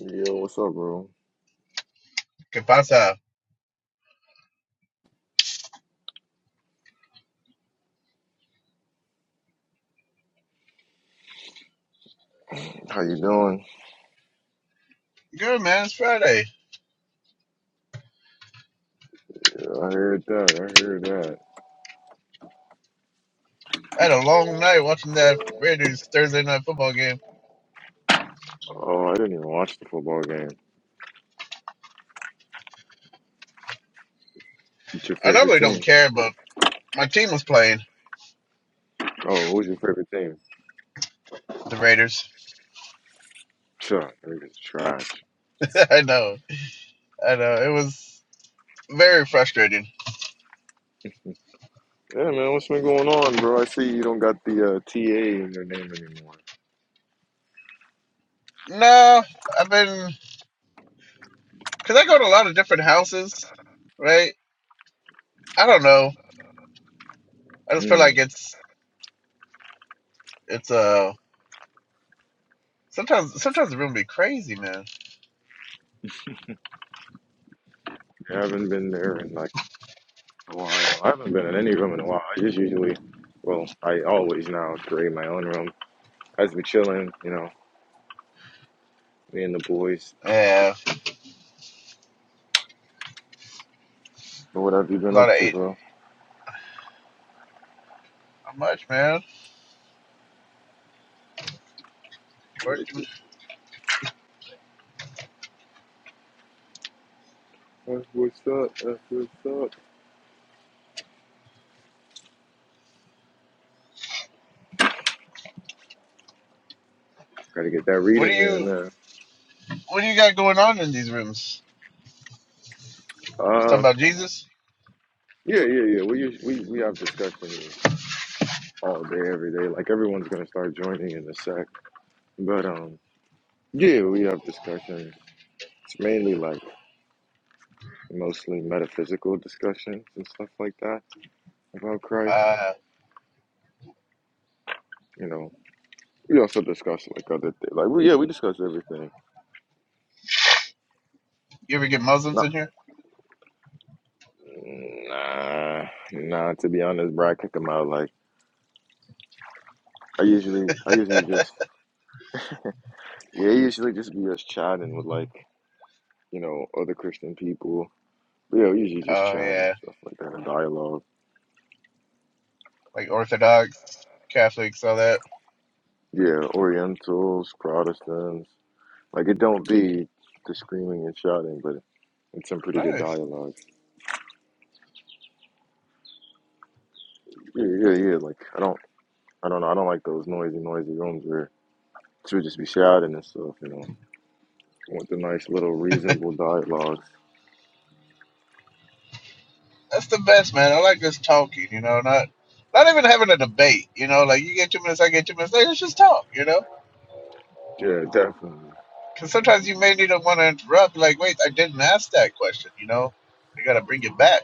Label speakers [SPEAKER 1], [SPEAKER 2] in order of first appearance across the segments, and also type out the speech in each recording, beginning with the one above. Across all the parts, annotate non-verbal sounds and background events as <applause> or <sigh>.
[SPEAKER 1] Yo, what's up, bro?
[SPEAKER 2] ¿Qué pasa?
[SPEAKER 1] How you doing?
[SPEAKER 2] Good man, it's Friday.
[SPEAKER 1] Yeah, I heard that. I heard that.
[SPEAKER 2] I had a long night watching that Raiders Thursday night football game.
[SPEAKER 1] Oh, I didn't even watch the football game. What's your
[SPEAKER 2] I
[SPEAKER 1] favorite
[SPEAKER 2] normally
[SPEAKER 1] team?
[SPEAKER 2] don't care, but my team was playing
[SPEAKER 1] Oh, who's your favorite team?
[SPEAKER 2] the Raiders.
[SPEAKER 1] Chuck. niggas trash.
[SPEAKER 2] <laughs> I know, I know. It was very frustrating.
[SPEAKER 1] Yeah, man, what's been going on, bro? I see you don't got the uh, TA in your name anymore.
[SPEAKER 2] No, I've been because I go to a lot of different houses, right? I don't know. I just feel
[SPEAKER 1] Mm,
[SPEAKER 2] like it's it's uh sometimes sometimes the room be crazy, man.
[SPEAKER 1] I haven't been there in like a while. I haven't been in any room in a while. I just usually, well, I always now create my own room. I just be chilling, you know, me and the boys.
[SPEAKER 2] Yeah,
[SPEAKER 1] What have you
[SPEAKER 2] a
[SPEAKER 1] been
[SPEAKER 2] lot
[SPEAKER 1] up
[SPEAKER 2] of
[SPEAKER 1] to,
[SPEAKER 2] eight.
[SPEAKER 1] bro?
[SPEAKER 2] How much, man? Working.
[SPEAKER 1] What's, what's up? That's what's up. Got to get that
[SPEAKER 2] What do
[SPEAKER 1] reading in
[SPEAKER 2] you
[SPEAKER 1] there.
[SPEAKER 2] what do you got going on in these rooms? Just talking
[SPEAKER 1] Uh,
[SPEAKER 2] about Jesus.
[SPEAKER 1] yeah, yeah, yeah. We us- we we have discussions all day, every day. Like everyone's gonna start joining in a sec. But um, yeah, we have discussions. It's mainly like mostly metaphysical discussions and stuff like that about Christ.
[SPEAKER 2] Uh,
[SPEAKER 1] You know, we also discuss like other things. Like, we, yeah, we discuss everything.
[SPEAKER 2] you ever get Muslims
[SPEAKER 1] Nah,
[SPEAKER 2] in here?
[SPEAKER 1] nah, nah. To be honest, bro, I kick them out. Like, I usually, I usually just, yeah, I usually just be us chatting with like you know, other Christian people Yeah, we usually just
[SPEAKER 2] Oh
[SPEAKER 1] chat and
[SPEAKER 2] yeah,
[SPEAKER 1] stuff like that, dialogue.
[SPEAKER 2] like Orthodox, Catholics, all that.
[SPEAKER 1] Yeah, Orientals, Protestants. Like it don't be the screaming and shouting, but it's some pretty good
[SPEAKER 2] Nice.
[SPEAKER 1] dialogue. Yeah, yeah, yeah. Like I don't, I don't know. I don't like those noisy, noisy rooms where people just be shouting and stuff. You know, I want the nice little reasonable dialogues.
[SPEAKER 2] That's the best, man. I like this talking. You know, not not even having a debate. You know, like you get two minutes, I get two minutes. Like, let's just talk. You know,
[SPEAKER 1] Yeah, definitely.
[SPEAKER 2] because sometimes you may need to want to interrupt. Like, wait, I didn't ask that question. You know, I gotta bring it back.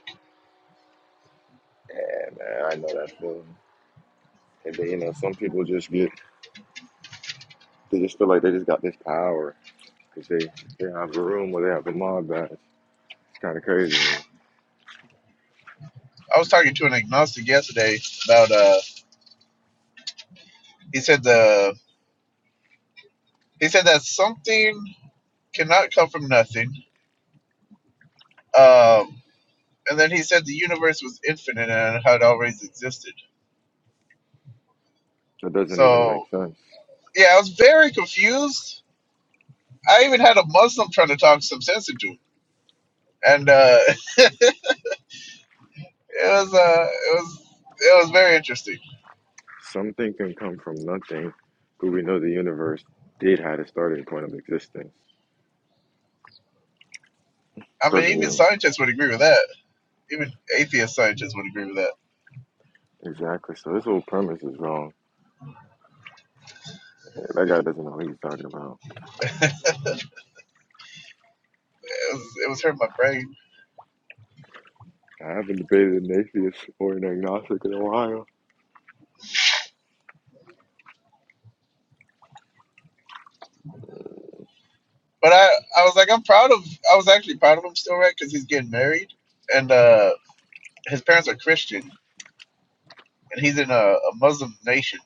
[SPEAKER 1] Yeah, man, I know that feeling. And then, you know, some people just get, they just feel like they just got this power because they they have a room where they have a mob badge. It's kind of crazy. to me.
[SPEAKER 2] I was talking to an agnostic yesterday about. Uh, he said the he said that something cannot come from nothing. Um, and then he said the universe was infinite and had always existed
[SPEAKER 1] That doesn't even
[SPEAKER 2] So
[SPEAKER 1] make sense.
[SPEAKER 2] yeah, I was very confused. I even had a Muslim trying to talk some sense into it, and uh, <laughs> it was uh, it was it was very interesting.
[SPEAKER 1] Something can come from nothing, but we know the universe did have a starting point of existence.
[SPEAKER 2] I mean,
[SPEAKER 1] Doesn't
[SPEAKER 2] even
[SPEAKER 1] even
[SPEAKER 2] scientists would agree with that. Even atheist scientists would agree with that.
[SPEAKER 1] exactly. So this whole premise is wrong. Yeah, That guy doesn't know what he's talking about.
[SPEAKER 2] <laughs> It was it was hurting my brain,
[SPEAKER 1] I haven't debated an atheist or an agnostic in a while.
[SPEAKER 2] but I I was like, I'm proud of. I was actually proud of him still, right? Because he's getting married, and uh, his parents are Christian, and he's in a, a Muslim nation,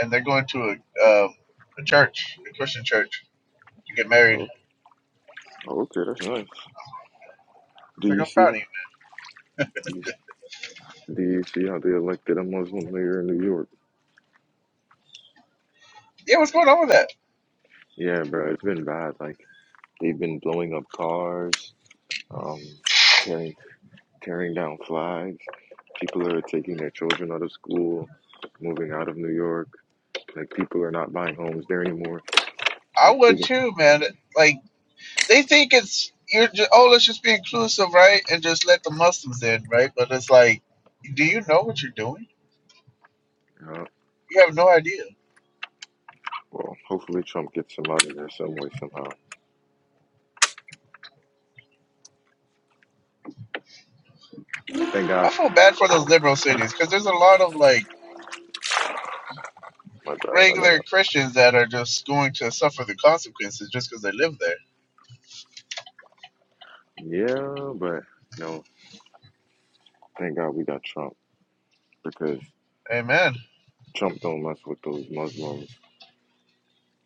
[SPEAKER 2] and they're going to a um, a church, a Christian church, to get married.
[SPEAKER 1] Oh, okay, that's nice. Do
[SPEAKER 2] It's like
[SPEAKER 1] you
[SPEAKER 2] I'm
[SPEAKER 1] see
[SPEAKER 2] proud of you
[SPEAKER 1] how? Do you, do you see how they elected a Muslim mayor in New York?
[SPEAKER 2] yeah, what's going on with that?
[SPEAKER 1] Yeah, bro, it's been bad. Like they've been blowing up cars, um, tearing tearing down flags. People are taking their children out of school, moving out of New York. Like people are not buying homes there anymore.
[SPEAKER 2] I
[SPEAKER 1] Like big.
[SPEAKER 2] would too, man. Like they think it's you're just, oh, let's just be inclusive, right? And just let the Muslims in, right? But it's like, do you know what you're doing?
[SPEAKER 1] You know?
[SPEAKER 2] You have no idea.
[SPEAKER 1] Well, hopefully Trump gets them out of there some way somehow. Thank
[SPEAKER 2] I
[SPEAKER 1] God.
[SPEAKER 2] feel bad for those liberal cities because there's a lot of like
[SPEAKER 1] My God, I know.
[SPEAKER 2] regular Christians that are just going to suffer the consequences just because they live there.
[SPEAKER 1] yeah, but no. Thank God we got Trump because
[SPEAKER 2] Amen.
[SPEAKER 1] Trump don't mess with those Muslims,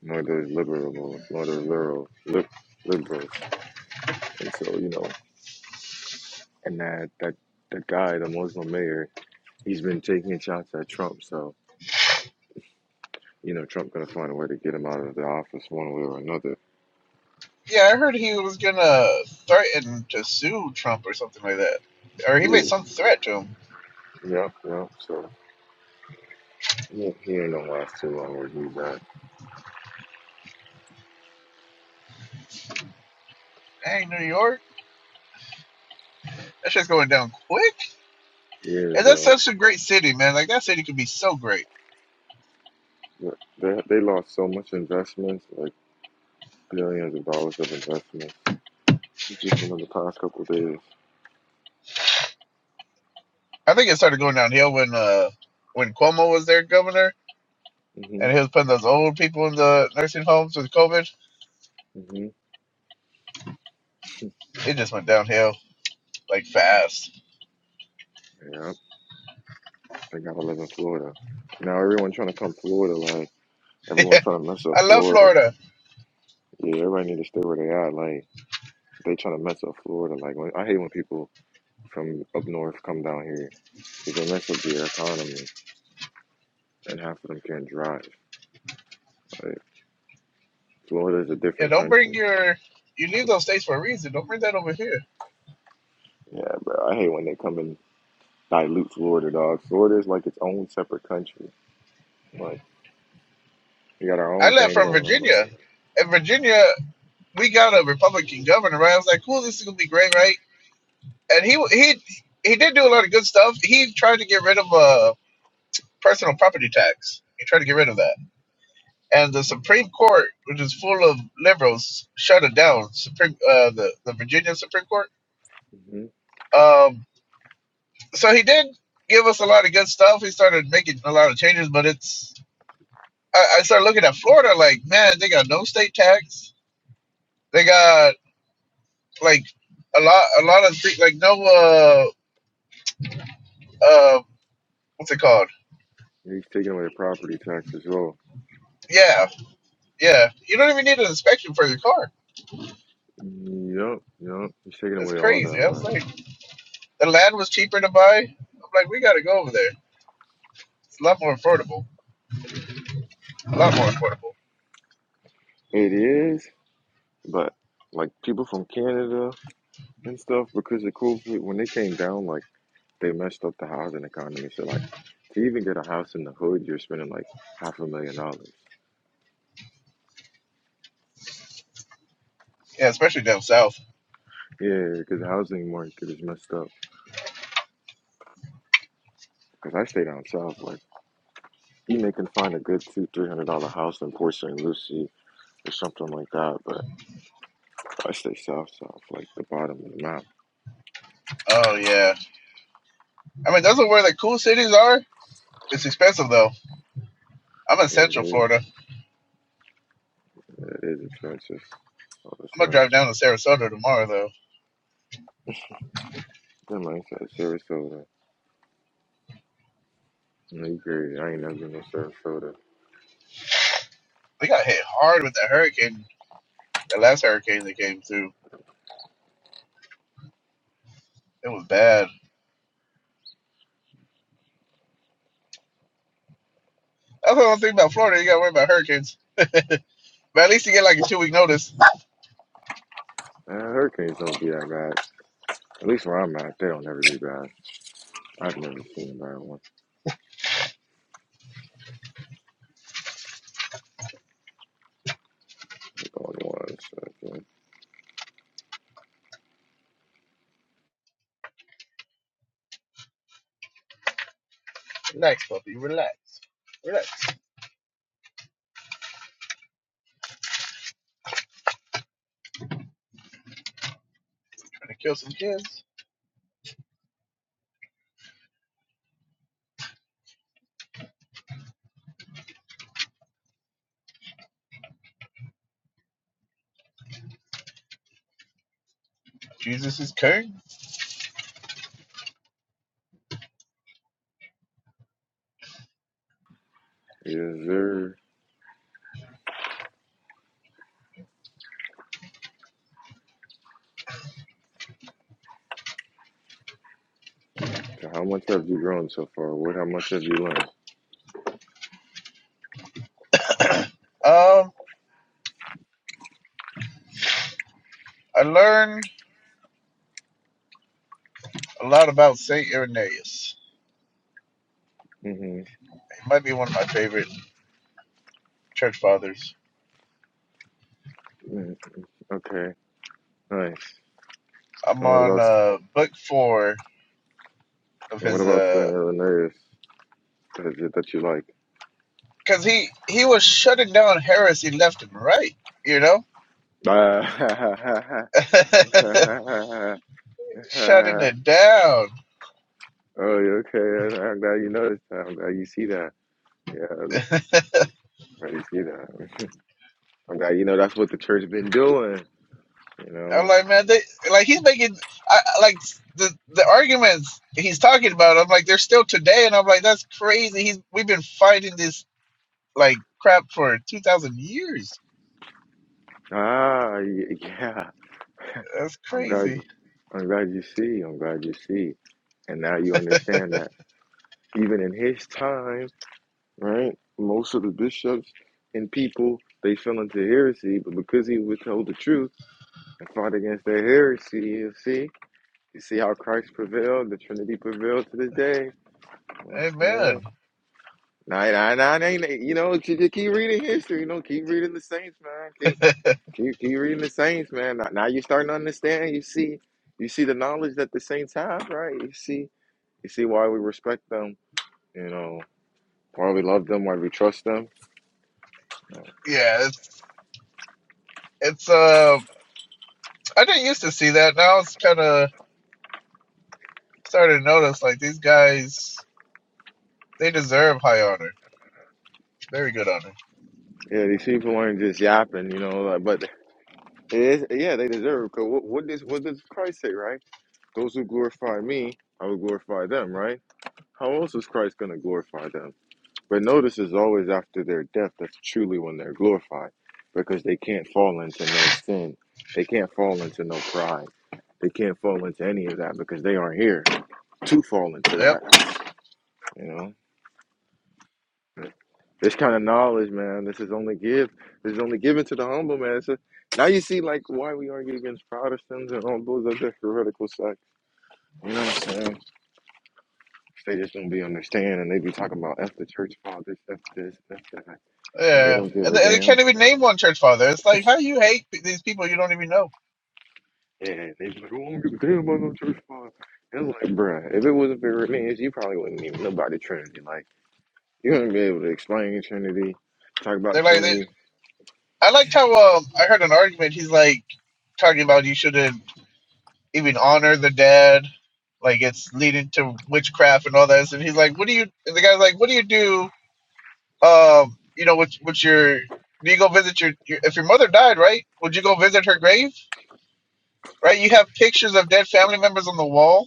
[SPEAKER 1] nor those liberals, nor those liberal, lib, liberals. And so you know, and that that that guy, the Muslim mayor, he's been taking shots at Trump. So you know, Trump going to find a way to get him out of the office one way or another.
[SPEAKER 2] Yeah, I heard he was gonna threaten to sue Trump or something like that, or he made
[SPEAKER 1] Yeah,
[SPEAKER 2] some threat to him.
[SPEAKER 1] yep, yep. So he, he ain't gonna last too long where he's at.
[SPEAKER 2] Dang, New York, that shit's going down quick.
[SPEAKER 1] Yeah,
[SPEAKER 2] And that's
[SPEAKER 1] bro.
[SPEAKER 2] such a great city, man. Like that city could be so great.
[SPEAKER 1] They, they lost so much investments, like billions of dollars of investments, just within the past couple of days.
[SPEAKER 2] I think it started going downhill when uh when Cuomo was their governor and
[SPEAKER 1] Mhm,
[SPEAKER 2] he was putting those old people in the nursing homes with COVID.
[SPEAKER 1] mhm.
[SPEAKER 2] It just went downhill like fast. <laughs>
[SPEAKER 1] Yep. They gotta live in Florida now. Everyone trying to come Florida, like everyone
[SPEAKER 2] Yeah.
[SPEAKER 1] trying to mess up
[SPEAKER 2] I love
[SPEAKER 1] Florida.
[SPEAKER 2] Florida.
[SPEAKER 1] Yeah, everybody need to stay where they at. Like they trying to mess up Florida. Like when, I hate when people from up north come down here because they mess up the economy and half of them can't drive. Like, Florida's a
[SPEAKER 2] Yeah,
[SPEAKER 1] different
[SPEAKER 2] don't bring
[SPEAKER 1] country.
[SPEAKER 2] your you leave those states for a reason. Don't bring that over here.
[SPEAKER 1] Yeah, bro. I hate when they come and dilute Florida, dog. Florida's like its own separate country. Like, we got our
[SPEAKER 2] I
[SPEAKER 1] own
[SPEAKER 2] left
[SPEAKER 1] thing
[SPEAKER 2] from
[SPEAKER 1] going on over
[SPEAKER 2] Virginia. And Virginia, we got a Republican governor, right? I was like, cool, this is gonna be great, right? And he he he did do a lot of good stuff. He tried to get rid of uh personal property tax. He tried to get rid of that and the
[SPEAKER 1] there.
[SPEAKER 2] Supreme Court, which is full of liberals, shut it down. Supreme, uh, the the Virginia Supreme Court.
[SPEAKER 1] hmm
[SPEAKER 2] Um, so he did give us a lot of good stuff. He started making a lot of changes, but it's I, I started looking at Florida like, man, they got no state tax. They got like a lot, a lot of things like no, uh, uh, what's it called?
[SPEAKER 1] He's taking away the property tax as well.
[SPEAKER 2] Yeah, yeah. You don't even need an inspection for your car.
[SPEAKER 1] Yup, yup. He's taking
[SPEAKER 2] It's
[SPEAKER 1] away all that,
[SPEAKER 2] crazy. I was
[SPEAKER 1] right?
[SPEAKER 2] like, the land was cheaper to buy. I'm like, we got to go over there. It's a lot more affordable. A lot more affordable.
[SPEAKER 1] It is, but like people from Canada and stuff, because of COVID, when they came down, like They messed up the housing economy. So like, to even get a house in the hood, you're spending like half a million dollars.
[SPEAKER 2] Yeah, especially down south.
[SPEAKER 1] Yeah, because the housing market is messed up. Because I stay down south, like you may can find a good two, three hundred dollar house in Port St. Lucie or something like that. But I stay south, south, like the bottom of the map.
[SPEAKER 2] Oh yeah. I mean, those are where the cool cities are. It's expensive though. I'm in
[SPEAKER 1] Yeah, it
[SPEAKER 2] Central
[SPEAKER 1] is.
[SPEAKER 2] Florida. I'm
[SPEAKER 1] Yeah, It is expensive. Oh, that's
[SPEAKER 2] gonna drive
[SPEAKER 1] nice.
[SPEAKER 2] down to Sarasota tomorrow though.
[SPEAKER 1] Then my inside Sarasota. No, period. I ain't never been to Sarasota.
[SPEAKER 2] We got hit hard with the hurricane. The last hurricane that came through, it was bad. That's the one thing about Florida. You gotta worry about hurricanes. But at least you get like a two week notice.
[SPEAKER 1] Uh, hurricanes don't be that bad. At least where I'm at, they don't ever be bad. I've never seen a bad one. Hold on one second.
[SPEAKER 2] Relax, puppy. Relax. Relax. Trying to kill some kids. Jesus is king.
[SPEAKER 1] Is there? So how much have you grown so far? What? How much have you learned?
[SPEAKER 2] Um, I learned a lot about Saint Irenaeus.
[SPEAKER 1] Mm-hmm.
[SPEAKER 2] He might be one of my favorite church fathers.
[SPEAKER 1] mm Okay. Nice.
[SPEAKER 2] I'm
[SPEAKER 1] And what
[SPEAKER 2] on
[SPEAKER 1] about?
[SPEAKER 2] uh, book four of
[SPEAKER 1] And what
[SPEAKER 2] his
[SPEAKER 1] about Flint,
[SPEAKER 2] uh
[SPEAKER 1] Illinois? What is it that you like?
[SPEAKER 2] because uh, he he was shutting down heresy left and right you know
[SPEAKER 1] <laughs> oh,
[SPEAKER 2] <laughs> shutting it down
[SPEAKER 1] you okay. I'm glad you noticed that. I'm glad you see that. Yeah, I'm glad you see that. I'm glad you know that's what the church been doing. You
[SPEAKER 2] i'm
[SPEAKER 1] know.
[SPEAKER 2] like man they like he's making I- like the the arguments he's talking about i'm like they're still today and i'm like that's crazy he's we've been fighting this like crap for 2000 years
[SPEAKER 1] Ah, y- yeah.
[SPEAKER 2] that's
[SPEAKER 1] I'm glad you
[SPEAKER 2] crazy
[SPEAKER 1] I'm glad you see. I'm glad you see. And now you
[SPEAKER 2] <laughs>
[SPEAKER 1] understand that even in his time, right? Most of the bishops and people they fell into heresy, but because he withheld the truth and fought against their heresy, you see, you see how Christ prevailed, the Trinity prevailed to this day. You understand?
[SPEAKER 2] amen
[SPEAKER 1] Nah, nah, nah, nah, nah, you know, you just keep reading history, you know, keep reading the saints, man. Keep.
[SPEAKER 2] <laughs> yeah
[SPEAKER 1] Keep keep reading the Saints, man. Now, now you're starting to understand. You see, you see the knowledge that the Saints have, right? You see, you see why we respect them. You know, why we love them, why we trust them.
[SPEAKER 2] it's it's um i didn't used to see that now it's kind of starting to notice like these guys They deserve high honor. Very good honor.
[SPEAKER 1] Yeah, these people aren't just yapping, you know. Like, but it is, yeah, they deserve. Cause what, what does what does Christ say, right? Those who glorify me, I will glorify them, right? How else is Christ gonna glorify them? But notice is always after their death that's truly when they're glorified because they can't fall into no sin. They can't fall into no pride. They can't fall into any of that because they aren't here to fall into
[SPEAKER 2] Yep.
[SPEAKER 1] that, you know. This kind of knowledge, man, this is only give this is only given to the humble man. It's a, now you see like why we argue against Protestants and all those other heretical sects. You know what I'm saying? They just don't be understanding. They be talking about F the church fathers, F this, F that. And they
[SPEAKER 2] Yeah.
[SPEAKER 1] don't give
[SPEAKER 2] And
[SPEAKER 1] a
[SPEAKER 2] they, and they
[SPEAKER 1] damn
[SPEAKER 2] can't even name one church father. It's like how you hate p- these people you don't even know.
[SPEAKER 1] And they be like, oh, I don't give a damn about no church father. And like, bruh, if it wasn't for Revenge, you probably wouldn't even know about the Trinity. Like, you wouldn't be able to explain Trinity, talk
[SPEAKER 2] They're
[SPEAKER 1] about
[SPEAKER 2] like they,
[SPEAKER 1] Trinity.
[SPEAKER 2] I liked how um I heard an argument. He's like talking about you shouldn't even honor the dead. Like it's leading to witchcraft and all that. And he's like, what do you? And the guy's like, what do you do? Um, you know, with with your do you go visit your, your if your mother died right? Would you go visit her grave? Right? You have pictures of dead family members on the wall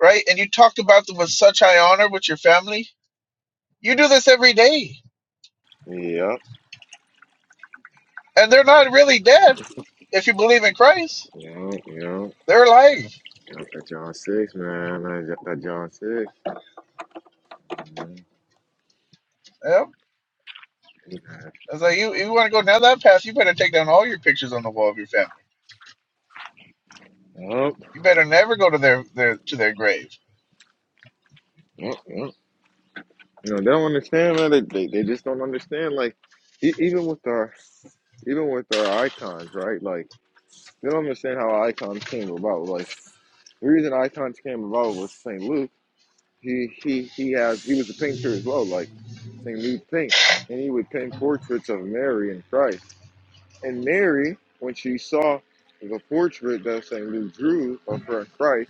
[SPEAKER 2] right? And you talked about them with such high honor with your family. You do this every day,
[SPEAKER 1] Yep,
[SPEAKER 2] and they're not really dead. If you believe in Christ,
[SPEAKER 1] yep, yep.
[SPEAKER 2] they're alive.
[SPEAKER 1] Yep, that John 6, man. That that John 6. Mhm.
[SPEAKER 2] Yep. It's like you, you want to go down that path, you better take down all your pictures on the wall of your family.
[SPEAKER 1] Yep,
[SPEAKER 2] You better never go to their, their to their grave.
[SPEAKER 1] yep, yep. You know, they don't understand, man. They, they, they just don't understand. Like, e- even with our, even with our icons, right? Like, they don't understand how icons came about. Like, the reason icons came about was St. Luke he he he has he was a painter as well, like Saint Luke Paint, and he would paint portraits of Mary and Christ. And Mary, when she saw the portrait that Saint Luke drew of her and Christ,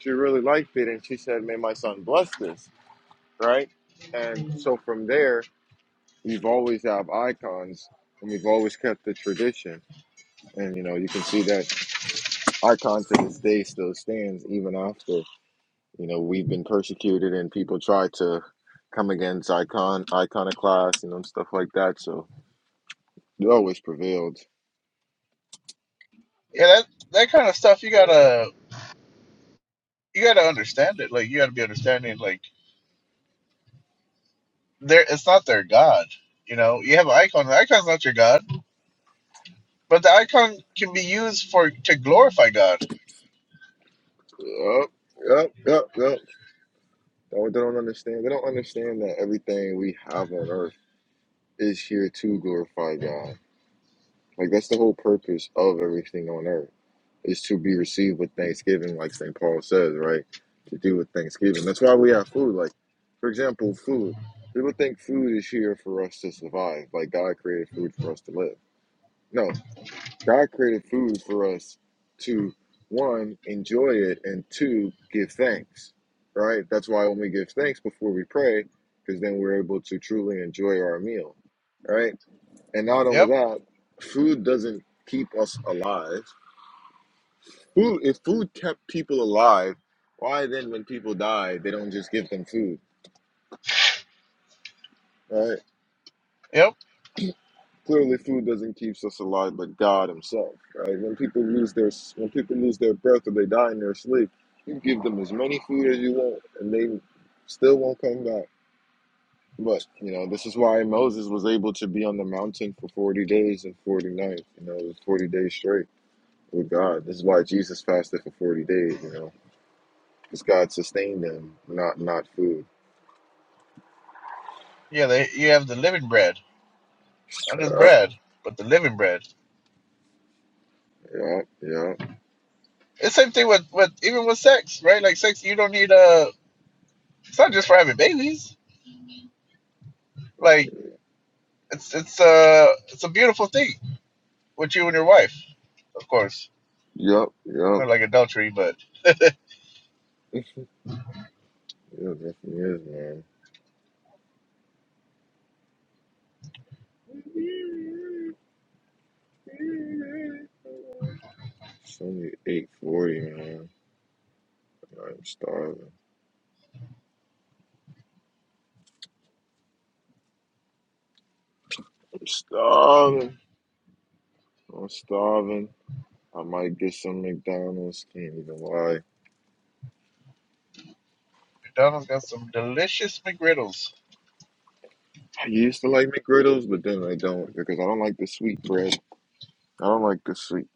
[SPEAKER 1] she really liked it, and she said, "May my son bless this." Right, and so from there, we've always have icons, and we've always kept the tradition. And you know, you can see that icon to this day still stands even after You know, we've been persecuted and people try to come against icon iconoclast you know, and them stuff like that. So you always prevailed.
[SPEAKER 2] Yeah, that that kind of stuff you gotta you gotta understand it. Like you gotta be understanding. Like they it's not their god. You know, you have an icon. The icon's not your god, but the icon can be used for to glorify God.
[SPEAKER 1] Yup, yup, yup, yup. They don't understand. They don't understand that everything we have on earth is here to glorify God. Like that's the whole purpose of everything on earth is to be received with thanksgiving, like St. Paul says, right? To do with thanksgiving. That's why we have food. Like, for example, food. People think food is here for us to survive. Like God created food for us to live No, God created food for us to one enjoy it and two give thanks. Right? That's why when we give thanks before we pray, because then we're able to truly enjoy our meal. Right? And not only
[SPEAKER 2] Yep.
[SPEAKER 1] that, food doesn't keep us alive. Food if food kept people alive, why then when people die they don't just give them food? Right?
[SPEAKER 2] Yep
[SPEAKER 1] Clearly, food doesn't keep us alive, but God Himself, right? When people lose their when people lose their breath or they die in their sleep, you give them as many food as you want, and they still won't come back. But you know, this is why Moses was able to be on the mountain for forty days and forty nights. You know, it was forty days straight with God. This is why Jesus fasted for forty days. You know, because God sustained them, not not food.
[SPEAKER 2] Yeah, they you have the living bread, not just
[SPEAKER 1] Yep,
[SPEAKER 2] bread, but the living bread.
[SPEAKER 1] yep, yep,
[SPEAKER 2] It's same thing with with even with sex, right? Like sex, you don't need uh It's not just for having babies. Like it's it's uh it's a beautiful thing with you and your wife, of course.
[SPEAKER 1] yep, yep.
[SPEAKER 2] Not like adultery, but <laughs>
[SPEAKER 1] Yeah, it definitely is, man. It's only 8:40, man. I'm starving. I'm starving. I'm starving. I might get some McDonald's. Can't even lie.
[SPEAKER 2] Donald's got some delicious McGriddles.
[SPEAKER 1] I used to like McGriddles, but then I don't because I don't like the sweet bread. I don't like the sweet.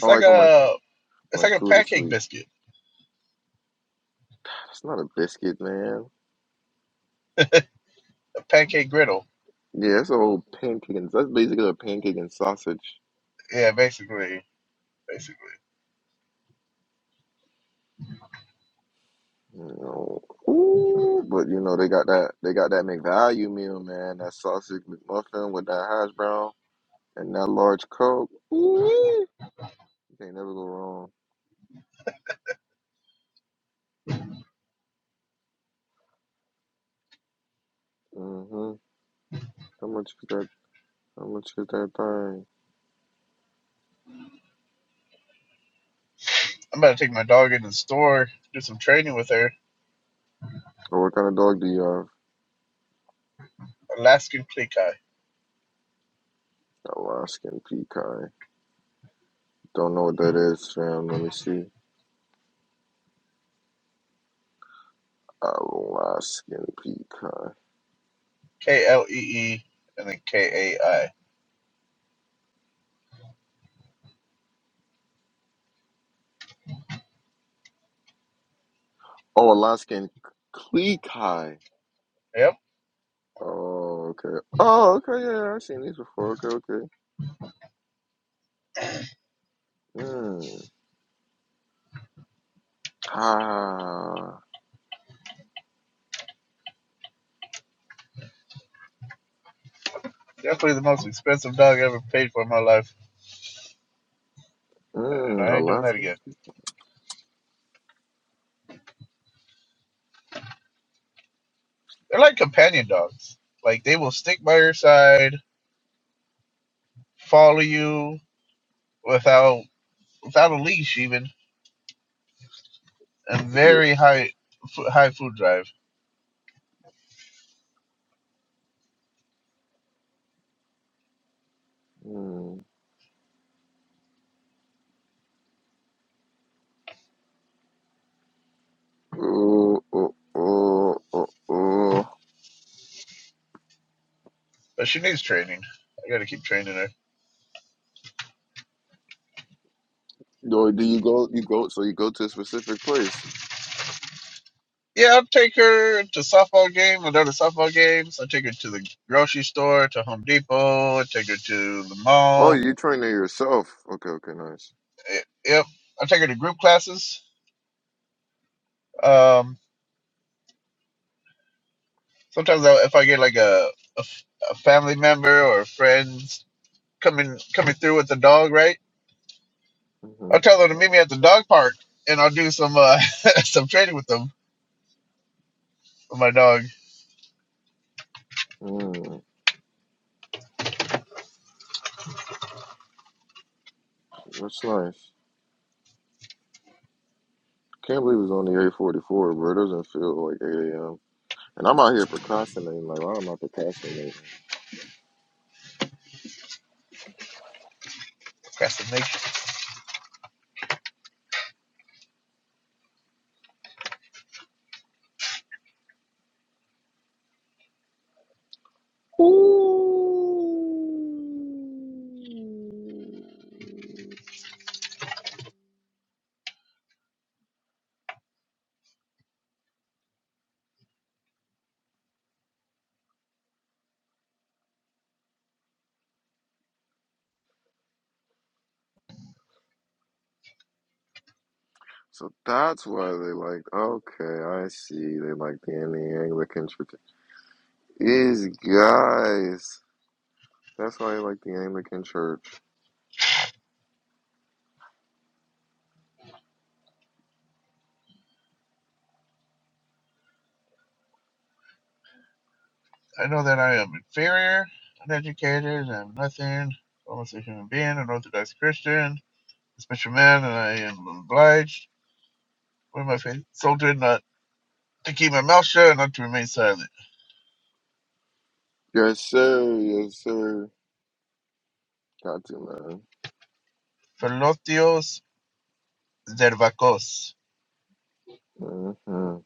[SPEAKER 1] I
[SPEAKER 2] like
[SPEAKER 1] like when my
[SPEAKER 2] a it's
[SPEAKER 1] my
[SPEAKER 2] like a
[SPEAKER 1] food is
[SPEAKER 2] pancake
[SPEAKER 1] sweet.
[SPEAKER 2] biscuit,
[SPEAKER 1] It's not a biscuit, man.
[SPEAKER 2] a pancake griddle.
[SPEAKER 1] Yeah, it's a whole pancake and that's basically a pancake and sausage.
[SPEAKER 2] Yeah, basically, basically.
[SPEAKER 1] You know. Ooh, but you know they got that they got that McValue meal, man. That sausage McMuffin with that hash brown. And that large Coke, ooh, you can't never go wrong. hmm How much is that? How much is that thing?
[SPEAKER 2] I'm about to take my dog into the store, do some training with her.
[SPEAKER 1] Or what kind of dog do you have?
[SPEAKER 2] Alaskan Klee
[SPEAKER 1] Oh, Alaskan pecan. Don't know what that is, fam. Let me see. Alaskan pecan.
[SPEAKER 2] K L E E and then K A I.
[SPEAKER 1] Oh, Alaskan cleekai.
[SPEAKER 2] Yep,
[SPEAKER 1] Oh, okay. Oh, okay. Yeah, yeah, I've seen these before. Okay, okay. Mm. Ah.
[SPEAKER 2] definitely the most expensive dog I ever paid for in my life, and
[SPEAKER 1] Mm.
[SPEAKER 2] I ain't doing that
[SPEAKER 1] Alaskan.
[SPEAKER 2] again. They're like companion dogs. Like they will stick by your side, follow you without without a leash even, and
[SPEAKER 1] Yeah.
[SPEAKER 2] very high high food drive.
[SPEAKER 1] Mm. Ooh, ooh, ooh, ooh, ooh.
[SPEAKER 2] But she needs training. I gotta keep training her.
[SPEAKER 1] Or do you go? You go. So you go to a specific place.
[SPEAKER 2] Yeah, I'll take her to softball games. I'll go to softball games. I'll take her to the grocery store, to Home Depot. I'll take her to the
[SPEAKER 1] Oh,
[SPEAKER 2] mall.
[SPEAKER 1] you train there yourself. Okay. Okay. Nice.
[SPEAKER 2] Eh, Yep. I'll take her to group classes Um, sometimes I, if I get like a, a f- a family member or friends coming coming through with the dog, right?
[SPEAKER 1] hmm
[SPEAKER 2] I'll tell them to meet me at the dog park, and I'll do some uh, <laughs> some training with them with my dog.
[SPEAKER 1] Mm, that's nice. Can't believe it's only eight forty four, bro. It doesn't feel like eight a.m. And I'm out here procrastinating. Like, why am I procrastinating?
[SPEAKER 2] Procrastination.
[SPEAKER 1] Ooh. So that's why they like. Okay, I see. They like the the Anglican Church. Is guys. That's why I like the Anglican Church.
[SPEAKER 2] I know that I am inferior, uneducated, and I'm nothing. Almost a human being, an Orthodox Christian, a special man, and I am obliged with my faith soldier not to keep my mouth shut and not to remain silent.
[SPEAKER 1] Yes, sir. Yes, sir. Got to man.
[SPEAKER 2] Philotios Zervakos.
[SPEAKER 1] Mm-hmm.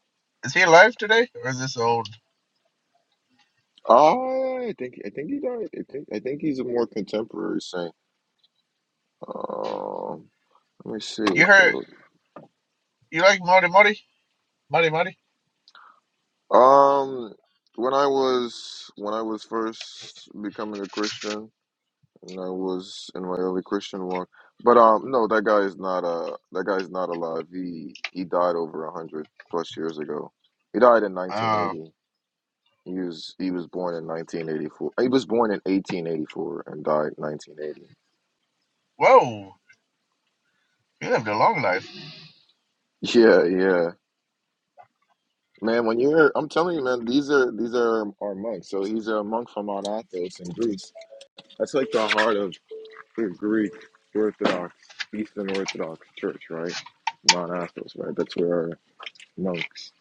[SPEAKER 2] Is he alive today, or is this old?
[SPEAKER 1] Oh, I think I think he died. I think I think he's a more contemporary saint. Um, let me see.
[SPEAKER 2] You
[SPEAKER 1] If I
[SPEAKER 2] heard
[SPEAKER 1] look.
[SPEAKER 2] you like Marty Marty? Marty Marty?
[SPEAKER 1] Um, when I was when I was first becoming a Christian, and I was in my early Christian walk. But um, no, that guy is not uh that guy is not alive. He he died over a hundred plus years ago. He died in
[SPEAKER 2] Uh
[SPEAKER 1] 1980. He was he was born in 1984. He was born in 1884 and died 1980.
[SPEAKER 2] whoa. You lived a long life.
[SPEAKER 1] Yeah, yeah. Man, when you're I'm telling you, man, these are these are our monks. So he's a monk from Mount Athos in Greece. That's like the heart of the Greek Orthodox, Eastern Orthodox Church, right? Mount Athos, right? That's where our monks,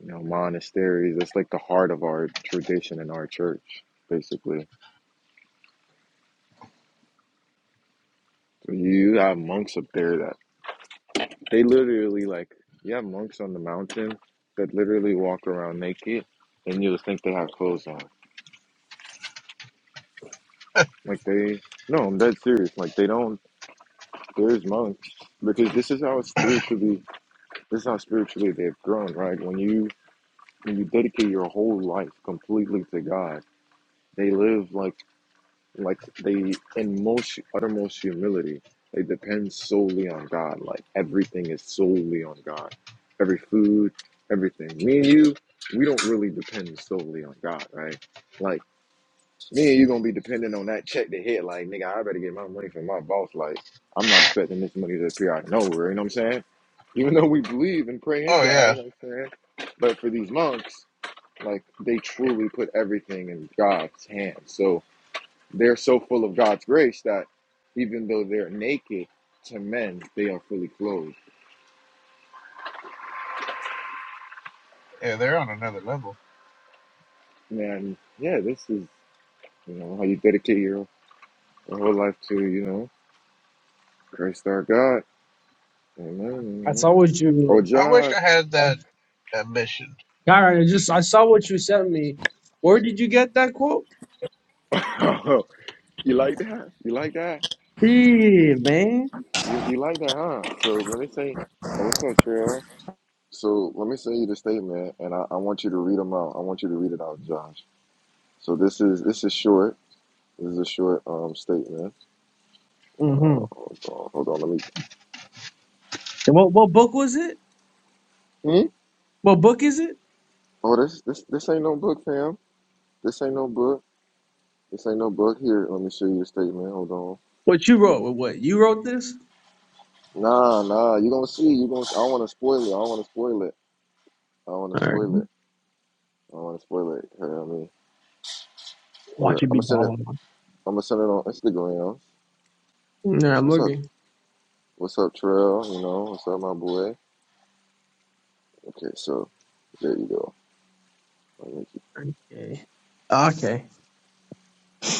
[SPEAKER 1] you know, monasteries, that's like the heart of our tradition in our church, basically. So you have monks up there that They literally like you have monks on the mountain that literally walk around naked, and you'll think they have clothes on. Like they, no, I'm dead serious. Like they don't. There's monks because this is how spiritually, this is how spiritually they've grown, right? When you when you dedicate your whole life completely to God, they live like. like they in most uttermost humility they depend solely on god like everything is solely on god every food everything me and you we don't really depend solely on god right like me and you gonna be dependent on that check to hit like nigga i better get my money from my boss like i'm not expecting this money to appear out of nowhere you know what i'm saying even though we believe and pray in
[SPEAKER 2] Oh
[SPEAKER 1] god
[SPEAKER 2] yeah.
[SPEAKER 1] you know what i'm saying but for these monks like they truly put everything in god's hands so they're so full of God's grace that even though they're naked to men, they are fully clothed.
[SPEAKER 2] Yeah, they're on another level.
[SPEAKER 1] And yeah, this is you know how you dedicate your whole life to you know Christ our God. Amen.
[SPEAKER 3] I
[SPEAKER 1] you know.
[SPEAKER 3] saw what
[SPEAKER 1] Oh,
[SPEAKER 3] you,
[SPEAKER 2] I wish
[SPEAKER 1] Josh,
[SPEAKER 2] I had
[SPEAKER 3] uh,
[SPEAKER 2] that ambition.
[SPEAKER 3] Kyron, I just I saw what you sent me. Where did you get that quote?
[SPEAKER 1] <coughs> <laughs> you like that? You like that?
[SPEAKER 3] Yeah, man.
[SPEAKER 1] You you like that, huh? So let me say, oh, what's up, Trail? So let me send you the statement, and I, I want you to read them out. I want you to read it out, Josh. So this is this is short. This is a short um statement. Uh,
[SPEAKER 3] Mm-hmm.
[SPEAKER 1] hold on, hold on. let me.
[SPEAKER 3] And what what book was it?
[SPEAKER 1] Hmm?
[SPEAKER 3] What book is it?
[SPEAKER 1] Oh, this this this ain't no book, fam. This ain't no book. This ain't no book. Here, let me show you a statement. Hold on.
[SPEAKER 3] What you wrote? What you wrote this?
[SPEAKER 1] Nah, nah. You gonna see. You gonna. I don't want to spoil it. I don't want to spoil it. I don't want to
[SPEAKER 3] All right,
[SPEAKER 1] spoil it. I don't want to spoil it. Here, I mean, we're. I'm
[SPEAKER 3] watch it be
[SPEAKER 1] gonna send it.
[SPEAKER 3] followed. on.
[SPEAKER 1] I'm gonna send it on Instagram.
[SPEAKER 3] No, I'm
[SPEAKER 1] What's up?
[SPEAKER 3] looking.
[SPEAKER 1] What's up, Trail? You know, what's up, my boy? Okay, so there you go.
[SPEAKER 3] Okay. Okay.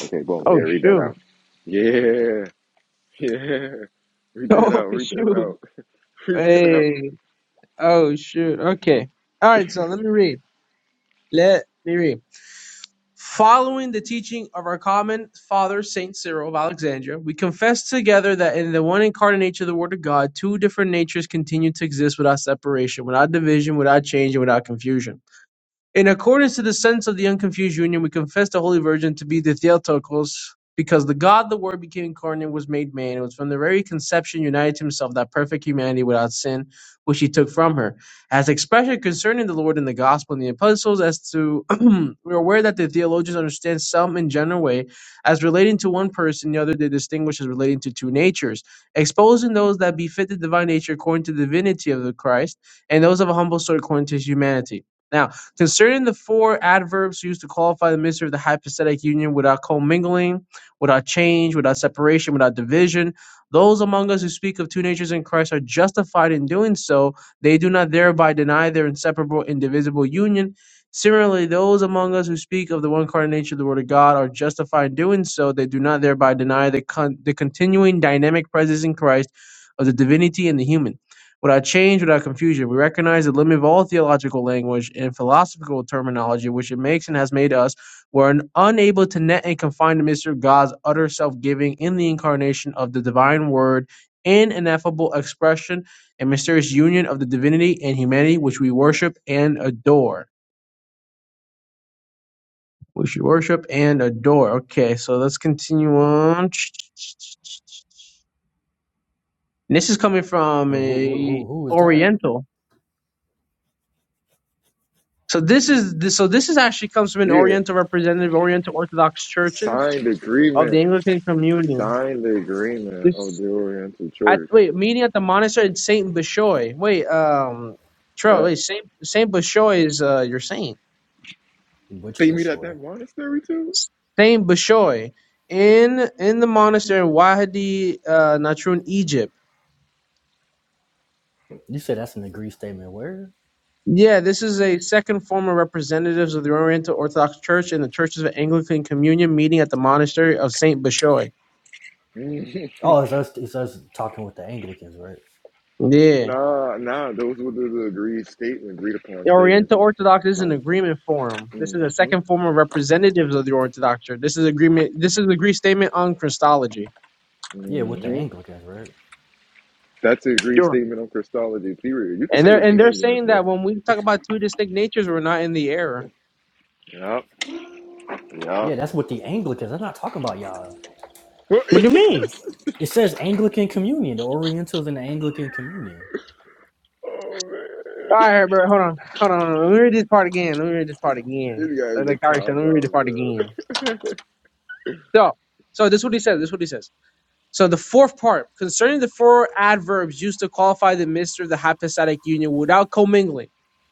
[SPEAKER 1] Okay, boom. Yeah,
[SPEAKER 3] Oh
[SPEAKER 1] read that
[SPEAKER 3] shoot. <laughs>
[SPEAKER 1] out. Yeah, yeah. <laughs> Read that
[SPEAKER 3] Oh
[SPEAKER 1] out. Read that
[SPEAKER 3] shoot.
[SPEAKER 1] out. <laughs> Read that out.
[SPEAKER 3] Hey. Oh shoot. Okay. All right. So let me read. Let me read. Following the teaching of our common father Saint Cyril of Alexandria, we confess together that in the one incarnate nature of the Word of God, two different natures continue to exist without separation, without division, without change, and without confusion. In accordance to the sense of the unconfused union, we confess the Holy Virgin to be the Theotokos, because the God, the Word, became incarnate, was made man, It was from the very conception united to himself that perfect humanity without sin, which he took from her. As expression concerning the Lord in the Gospel and the Epistles, as to <clears throat> we are aware that the theologians understand some in general way as relating to one person, the other they distinguish as relating to two natures, exposing those that befit the divine nature according to the divinity of the Christ, and those of a humble sort according to his humanity. Now, Concerning the four adverbs used to qualify the mystery of the hypostatic union without commingling, without change, without separation, without division, those among us who speak of two natures in Christ are justified in doing so. They do not thereby deny their inseparable, indivisible union. Similarly, those among us who speak of the one incarnate nature of the Word of God are justified in doing so. They do not thereby deny the, con- the continuing dynamic presence in Christ of the divinity and the human. Without change, without confusion, we recognize the limit of all theological language and philosophical terminology which it makes and has made us. We're un- unable to net and confine the mystery of God's utter self giving in the incarnation of the divine word in ineffable expression and mysterious union of the divinity and humanity which we worship and adore. Which we worship and adore. Okay, so let's continue on. And this is coming from
[SPEAKER 4] Who who
[SPEAKER 3] a
[SPEAKER 4] who who is that?
[SPEAKER 3] Oriental. So this is this, so this is actually comes from an
[SPEAKER 1] Yeah.
[SPEAKER 3] Oriental representative Oriental Orthodox churches
[SPEAKER 1] Signed
[SPEAKER 3] of
[SPEAKER 1] agreement.
[SPEAKER 3] the Anglican Communion.
[SPEAKER 1] Signed the agreement of
[SPEAKER 3] This
[SPEAKER 1] the Oriental
[SPEAKER 3] at
[SPEAKER 1] Church.
[SPEAKER 3] wait meeting at the monastery in Saint Bashoy. Wait, um, Tro,
[SPEAKER 1] Yeah.
[SPEAKER 3] wait Saint Saint Bashoy is uh your saint.
[SPEAKER 4] Which
[SPEAKER 1] They meet at
[SPEAKER 4] Bashore?
[SPEAKER 1] that monastery too?
[SPEAKER 3] Saint Bashoy in in the monastery in Wahidi uh, Natrun, Egypt.
[SPEAKER 4] You said that's an agreed statement. Where?
[SPEAKER 3] Yeah, this is a second form of representatives of the Oriental Orthodox Church and the Churches of Anglican Communion meeting at the monastery of Saint Bashoy.
[SPEAKER 1] Mhm.
[SPEAKER 4] Oh, it's us. It's us talking with the Anglicans, right?
[SPEAKER 1] <laughs>
[SPEAKER 3] Yeah.
[SPEAKER 1] nah, nah, those were the, the agreed statement, agreed upon
[SPEAKER 3] The
[SPEAKER 1] statements
[SPEAKER 3] Oriental
[SPEAKER 1] in the
[SPEAKER 3] Orthodox is an
[SPEAKER 1] mountain.
[SPEAKER 3] agreement forum. This is a
[SPEAKER 1] Mm-hmm.
[SPEAKER 3] second form of representatives of the Orthodox Church. This is agreement. This is a Greek statement on Christology.
[SPEAKER 4] Yeah, with the
[SPEAKER 1] Mm-hmm.
[SPEAKER 4] Anglicans, right?
[SPEAKER 1] That's the agreed
[SPEAKER 3] Sure.
[SPEAKER 1] statement on Christology, period. You can
[SPEAKER 3] And
[SPEAKER 1] say
[SPEAKER 3] they're
[SPEAKER 1] with
[SPEAKER 3] and
[SPEAKER 1] the
[SPEAKER 3] they're
[SPEAKER 1] English,
[SPEAKER 3] saying
[SPEAKER 1] but
[SPEAKER 3] that when we talk about two distinct natures, we're not in the error.
[SPEAKER 1] yeah, yeah.
[SPEAKER 4] Yeah, that's with the Anglicans. I'm not talking about y'all.
[SPEAKER 1] <laughs> oh
[SPEAKER 3] What do you mean?
[SPEAKER 4] It says Anglican Communion. The Orientals and the Anglican Communion.
[SPEAKER 1] man.
[SPEAKER 3] All right, bro. Hold on. Hold on. Hold on. Let me read this part again. Let me read this part again.
[SPEAKER 1] This guy
[SPEAKER 3] Like
[SPEAKER 1] is a
[SPEAKER 3] like Ari
[SPEAKER 1] cop
[SPEAKER 3] said,
[SPEAKER 1] out,
[SPEAKER 3] let me read this part
[SPEAKER 1] bro.
[SPEAKER 3] again. So, so this is what he says. This is what he says. So the fourth part concerning the four adverbs used to qualify the mystery of the hypostatic union without commingling,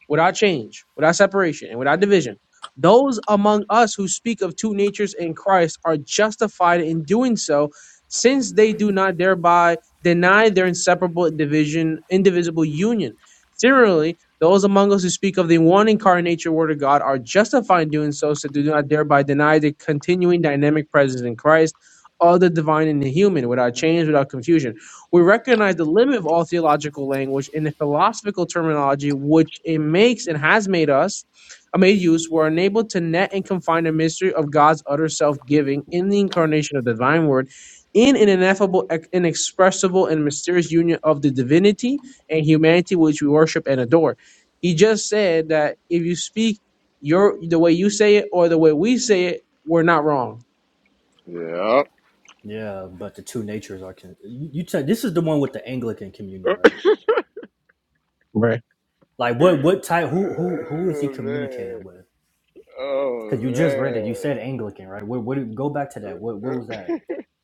[SPEAKER 3] without change, without separation, and without division. Those among us who speak of two natures in Christ are justified in doing so, since they do not thereby deny their inseparable division, indivisible union. Similarly, those among us who speak of the one incarnate nature Word of God are justified in doing so, so they do not thereby deny the continuing dynamic presence in Christ of the divine and the human without change, without confusion. We recognize the limit of all theological language and the philosophical terminology which it makes and has made us uh, made use. We're unable to net and confine the mystery of God's utter self-giving in the incarnation of the divine word. In an ineffable, ex- inexpressible, and mysterious union of the divinity and humanity which we worship and adore. He just said that if you speak your the way you say it or the way we say it, we're not wrong.
[SPEAKER 1] Yeah.
[SPEAKER 4] Yeah, but the two natures are. Con- you you said this is the one with the Anglican Communion, right?
[SPEAKER 1] <laughs>
[SPEAKER 3] Right
[SPEAKER 4] Like what what type? Who who who is
[SPEAKER 1] Oh
[SPEAKER 4] he communicating
[SPEAKER 1] man.
[SPEAKER 4] with?
[SPEAKER 1] Oh
[SPEAKER 4] Because you just read it. You said Anglican, right? What what? Go back to that. What what
[SPEAKER 1] man.
[SPEAKER 4] was that?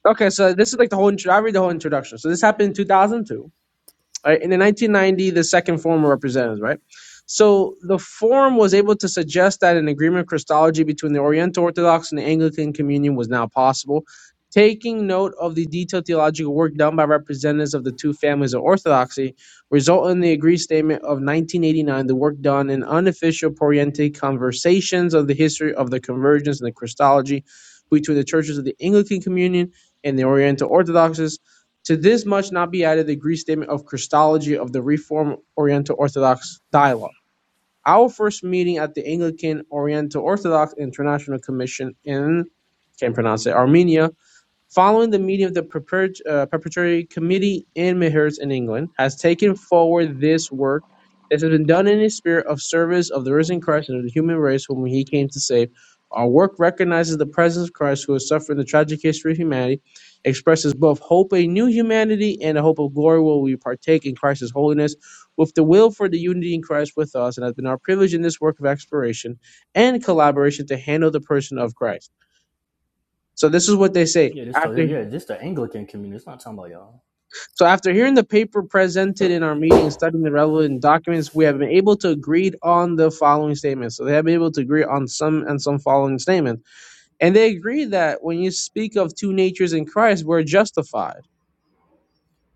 [SPEAKER 3] Okay, so this is like the whole. I read the whole introduction. So this happened in 2002 right? And in 1990, the second forum of representatives, right? So the forum was able to suggest that an agreement of Christology between the Oriental Orthodox and the Anglican Communion was now possible, taking note of the detailed theological work done by representatives of the two families of Orthodoxy, resulting in the agreed statement of 1989, the work done in unofficial Poriente conversations of the history of the convergence and the Christology between the churches of the Anglican Communion and the Oriental Orthodox to this must not be added the Greek statement of Christology of the Reformed Oriental Orthodox Dialogue. Our first meeting at the Anglican Oriental Orthodox International Commission in, can't pronounce it, Armenia, Following the meeting of the Perpet- uh, Perpetuity Committee in Midhurst in England, has taken forward this work This has been done in the spirit of service of the risen Christ and of the human race whom he came to save. Our work recognizes the presence of Christ who has suffered the tragic history of humanity, expresses both hope a new humanity and a hope of glory will we partake in Christ's holiness with the will for the unity in Christ with us, and has been our privilege in this work of exploration and collaboration to handle the person of Christ. So this is what they say
[SPEAKER 4] Yeah, this. So
[SPEAKER 3] after
[SPEAKER 4] yeah, this the Anglican Communion. It's not talking about y'all.
[SPEAKER 3] So after hearing the paper presented in our meeting and studying the relevant documents, we have been able to agree on the following statements. So they have been able to agree on some and some following statements. And they agree that when you speak of two natures in Christ, we're justified.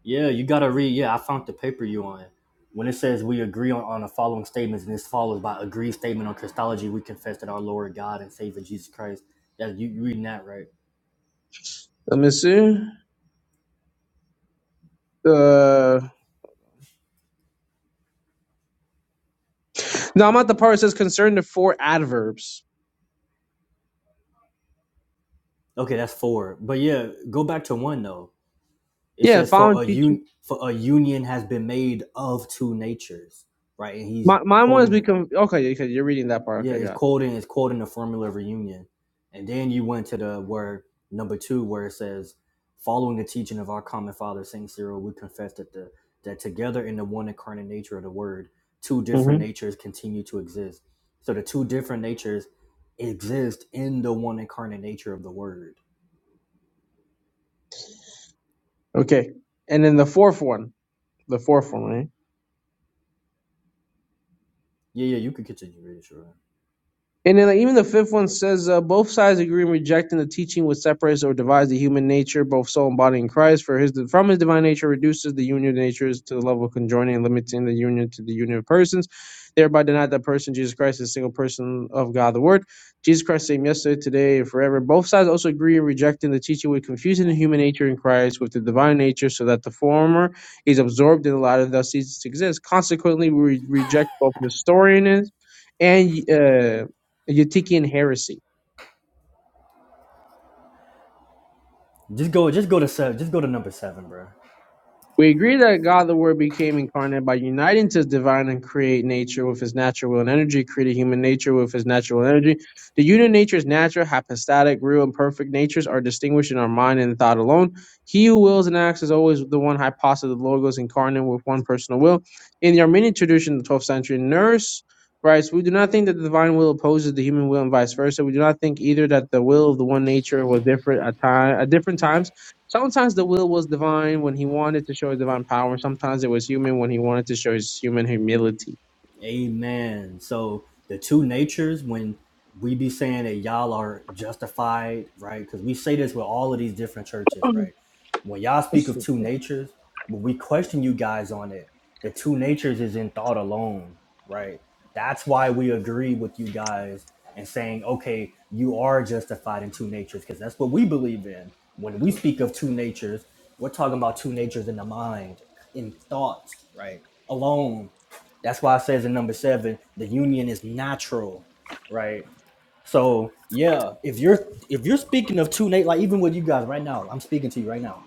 [SPEAKER 4] Yeah, you gotta read. Yeah, I found the paper you on. When it says we agree on, on the following statements, and this follows by agreed statement on Christology, we confess that our Lord God and Savior Jesus Christ. That you you reading that right?
[SPEAKER 3] Let me see. Uh, no, I'm at the part that says concern the four adverbs.
[SPEAKER 4] Okay, that's four. But yeah, go back to one though. It
[SPEAKER 3] Yeah,
[SPEAKER 4] says
[SPEAKER 3] following
[SPEAKER 4] for a
[SPEAKER 3] teaching.
[SPEAKER 4] un for a union has been made of two natures, right? And he's
[SPEAKER 3] My, mine one is
[SPEAKER 4] quoting
[SPEAKER 3] we con- okay, okay, you're reading that part.
[SPEAKER 4] Yeah,
[SPEAKER 3] Okay,
[SPEAKER 4] it's
[SPEAKER 3] got it.
[SPEAKER 4] cold in it's cold in the Formula Reunion, and then you went to the word number two where it says, following the teaching of our common father Saint Cyril, we confess that the that together in the one incarnate nature of the Word, two
[SPEAKER 3] hmm
[SPEAKER 4] different natures continue to exist. So the two different natures exist in the one incarnate nature of the Word.
[SPEAKER 3] Okay. And then the fourth one. The fourth one, right?
[SPEAKER 4] Yeah, yeah, you could continue reading, sure.
[SPEAKER 3] And then like, even the fifth one says uh, both sides agree in rejecting the teaching which separates or divides the human nature, both soul and body in Christ, for his from his divine nature reduces the union of natures to the level of conjoining and limiting the union to the union of persons, thereby deny that person Jesus Christ is a single person of God the Word. Jesus Christ same yesterday, today, and forever. Both sides also agree in rejecting the teaching which confuses the human nature in Christ with the divine nature, so that the former is absorbed in the latter, thus ceases to exist. Consequently, we reject both Nestorianism and uh, Eutychian heresy.
[SPEAKER 4] Just go, just go to seven, just go to number seven, bro.
[SPEAKER 3] We agree that God the Word became incarnate by uniting to his divine and create nature with his natural will and energy, creating human nature with his natural energy. The unit nature is natural, hypostatic, real, and perfect natures are distinguished in our mind and thought alone. He who wills and acts is always the one hypostasis, of the logos incarnate with one personal will. In the Armenian tradition of the 12th century, nurse writes, We do not think that the divine will opposes the human will and vice versa. We do not think either that the will of the one nature was different at, time, at different times Sometimes the will was divine when he wanted to show his divine power. Sometimes it was human when he wanted to show his human humility.
[SPEAKER 4] Amen. So the two natures, when we be saying that y'all are justified, right? Because we say this with all of these different churches, right? When y'all speak of two natures, when we question you guys on it, the two natures is in thought alone, right? That's why we agree with you guys and saying, okay, you are justified in two natures, because that's what we believe in. When we speak of two natures, we're talking about two natures in the mind, in thought, right? Alone that's why it says in number seven, the union is natural, right? So yeah, if you're if you're speaking of two nat like even with you guys right now, I'm speaking to you right now.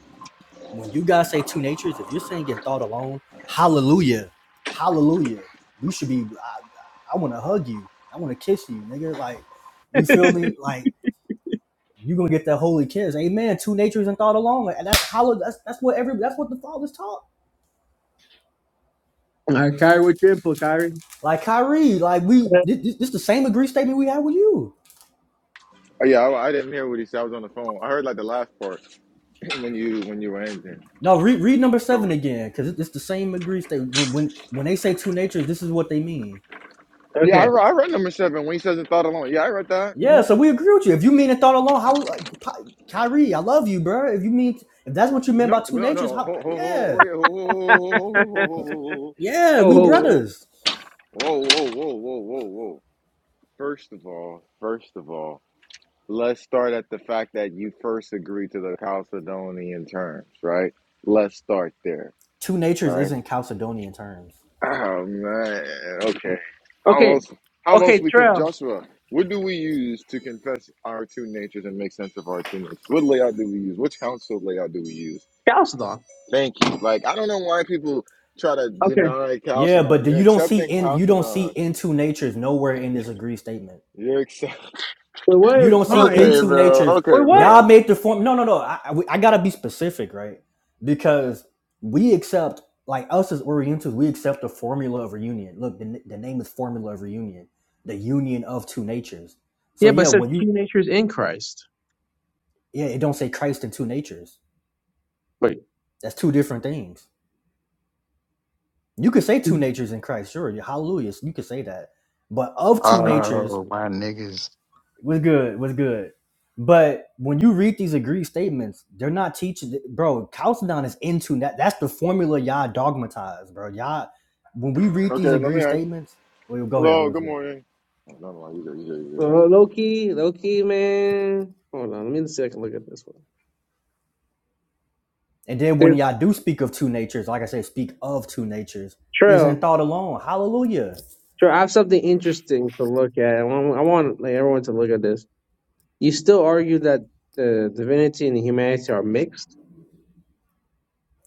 [SPEAKER 4] When you guys say two natures, if you're saying in thought alone, hallelujah, hallelujah, we should be. I, I want to hug you. I want to kiss you, nigga. Like you
[SPEAKER 3] <laughs> All
[SPEAKER 4] feel me? Like you gonna get that holy kiss, amen. Two natures and thought alone, and that's hollow. That's that's what every that's what the fathers taught.
[SPEAKER 3] right, Kyrie, what's your input, Kyrie?
[SPEAKER 4] Like Kyrie, like we this, this, this the same agree statement we had with you.
[SPEAKER 1] Oh, yeah, I, I didn't hear what he said. I was on the phone. I heard like the last part <clears throat> when you when you were ending.
[SPEAKER 4] No, read read number
[SPEAKER 1] So
[SPEAKER 4] seven again, because it's the same agree statement. When when when they say two natures, this is what they mean.
[SPEAKER 1] yeah, I,
[SPEAKER 3] Okay.
[SPEAKER 1] re- I read number seven when he says it thought alone. Yeah, I read that.
[SPEAKER 4] Yeah,
[SPEAKER 1] hmm
[SPEAKER 4] so we agree with you. If you mean it thought alone, how like, Pi- Kyrie, I love you, bro. If you mean if that's what you meant by
[SPEAKER 1] No,
[SPEAKER 4] two
[SPEAKER 1] no,
[SPEAKER 4] natures,
[SPEAKER 1] no.
[SPEAKER 4] how?
[SPEAKER 1] Ho, ho, ho, oh,
[SPEAKER 4] Yeah,
[SPEAKER 1] yeah. Ho, ho, ho,
[SPEAKER 4] yeah,
[SPEAKER 1] ho, ho,
[SPEAKER 3] Oh,
[SPEAKER 4] we
[SPEAKER 1] ho, ho,
[SPEAKER 3] oh.
[SPEAKER 4] brothers.
[SPEAKER 1] ho, ho, ho, ho, ho, ho, ho, ho, ho, ho, ho. First of all, first of all, let's start at the fact that you first agreed to the Chalcedonian terms, right? Let's start there,
[SPEAKER 4] Two natures
[SPEAKER 1] right?
[SPEAKER 4] isn't Chalcedonian terms.
[SPEAKER 1] Oh man, okay.
[SPEAKER 3] oh.
[SPEAKER 1] How
[SPEAKER 3] okay.
[SPEAKER 1] else? How else
[SPEAKER 3] Okay,
[SPEAKER 1] we can
[SPEAKER 3] Trail.
[SPEAKER 1] Joshua? What do we use to confess our two natures and make sense of our two natures? What layout do we use? Which council layout do we use?
[SPEAKER 3] Chalcedon.
[SPEAKER 1] Thank you. Like I don't know why people try to
[SPEAKER 3] Okay.
[SPEAKER 1] deny
[SPEAKER 4] Yeah, but
[SPEAKER 1] Chalcedon.
[SPEAKER 4] do-
[SPEAKER 1] You're
[SPEAKER 4] you don't see
[SPEAKER 1] accepting
[SPEAKER 4] in you don't see
[SPEAKER 1] Chalcedon.
[SPEAKER 4] in two natures nowhere in this agree statement.
[SPEAKER 1] You're accept.
[SPEAKER 3] Wait,
[SPEAKER 1] <laughs>
[SPEAKER 3] what?
[SPEAKER 4] You don't
[SPEAKER 3] Come
[SPEAKER 4] see
[SPEAKER 3] on, eh?
[SPEAKER 1] okay,
[SPEAKER 4] into
[SPEAKER 1] bro.
[SPEAKER 4] natures.
[SPEAKER 1] Okay,
[SPEAKER 3] Wait, what?
[SPEAKER 4] Y'all
[SPEAKER 1] bro.
[SPEAKER 4] made the form. No, no, no. I, I, I gotta be specific, right? Because we accept, like us as Orientals, we accept the formula of reunion. Look, the, the name is formula of reunion, the union of two natures. So
[SPEAKER 3] Yeah, but
[SPEAKER 4] yeah,
[SPEAKER 3] it says
[SPEAKER 4] when you
[SPEAKER 3] two natures in Christ.
[SPEAKER 4] yeah, it don't say Christ and two natures.
[SPEAKER 3] Wait.
[SPEAKER 4] That's two different things. You could say two natures in Christ, sure. Hallelujah. You could say that, but of two natures
[SPEAKER 5] Oh, my niggas.
[SPEAKER 4] was good, was good. But when you read these agreed statements, they're not teaching, bro. Chalcedon is into that. That's the formula y'all dogmatize, bro. Y'all, when we read
[SPEAKER 1] Okay,
[SPEAKER 4] these
[SPEAKER 1] let
[SPEAKER 4] agreed
[SPEAKER 1] me ask.
[SPEAKER 4] statements, well, go ahead,
[SPEAKER 1] Hello.
[SPEAKER 4] go
[SPEAKER 1] Good
[SPEAKER 4] ahead.
[SPEAKER 1] morning. I don't know why you there. You there? You there?
[SPEAKER 3] Oh, low key, low key, man. Hold on, let me see if I can look at this one.
[SPEAKER 4] And then when
[SPEAKER 3] There's
[SPEAKER 4] y'all do speak of two natures, like I said, speak of two natures, isn't
[SPEAKER 3] Trail.
[SPEAKER 4] thought alone. Hallelujah,
[SPEAKER 3] Trail, I have something interesting to look at. I want, I want like, everyone to look at this. You still argue that the divinity and humanity are mixed.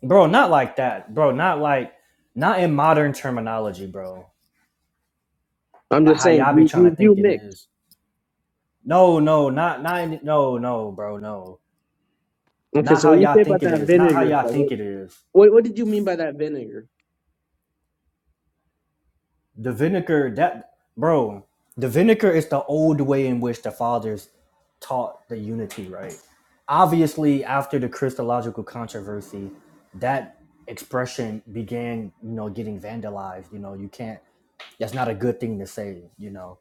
[SPEAKER 4] bro. Not like that, bro. Not like, not in modern terminology, bro.
[SPEAKER 3] I'm
[SPEAKER 4] Like
[SPEAKER 3] just
[SPEAKER 4] how
[SPEAKER 3] saying
[SPEAKER 4] y'all be
[SPEAKER 3] you
[SPEAKER 4] trying to
[SPEAKER 3] you, you
[SPEAKER 4] think it
[SPEAKER 3] mix.
[SPEAKER 4] is. No, no, not, not, in- no, no, bro, no
[SPEAKER 3] Okay,
[SPEAKER 4] Not
[SPEAKER 3] so
[SPEAKER 4] how
[SPEAKER 3] when you
[SPEAKER 4] y'all
[SPEAKER 3] say about
[SPEAKER 4] think it
[SPEAKER 3] that
[SPEAKER 4] is. Not how
[SPEAKER 3] vinegar
[SPEAKER 4] y'all
[SPEAKER 3] stuff,
[SPEAKER 4] think
[SPEAKER 3] what
[SPEAKER 4] it is.
[SPEAKER 3] what what did you mean by that vinegar?
[SPEAKER 4] The vinegar that bro, the vinegar is the old way in which the fathers taught the unity, right? Obviously, after the Christological controversy, that expression began, you know, getting vandalized. You know, you can't that's not a good thing to say, you know.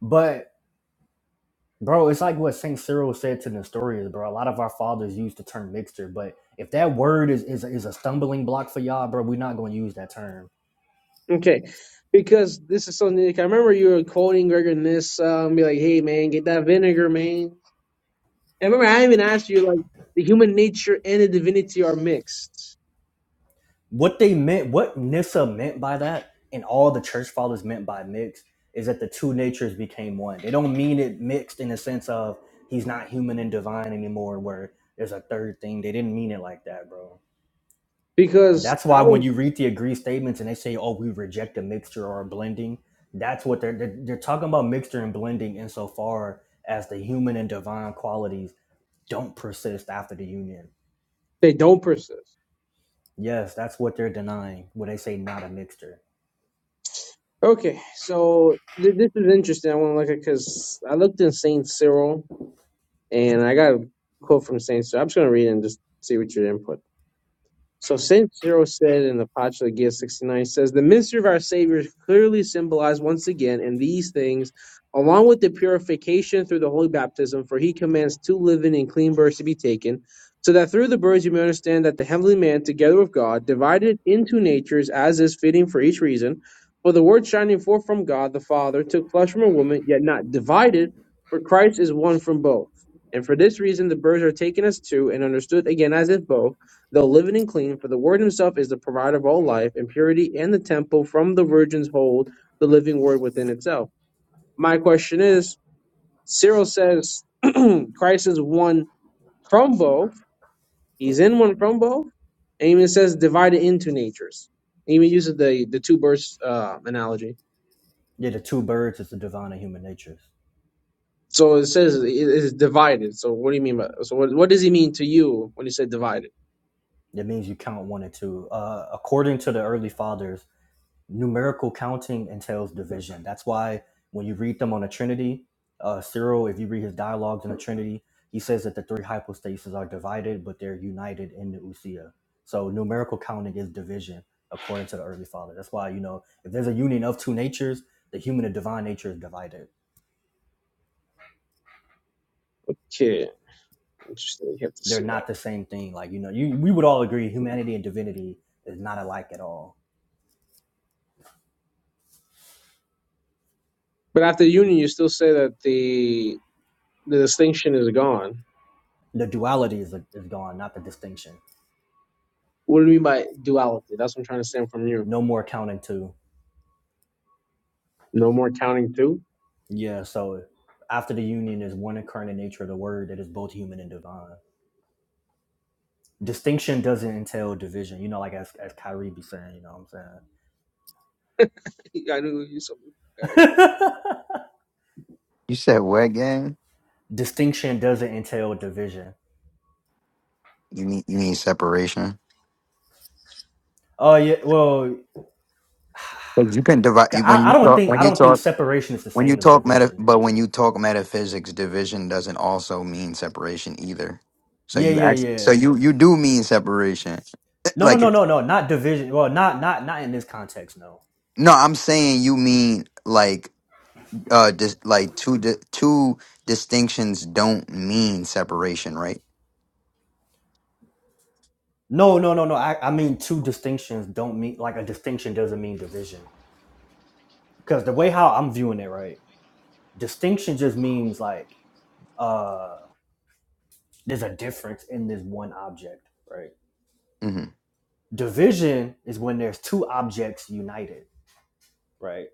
[SPEAKER 4] But bro, it's like what Saint Cyril said to Nestorius, bro. A lot of our fathers use the term mixture, but if that word is is, is a stumbling block for y'all, bro, we're not gonna use that term
[SPEAKER 3] Okay, because this is something like I remember you were quoting Gregor Nissa and be like, "Hey man, get that vinegar, man." And remember, I even asked you like the human nature and the divinity are mixed
[SPEAKER 4] what they meant, what Nissa meant by that, and all the church fathers meant by mixed, is that the two natures became one. They don't mean it mixed in the sense of he's not human and divine anymore, where there's a third thing. They didn't mean it like that, bro.
[SPEAKER 3] because
[SPEAKER 4] That's
[SPEAKER 3] I
[SPEAKER 4] why when
[SPEAKER 3] was
[SPEAKER 4] you read the agree statements and they say, "Oh, we reject a mixture or a blending," that's what they're they're, they're talking about mixture and blending insofar as the human and divine qualities don't persist after the union.
[SPEAKER 3] they don't persist.
[SPEAKER 4] Yes, that's what they're denying when they say not a mixture.
[SPEAKER 3] Okay, so th- this is interesting. I want to look at because I looked in Saint Cyril And I got a quote from Saint, so I'm just going to read it and just see what your input so Saint Cyril said in the Apologia 69, he says, The ministry of our Savior is clearly symbolized once again in these things, along with the purification through the holy baptism, for he commands two living and clean birds to be taken, so that through the birds you may understand that the heavenly man, together with God, divided into natures as is fitting for each reason. For the word shining forth from God the Father took flesh from a woman, yet not divided, for Christ is one from both. And for this reason the birds are taken as two and understood again as if both though living and clean, for the Word Himself is the provider of all life and purity, and the temple from the virgins hold the living Word within itself. My question is Cyril says <clears throat> Christ is one from both, He's in one from both, and even it says divided into natures. It even uses the, the two births uh, analogy.
[SPEAKER 4] Yeah, the two birds is the divine and human natures.
[SPEAKER 3] So it says it is divided. So what do you mean by so what, what does he mean to you when He said divided?
[SPEAKER 4] It means you count one and two. Uh, according to the early fathers, numerical counting entails division. That's why when you read them on the Trinity, uh, Cyril, if you read his dialogues on the Trinity, he says that the three hypostases are divided, but they're united in the usia. So numerical counting is division, according to the early fathers. That's why you know if there's a union of two natures, the human and divine nature is divided.
[SPEAKER 3] Okay, interesting. You have to
[SPEAKER 4] They're
[SPEAKER 3] see that.
[SPEAKER 4] not
[SPEAKER 3] One.
[SPEAKER 4] the same thing. Like you know, you we would all agree humanity and divinity is not alike at all
[SPEAKER 3] But after union, you still say that the the distinction is gone.
[SPEAKER 4] the duality is, is gone, not the distinction.
[SPEAKER 3] What do you mean by duality? That's what I'm trying to stand from you.
[SPEAKER 4] No more counting two.
[SPEAKER 3] No more counting two.
[SPEAKER 4] Yeah, so after the union is one incarnate nature of the word that is both human and divine. Distinction doesn't entail division. You know, like as, as Kyrie be saying, you know what
[SPEAKER 3] <laughs> I knew you something.
[SPEAKER 4] I'm saying? <laughs>
[SPEAKER 5] You said what gang?
[SPEAKER 4] Distinction doesn't entail division.
[SPEAKER 5] You need you need separation.
[SPEAKER 4] Oh yeah, Well,
[SPEAKER 5] But you can divide you, when
[SPEAKER 4] I, I
[SPEAKER 5] you
[SPEAKER 4] don't
[SPEAKER 5] talk
[SPEAKER 4] think
[SPEAKER 5] when
[SPEAKER 4] I
[SPEAKER 5] you
[SPEAKER 4] don't think
[SPEAKER 5] talk
[SPEAKER 4] separation is the
[SPEAKER 5] when you
[SPEAKER 4] same as
[SPEAKER 5] talk meta
[SPEAKER 4] division.
[SPEAKER 5] but when you talk metaphysics, division doesn't also mean separation either. So
[SPEAKER 4] Yeah,
[SPEAKER 5] you
[SPEAKER 4] yeah,
[SPEAKER 5] act so
[SPEAKER 4] yeah.
[SPEAKER 5] you you do mean separation. Eh,
[SPEAKER 4] No, no, no,
[SPEAKER 5] Like
[SPEAKER 4] no, no, not division. Well, not not not in this context, no
[SPEAKER 5] no, I'm saying you mean like uh dis, like two di- two distinctions don't mean separation, right?
[SPEAKER 4] No, no, no, no. I, I mean two distinctions don't mean like a distinction doesn't mean division. Because the way how I'm viewing it, right? Distinction just means like uh there's a difference in this one object.
[SPEAKER 5] Mm-hmm.
[SPEAKER 4] Division is when there's two objects united, right?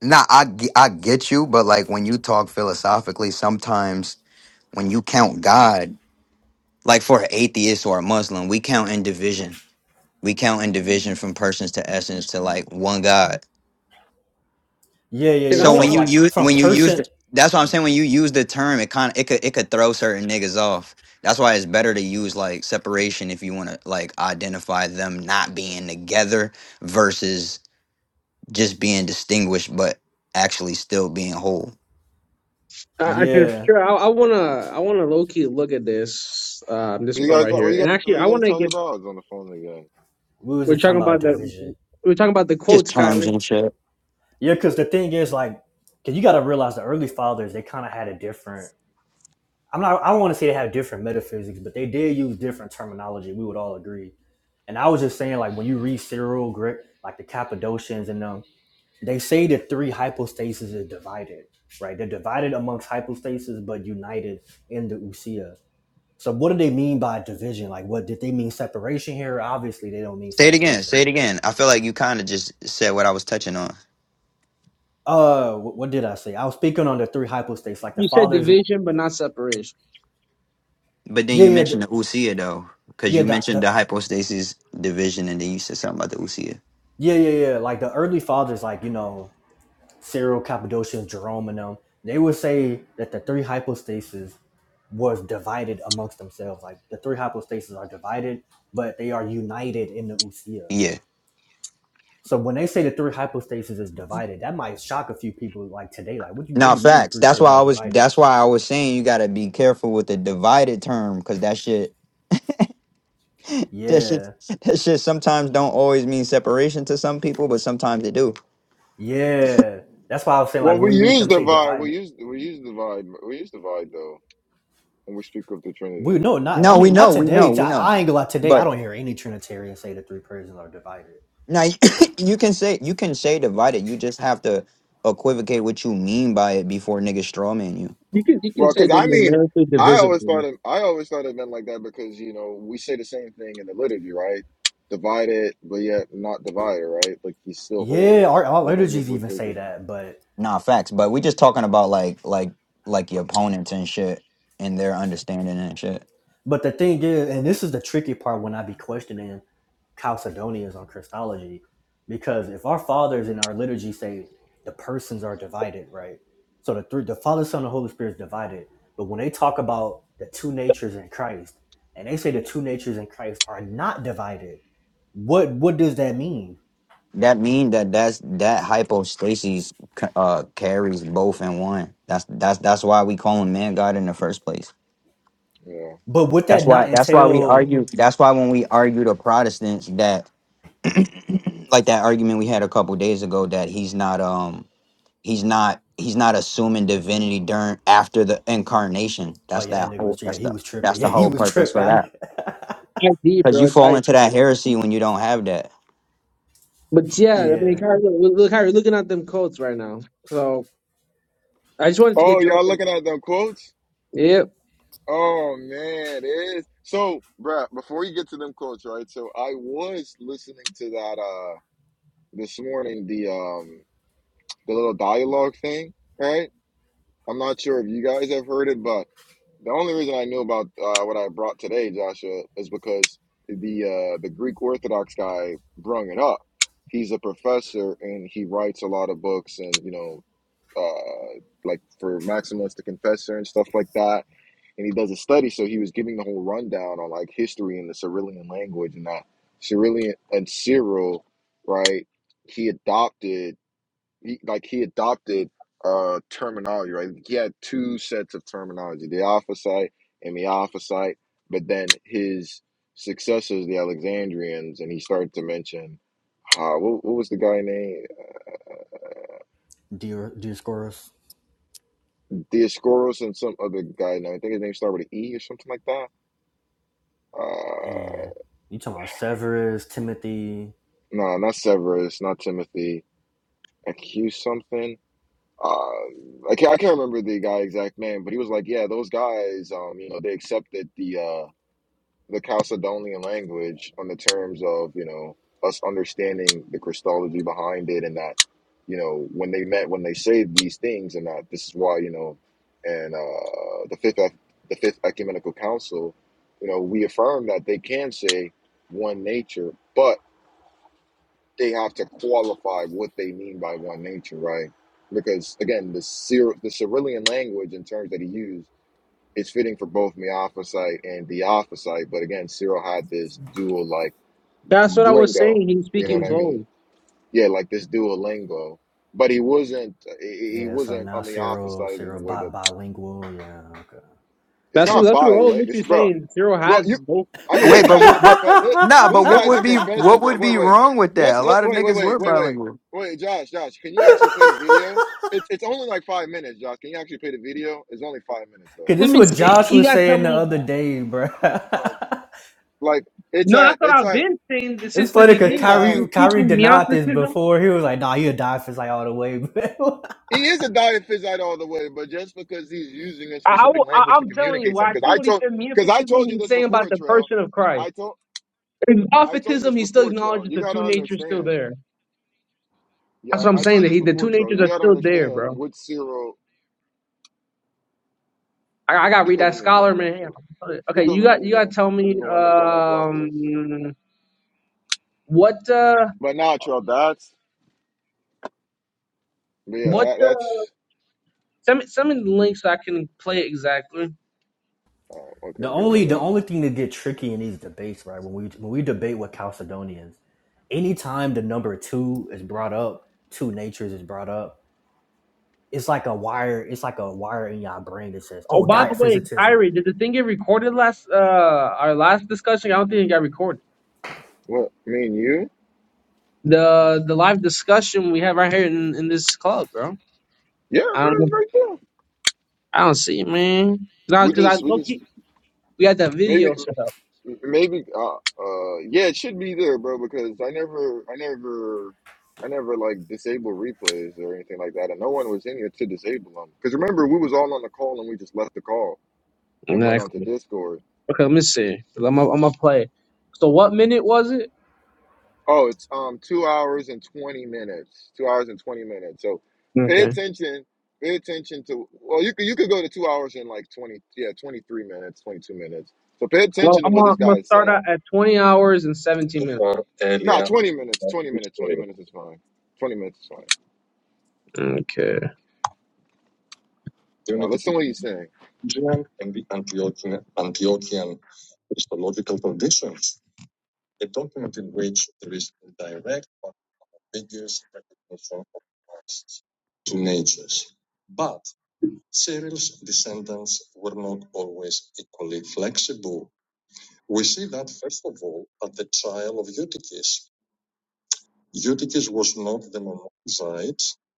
[SPEAKER 5] Nah, I, ge- I get you, but like when you talk philosophically, sometimes when you count God, like for an atheist or a Muslim, we count in division. We count in division from persons to essence to like one God.
[SPEAKER 4] Yeah, yeah,
[SPEAKER 3] And I,
[SPEAKER 4] yeah.
[SPEAKER 5] So
[SPEAKER 4] So
[SPEAKER 5] when
[SPEAKER 4] if
[SPEAKER 5] you
[SPEAKER 4] like
[SPEAKER 5] use
[SPEAKER 4] from
[SPEAKER 5] when you use
[SPEAKER 4] person
[SPEAKER 5] the, that's what I'm
[SPEAKER 4] um,
[SPEAKER 5] saying. When you use the term, it kind of it could it could throw certain niggas off. That's why it's better to use like separation if you want to like identify them not being together versus just being distinguished, but actually still being whole.
[SPEAKER 3] I, I can
[SPEAKER 4] yeah,
[SPEAKER 3] sure I, I wanna I wanna low key look at this um this
[SPEAKER 1] What you
[SPEAKER 3] part
[SPEAKER 1] guys?
[SPEAKER 3] right
[SPEAKER 1] What you
[SPEAKER 3] here.
[SPEAKER 1] guys?
[SPEAKER 3] And actually,
[SPEAKER 1] What
[SPEAKER 3] I
[SPEAKER 1] you guys
[SPEAKER 3] wanna
[SPEAKER 1] talking
[SPEAKER 3] get
[SPEAKER 1] about? I was on the phone again.
[SPEAKER 4] we was
[SPEAKER 3] we're
[SPEAKER 4] just talking
[SPEAKER 3] talking
[SPEAKER 4] about
[SPEAKER 3] about the
[SPEAKER 4] division.
[SPEAKER 3] we're talking about the
[SPEAKER 5] Just
[SPEAKER 3] quotes,
[SPEAKER 5] terms
[SPEAKER 3] Kyrie.
[SPEAKER 5] and shit.
[SPEAKER 4] Yeah, because the thing is like, cause you gotta realize the early fathers, they kinda had a different I'm not. I don't want to say they have different metaphysics, but they did use different terminology. We would all agree. And I was just saying, like when you read Cyril, Gre- like the Cappadocians and them, they say the three hypostases are divided, right? They're divided amongst hypostases, but united in the usia. So what do they mean by division? Like, what did they mean separation here? Obviously, they don't mean
[SPEAKER 5] Say it again.
[SPEAKER 4] separation.
[SPEAKER 5] Say it again. I feel like you kind of just said what I was touching on,
[SPEAKER 4] Uh, wh- what did I say? I was speaking on the three hypostases, like the
[SPEAKER 3] You said
[SPEAKER 4] fathers.
[SPEAKER 3] division, but not separation.
[SPEAKER 5] but then
[SPEAKER 4] Yeah,
[SPEAKER 5] you
[SPEAKER 4] yeah,
[SPEAKER 5] mentioned
[SPEAKER 4] the,
[SPEAKER 5] the usia though, because
[SPEAKER 4] yeah,
[SPEAKER 5] you
[SPEAKER 4] the,
[SPEAKER 5] mentioned the
[SPEAKER 4] the
[SPEAKER 5] hypostasis division, and then you said something about the usia.
[SPEAKER 4] yeah, yeah, yeah. Like the early fathers, like you know, Cyril, Cappadocius, Jerome, and them, they would say that the three hypostases was divided amongst themselves. Like the three hypostases are divided, but they are united in the usia.
[SPEAKER 5] Yeah.
[SPEAKER 4] So when they say the three hypostases is divided, that might shock a few people like today. Like, what do you what
[SPEAKER 5] No
[SPEAKER 4] do you mean the
[SPEAKER 5] facts.
[SPEAKER 4] three
[SPEAKER 5] That's why
[SPEAKER 4] persons
[SPEAKER 5] I
[SPEAKER 4] are
[SPEAKER 5] was.
[SPEAKER 4] divided?
[SPEAKER 5] That's why I was saying you gotta be careful with the divided term, because that shit. That shit. <laughs>
[SPEAKER 4] Yeah,
[SPEAKER 5] That shit sometimes don't always mean separation to some people, but sometimes it do.
[SPEAKER 4] yeah. That's why I was saying like
[SPEAKER 1] Well,
[SPEAKER 4] when
[SPEAKER 1] we
[SPEAKER 4] we read
[SPEAKER 1] use
[SPEAKER 4] them say
[SPEAKER 1] divide. We
[SPEAKER 4] divided.
[SPEAKER 1] use we use divide. We use divide though when we speak of the
[SPEAKER 4] We
[SPEAKER 1] Trinity.
[SPEAKER 4] no, not I
[SPEAKER 5] No, we
[SPEAKER 4] mean not
[SPEAKER 5] know. We know.
[SPEAKER 4] today. T-
[SPEAKER 5] We know.
[SPEAKER 4] I ain't gonna lie. Today I
[SPEAKER 5] But
[SPEAKER 4] don't hear any Trinitarian say the three persons are divided.
[SPEAKER 5] now <laughs> you <coughs> you can say you can say divided. You just have to equivocate what you mean by it before niggas strawman you.
[SPEAKER 3] You can you can
[SPEAKER 1] Well,
[SPEAKER 3] say
[SPEAKER 1] because
[SPEAKER 3] they're
[SPEAKER 1] I mean,
[SPEAKER 3] numerically
[SPEAKER 1] I always thought
[SPEAKER 3] divisible.
[SPEAKER 1] it, I always thought it meant like that because you know we say the same thing in the liturgy, right? Divided, but yet not divided, right? Like he's still whole.
[SPEAKER 4] Yeah, our, our
[SPEAKER 1] Like when we
[SPEAKER 4] liturgies even
[SPEAKER 1] partake
[SPEAKER 4] say
[SPEAKER 1] of,
[SPEAKER 4] that, but
[SPEAKER 5] Nah, facts. But we just talking about like like like your opponents and shit and their understanding and shit.
[SPEAKER 4] But the thing is, and this is the tricky part when I be questioning Chalcedonians on Christology, because if our fathers in our liturgy say the persons are divided, right? So the three, the Father, Son, and Holy Spirit is divided. But when they talk about the two natures in Christ, and they say the two natures in Christ are not divided, what what does that mean?
[SPEAKER 5] That mean that that's that hypostasis c- uh carries both in one. That's that's that's why we call him man God in the first place.
[SPEAKER 1] yeah.
[SPEAKER 4] But would
[SPEAKER 5] That's
[SPEAKER 4] that
[SPEAKER 5] why
[SPEAKER 4] not
[SPEAKER 5] that's why we
[SPEAKER 4] entail?
[SPEAKER 5] argue. That's why when we argue to Protestants that like that argument we had a couple days ago that he's not um he's not he's not assuming divinity during after the incarnation.
[SPEAKER 4] Oh
[SPEAKER 5] That's
[SPEAKER 4] yeah,
[SPEAKER 5] that
[SPEAKER 4] that nigga
[SPEAKER 5] whole
[SPEAKER 4] was yeah,
[SPEAKER 5] that's
[SPEAKER 4] he
[SPEAKER 5] the
[SPEAKER 4] was
[SPEAKER 5] that's
[SPEAKER 4] tripping. <laughs> Yeah,
[SPEAKER 5] the
[SPEAKER 4] he
[SPEAKER 5] whole
[SPEAKER 4] was
[SPEAKER 5] purpose
[SPEAKER 4] tripping.
[SPEAKER 5] for that.
[SPEAKER 4] I,
[SPEAKER 3] ID,
[SPEAKER 5] Because
[SPEAKER 3] bro,
[SPEAKER 5] you
[SPEAKER 3] it's
[SPEAKER 5] fall
[SPEAKER 3] ID.
[SPEAKER 5] into that heresy when you don't have that.
[SPEAKER 3] But yeah, I mean,
[SPEAKER 4] yeah,
[SPEAKER 3] Kyrie, look, look, Kyrie, looking at them quotes right now. So I just wanted to
[SPEAKER 1] Oh,
[SPEAKER 3] get your.
[SPEAKER 1] y'all looking at them quotes?
[SPEAKER 3] Yep.
[SPEAKER 1] Oh man, it is. So, bruh, before you get to them quotes, right? So I was listening to that uh this morning, the um the little dialogue thing, right? I'm not sure if you guys have heard it, but the only reason I knew about uh, what I brought today, Joshua, is because the uh, the Greek Orthodox guy brung it up. He's a professor and he writes a lot of books and you know uh, like for Maximus the Confessor and stuff like that. And he does a study, so he was giving the whole rundown on like history and the Cyrillian language and that Cyrillian and Cyril, right? He adopted he like he adopted uh terminology right he had two sets of terminology the alphasite and the alphasite but then his successors the alexandrians and he started to mention uh, what, what was the guy name
[SPEAKER 4] dear, dear
[SPEAKER 1] dioscorus and some other guy name i think his name started with an e or something like that
[SPEAKER 4] E,
[SPEAKER 1] uh
[SPEAKER 4] you talking about Severus, Timothy?
[SPEAKER 1] no not severus not timothy accuse something uh, I can't, I can't remember the guy exact name, but he was like, yeah, those guys, um, you know, they accepted the, uh, the Chalcedonian language on the terms of, you know, us understanding the Christology behind it and that, you know, when they met, when they say these things and that this is why, you know, and uh, the fifth Ec- the fifth ecumenical council, you know, we affirm that they can say one nature, but they have to qualify what they mean by one nature, right? Because again, the Cyr- the Cyrillian language in terms that he used it's fitting for both Meophysite and Diophysite, but again, Cyril had this dual like
[SPEAKER 3] That's what I was
[SPEAKER 1] lingo.
[SPEAKER 3] saying. He's
[SPEAKER 1] You know
[SPEAKER 3] speaking
[SPEAKER 1] what I
[SPEAKER 5] Mhm.
[SPEAKER 1] mean?
[SPEAKER 3] both.
[SPEAKER 1] Yeah, like this dual lingo. But he wasn't. He he
[SPEAKER 4] Yeah. So
[SPEAKER 1] wasn't a
[SPEAKER 4] now Cyril,
[SPEAKER 1] Meophysite in
[SPEAKER 4] Cyril
[SPEAKER 1] the way
[SPEAKER 4] bi-
[SPEAKER 1] that
[SPEAKER 4] bilingual. Yeah. Okay.
[SPEAKER 1] it's
[SPEAKER 3] That's what
[SPEAKER 1] not
[SPEAKER 3] that's what I was
[SPEAKER 1] bilingual. It's
[SPEAKER 3] literally
[SPEAKER 1] bro.
[SPEAKER 3] saying. Cyril
[SPEAKER 1] Well, you.
[SPEAKER 3] had both
[SPEAKER 1] I mean,
[SPEAKER 4] <laughs>
[SPEAKER 1] this
[SPEAKER 5] Wait,
[SPEAKER 3] terms.
[SPEAKER 5] but
[SPEAKER 1] guy's a
[SPEAKER 5] what? But
[SPEAKER 1] professor. This,
[SPEAKER 5] nah, but
[SPEAKER 1] this
[SPEAKER 5] what
[SPEAKER 1] guy's
[SPEAKER 5] would
[SPEAKER 1] a
[SPEAKER 5] be
[SPEAKER 1] professor,
[SPEAKER 5] what
[SPEAKER 1] bro.
[SPEAKER 5] would
[SPEAKER 1] Wait,
[SPEAKER 5] be
[SPEAKER 1] wait.
[SPEAKER 5] wrong with that?
[SPEAKER 1] Let's,
[SPEAKER 5] A
[SPEAKER 1] let's
[SPEAKER 5] lot of
[SPEAKER 1] wait, wait,
[SPEAKER 5] niggas
[SPEAKER 1] wait,
[SPEAKER 5] were
[SPEAKER 1] wait, wait,
[SPEAKER 5] bilingual,
[SPEAKER 1] wait. Josh, Josh, can you actually play the video? It's it's only like five minutes, Josh. Can you actually play the video? It's only five minutes
[SPEAKER 4] Cause
[SPEAKER 1] though.
[SPEAKER 3] Let
[SPEAKER 4] this is
[SPEAKER 3] me
[SPEAKER 4] what
[SPEAKER 3] see.
[SPEAKER 4] Josh
[SPEAKER 3] You
[SPEAKER 4] was
[SPEAKER 3] gotta tell
[SPEAKER 4] saying the
[SPEAKER 3] me.
[SPEAKER 4] other day, bro. <laughs>
[SPEAKER 1] Like it's
[SPEAKER 3] No,
[SPEAKER 1] at
[SPEAKER 3] that's what
[SPEAKER 1] it's
[SPEAKER 3] I've
[SPEAKER 1] at
[SPEAKER 3] been saying th-
[SPEAKER 4] it's
[SPEAKER 3] since the
[SPEAKER 4] funny because
[SPEAKER 1] it's
[SPEAKER 3] beginning. You
[SPEAKER 1] at
[SPEAKER 3] were
[SPEAKER 4] Kyrie Kyrie
[SPEAKER 3] speaking
[SPEAKER 4] denied this
[SPEAKER 3] meopticism.
[SPEAKER 4] before. He was like, "Nah, he'll die if it's like all the way." <laughs> But
[SPEAKER 1] He is a diaphysite all the way, but just because he's using a
[SPEAKER 3] I, I,
[SPEAKER 1] specific
[SPEAKER 3] will- I,
[SPEAKER 1] language to
[SPEAKER 3] am telling
[SPEAKER 1] communicate
[SPEAKER 3] you, I
[SPEAKER 1] something, because
[SPEAKER 3] think
[SPEAKER 1] I
[SPEAKER 3] when he
[SPEAKER 1] told,
[SPEAKER 3] said
[SPEAKER 1] because I
[SPEAKER 3] meopticism,
[SPEAKER 1] told you
[SPEAKER 3] he's
[SPEAKER 1] this
[SPEAKER 3] saying about
[SPEAKER 1] before,
[SPEAKER 3] the
[SPEAKER 1] Trail.
[SPEAKER 3] person of Christ.
[SPEAKER 1] I told,
[SPEAKER 3] In
[SPEAKER 1] I told you
[SPEAKER 3] opticism,
[SPEAKER 1] this
[SPEAKER 3] he still
[SPEAKER 1] before, Trail.
[SPEAKER 3] acknowledges
[SPEAKER 1] You
[SPEAKER 3] the
[SPEAKER 1] gotta
[SPEAKER 3] two natures still
[SPEAKER 1] understand.
[SPEAKER 3] there. That's
[SPEAKER 1] Yeah,
[SPEAKER 3] what I'm
[SPEAKER 1] I
[SPEAKER 3] saying.
[SPEAKER 1] told you
[SPEAKER 3] That
[SPEAKER 1] this
[SPEAKER 3] he, the two
[SPEAKER 1] before, Trail.
[SPEAKER 3] natures
[SPEAKER 1] You
[SPEAKER 3] are
[SPEAKER 1] gotta
[SPEAKER 3] still there,
[SPEAKER 1] understand
[SPEAKER 3] bro.
[SPEAKER 1] what Cyril.
[SPEAKER 3] I, I gotta
[SPEAKER 1] Speak
[SPEAKER 3] read
[SPEAKER 1] over
[SPEAKER 3] that
[SPEAKER 1] me again,
[SPEAKER 3] scholar man.
[SPEAKER 1] Joshua.
[SPEAKER 3] Okay,
[SPEAKER 1] Speak
[SPEAKER 3] you
[SPEAKER 1] over
[SPEAKER 3] got
[SPEAKER 1] me
[SPEAKER 3] you gotta
[SPEAKER 1] again,
[SPEAKER 3] tell
[SPEAKER 1] and
[SPEAKER 3] me
[SPEAKER 1] you're gonna end up on that block list.
[SPEAKER 3] um what uh
[SPEAKER 1] But nah, Trail. That's, but yeah,
[SPEAKER 3] what
[SPEAKER 1] that
[SPEAKER 3] uh,
[SPEAKER 1] that's.
[SPEAKER 3] Send me, send me the link so I can play it exactly.
[SPEAKER 1] Oh,
[SPEAKER 4] The
[SPEAKER 1] okay, here. Let
[SPEAKER 4] only the
[SPEAKER 1] me.
[SPEAKER 4] only thing that get tricky in these debates, right? When we when we debate with Chalcedonians, anytime the number two is brought up, two natures is brought up, it's like a wire. It's like a wire in your brain that says,
[SPEAKER 3] Oh,
[SPEAKER 4] "Oh,
[SPEAKER 3] by the way,
[SPEAKER 4] diaphysitism."
[SPEAKER 3] Kyrie, did the thing get recorded last uh our last discussion? I don't think it got recorded.
[SPEAKER 1] What? Me and you?
[SPEAKER 3] The the live discussion we have right here in, in this club, bro.
[SPEAKER 1] Yeah,
[SPEAKER 3] I
[SPEAKER 1] bro.
[SPEAKER 3] don't know.
[SPEAKER 1] It's right there.
[SPEAKER 3] I don't see it, man. Nah,
[SPEAKER 1] We
[SPEAKER 3] cause I
[SPEAKER 1] just, we
[SPEAKER 3] low
[SPEAKER 1] just
[SPEAKER 3] key, we had that
[SPEAKER 1] maybe.
[SPEAKER 3] video set up.
[SPEAKER 1] Maybe uh uh yeah, it should be there, bro, because I never I never I never like disabled replays or anything like that, and no one was in here to disable them. Because remember, we was all on the call and we just left the call and went on to
[SPEAKER 3] Exactly.
[SPEAKER 1] Discord.
[SPEAKER 3] Okay, let me see. I'm gonna I'm gonna play. it. So what minute was it?
[SPEAKER 1] Oh, it's um two hours and twenty minutes. Two hours and twenty minutes. So pay
[SPEAKER 3] Okay.
[SPEAKER 1] attention. Pay attention to well, you could you could go to two hours and like twenty yeah twenty three minutes, twenty two minutes. So pay
[SPEAKER 3] Well,
[SPEAKER 1] attention to
[SPEAKER 3] I'm
[SPEAKER 1] what
[SPEAKER 3] gonna,
[SPEAKER 1] this
[SPEAKER 3] I'm gonna
[SPEAKER 1] guy is
[SPEAKER 3] start
[SPEAKER 1] saying.
[SPEAKER 3] out at 20 hours and 17 minutes.
[SPEAKER 1] Nah, twenty minutes, twenty minutes, twenty minutes is fine. Twenty minutes is fine.
[SPEAKER 3] Okay.
[SPEAKER 1] Now listen to what he's saying.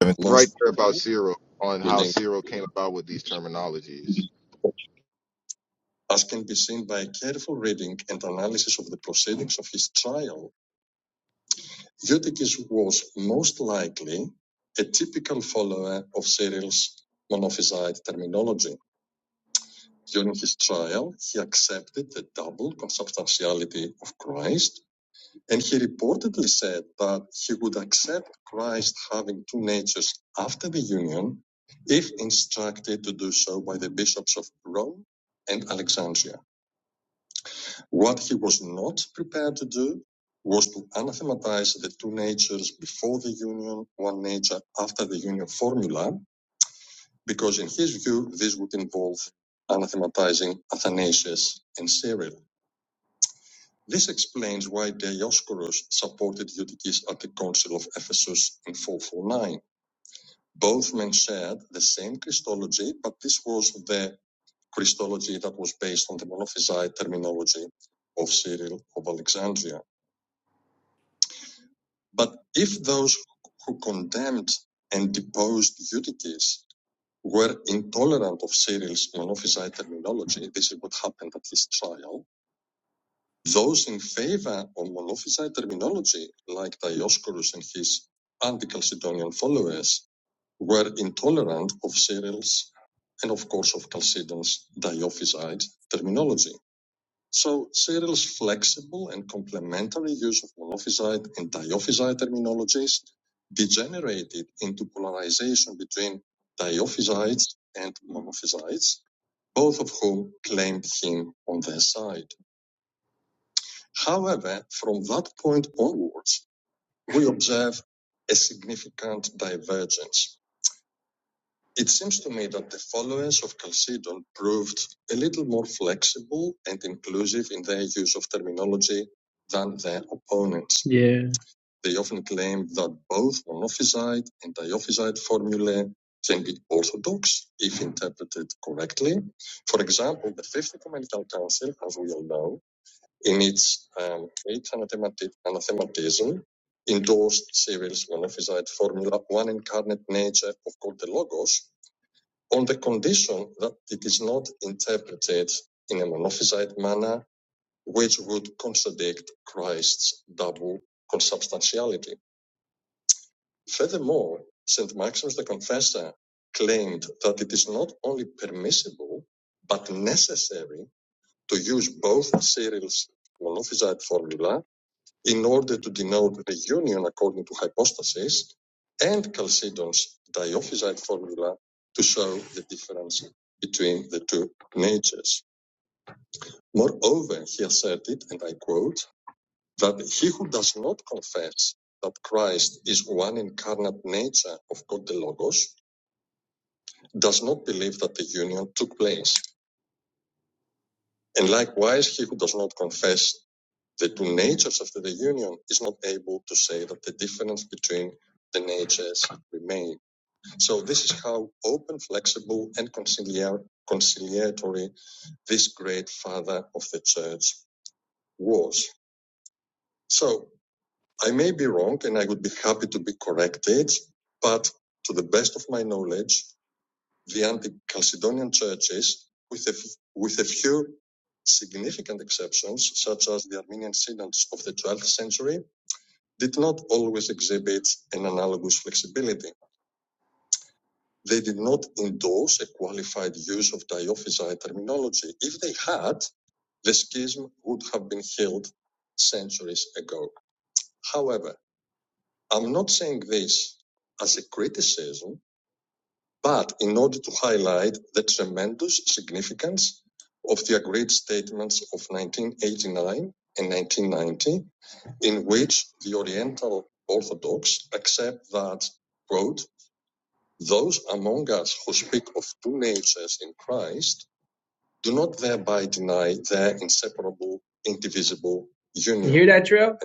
[SPEAKER 1] And It's right there about Cyril on how Cyril came about with these terminologies.
[SPEAKER 3] Yeah. You hear that, Trail?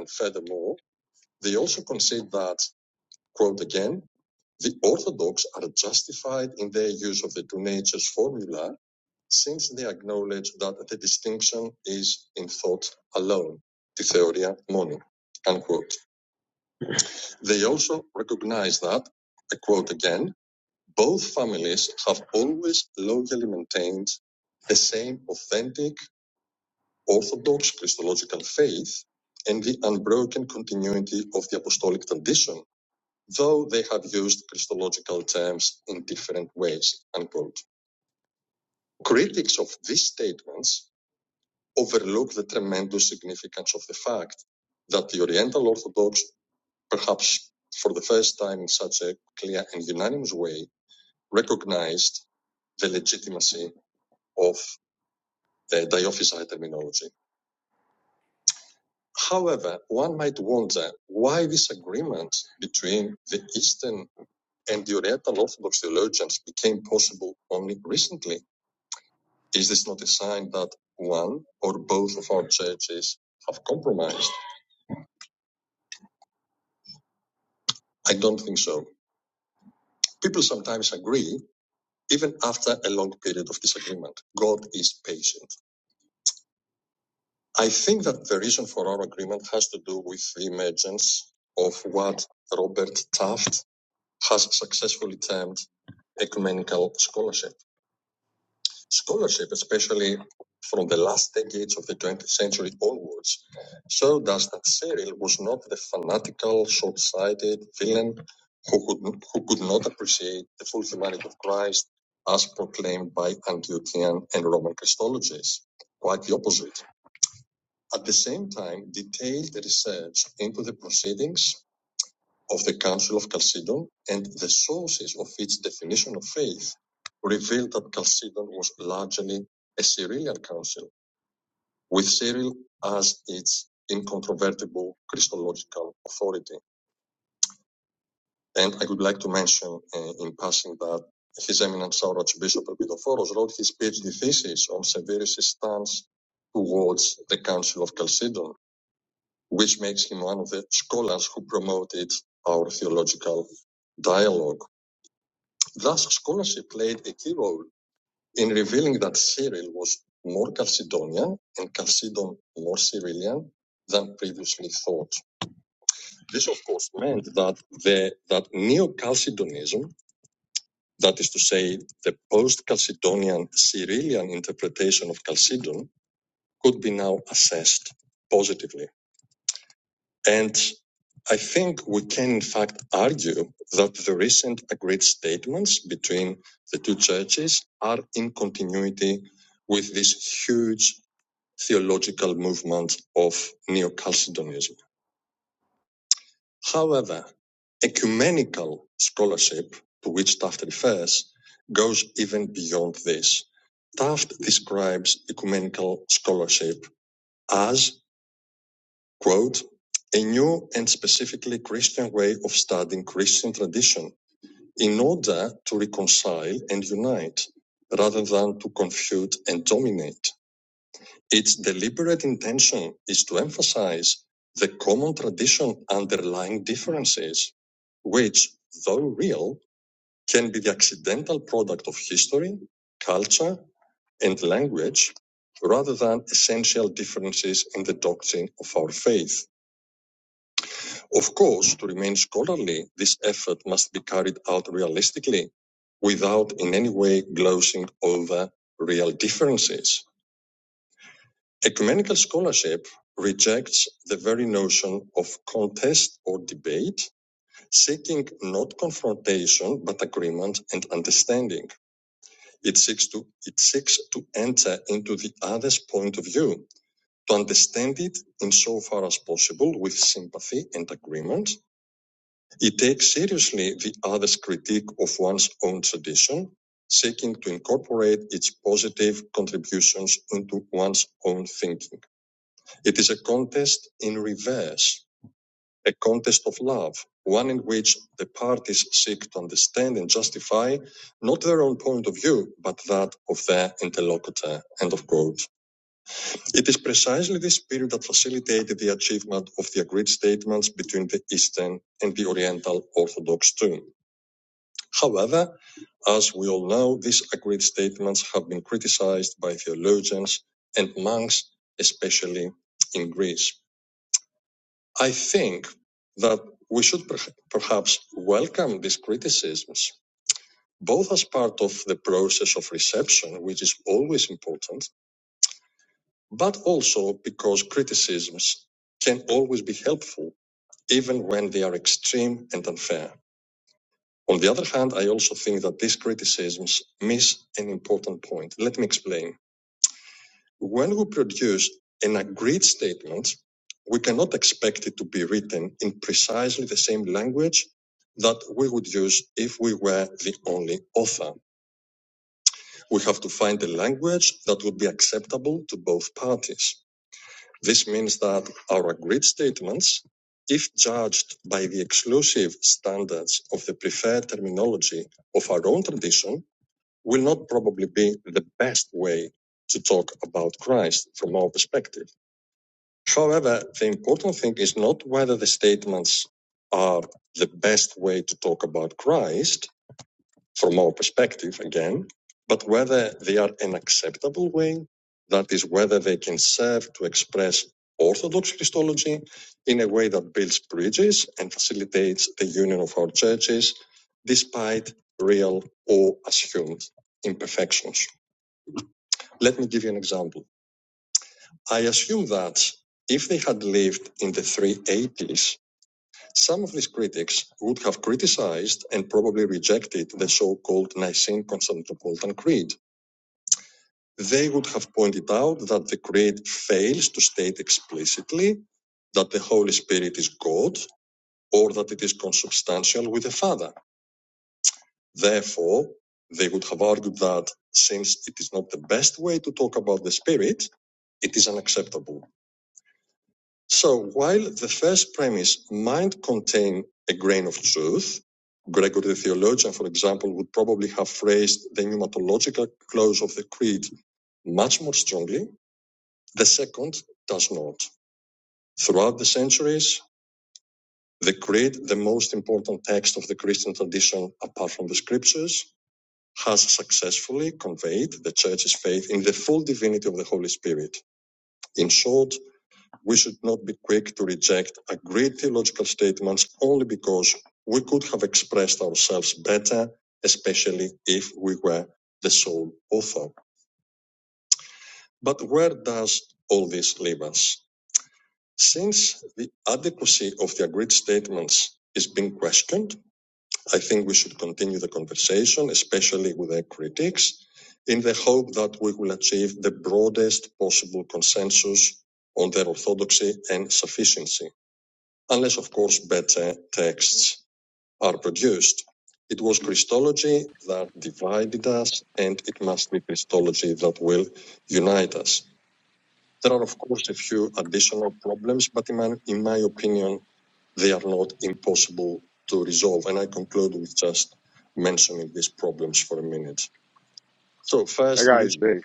[SPEAKER 1] That guy is big.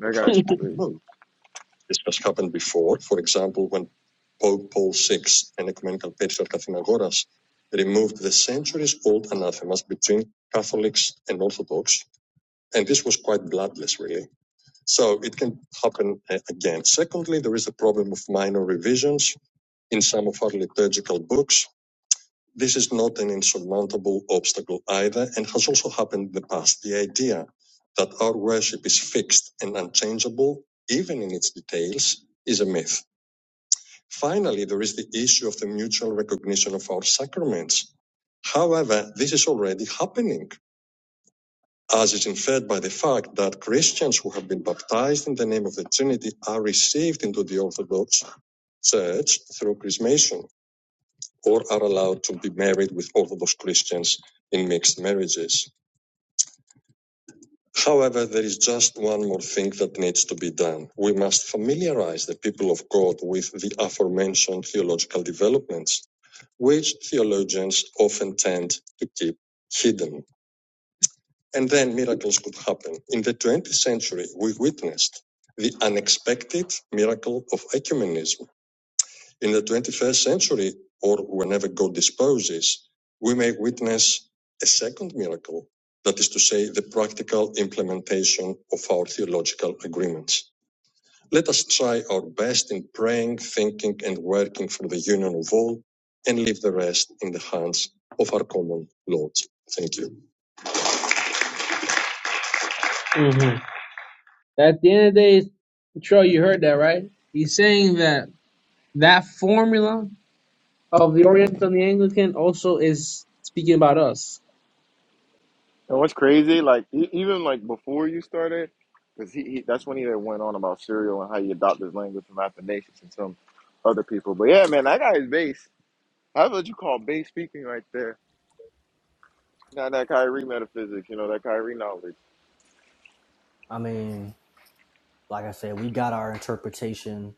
[SPEAKER 1] That guy is big.
[SPEAKER 3] Mm-hmm. At the end of the day, Trail, you heard that, right? He's saying that that formula of the Oriental and the Anglican also is speaking about us.
[SPEAKER 1] And what's crazy, like e- even like before you started, because he, he that's when he then went on about Serial and how he adopted his language from Athanasius and some other people. But yeah, man, that guy is base. That's what you call base speaking right there. Not that Kyrie metaphysics, you know, that Kyrie knowledge.
[SPEAKER 4] I mean, like I said, we got our interpretation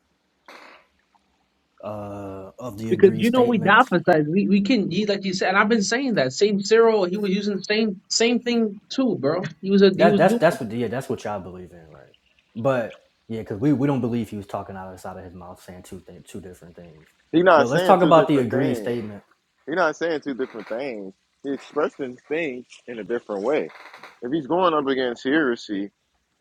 [SPEAKER 4] uh, of the
[SPEAKER 3] Because
[SPEAKER 4] agreed
[SPEAKER 3] you know we
[SPEAKER 4] statements
[SPEAKER 3] dophasize, we we can he, like you said, and I've been saying that same Cyril, he was using the same same thing too, bro. He was a he
[SPEAKER 4] That
[SPEAKER 3] was
[SPEAKER 4] that's
[SPEAKER 3] doing. it.
[SPEAKER 4] that's what yeah that's what y'all believe in, right? But yeah, because we we don't believe he was talking out of the side of his mouth saying two th- two different things.
[SPEAKER 1] He's
[SPEAKER 4] But
[SPEAKER 1] not
[SPEAKER 4] let's
[SPEAKER 1] saying
[SPEAKER 4] talk
[SPEAKER 1] two
[SPEAKER 4] about the
[SPEAKER 1] different
[SPEAKER 4] agreed
[SPEAKER 1] things.
[SPEAKER 4] statement.
[SPEAKER 1] He's not saying two different things. He's expressing things in a different way. If he's going up against heresy,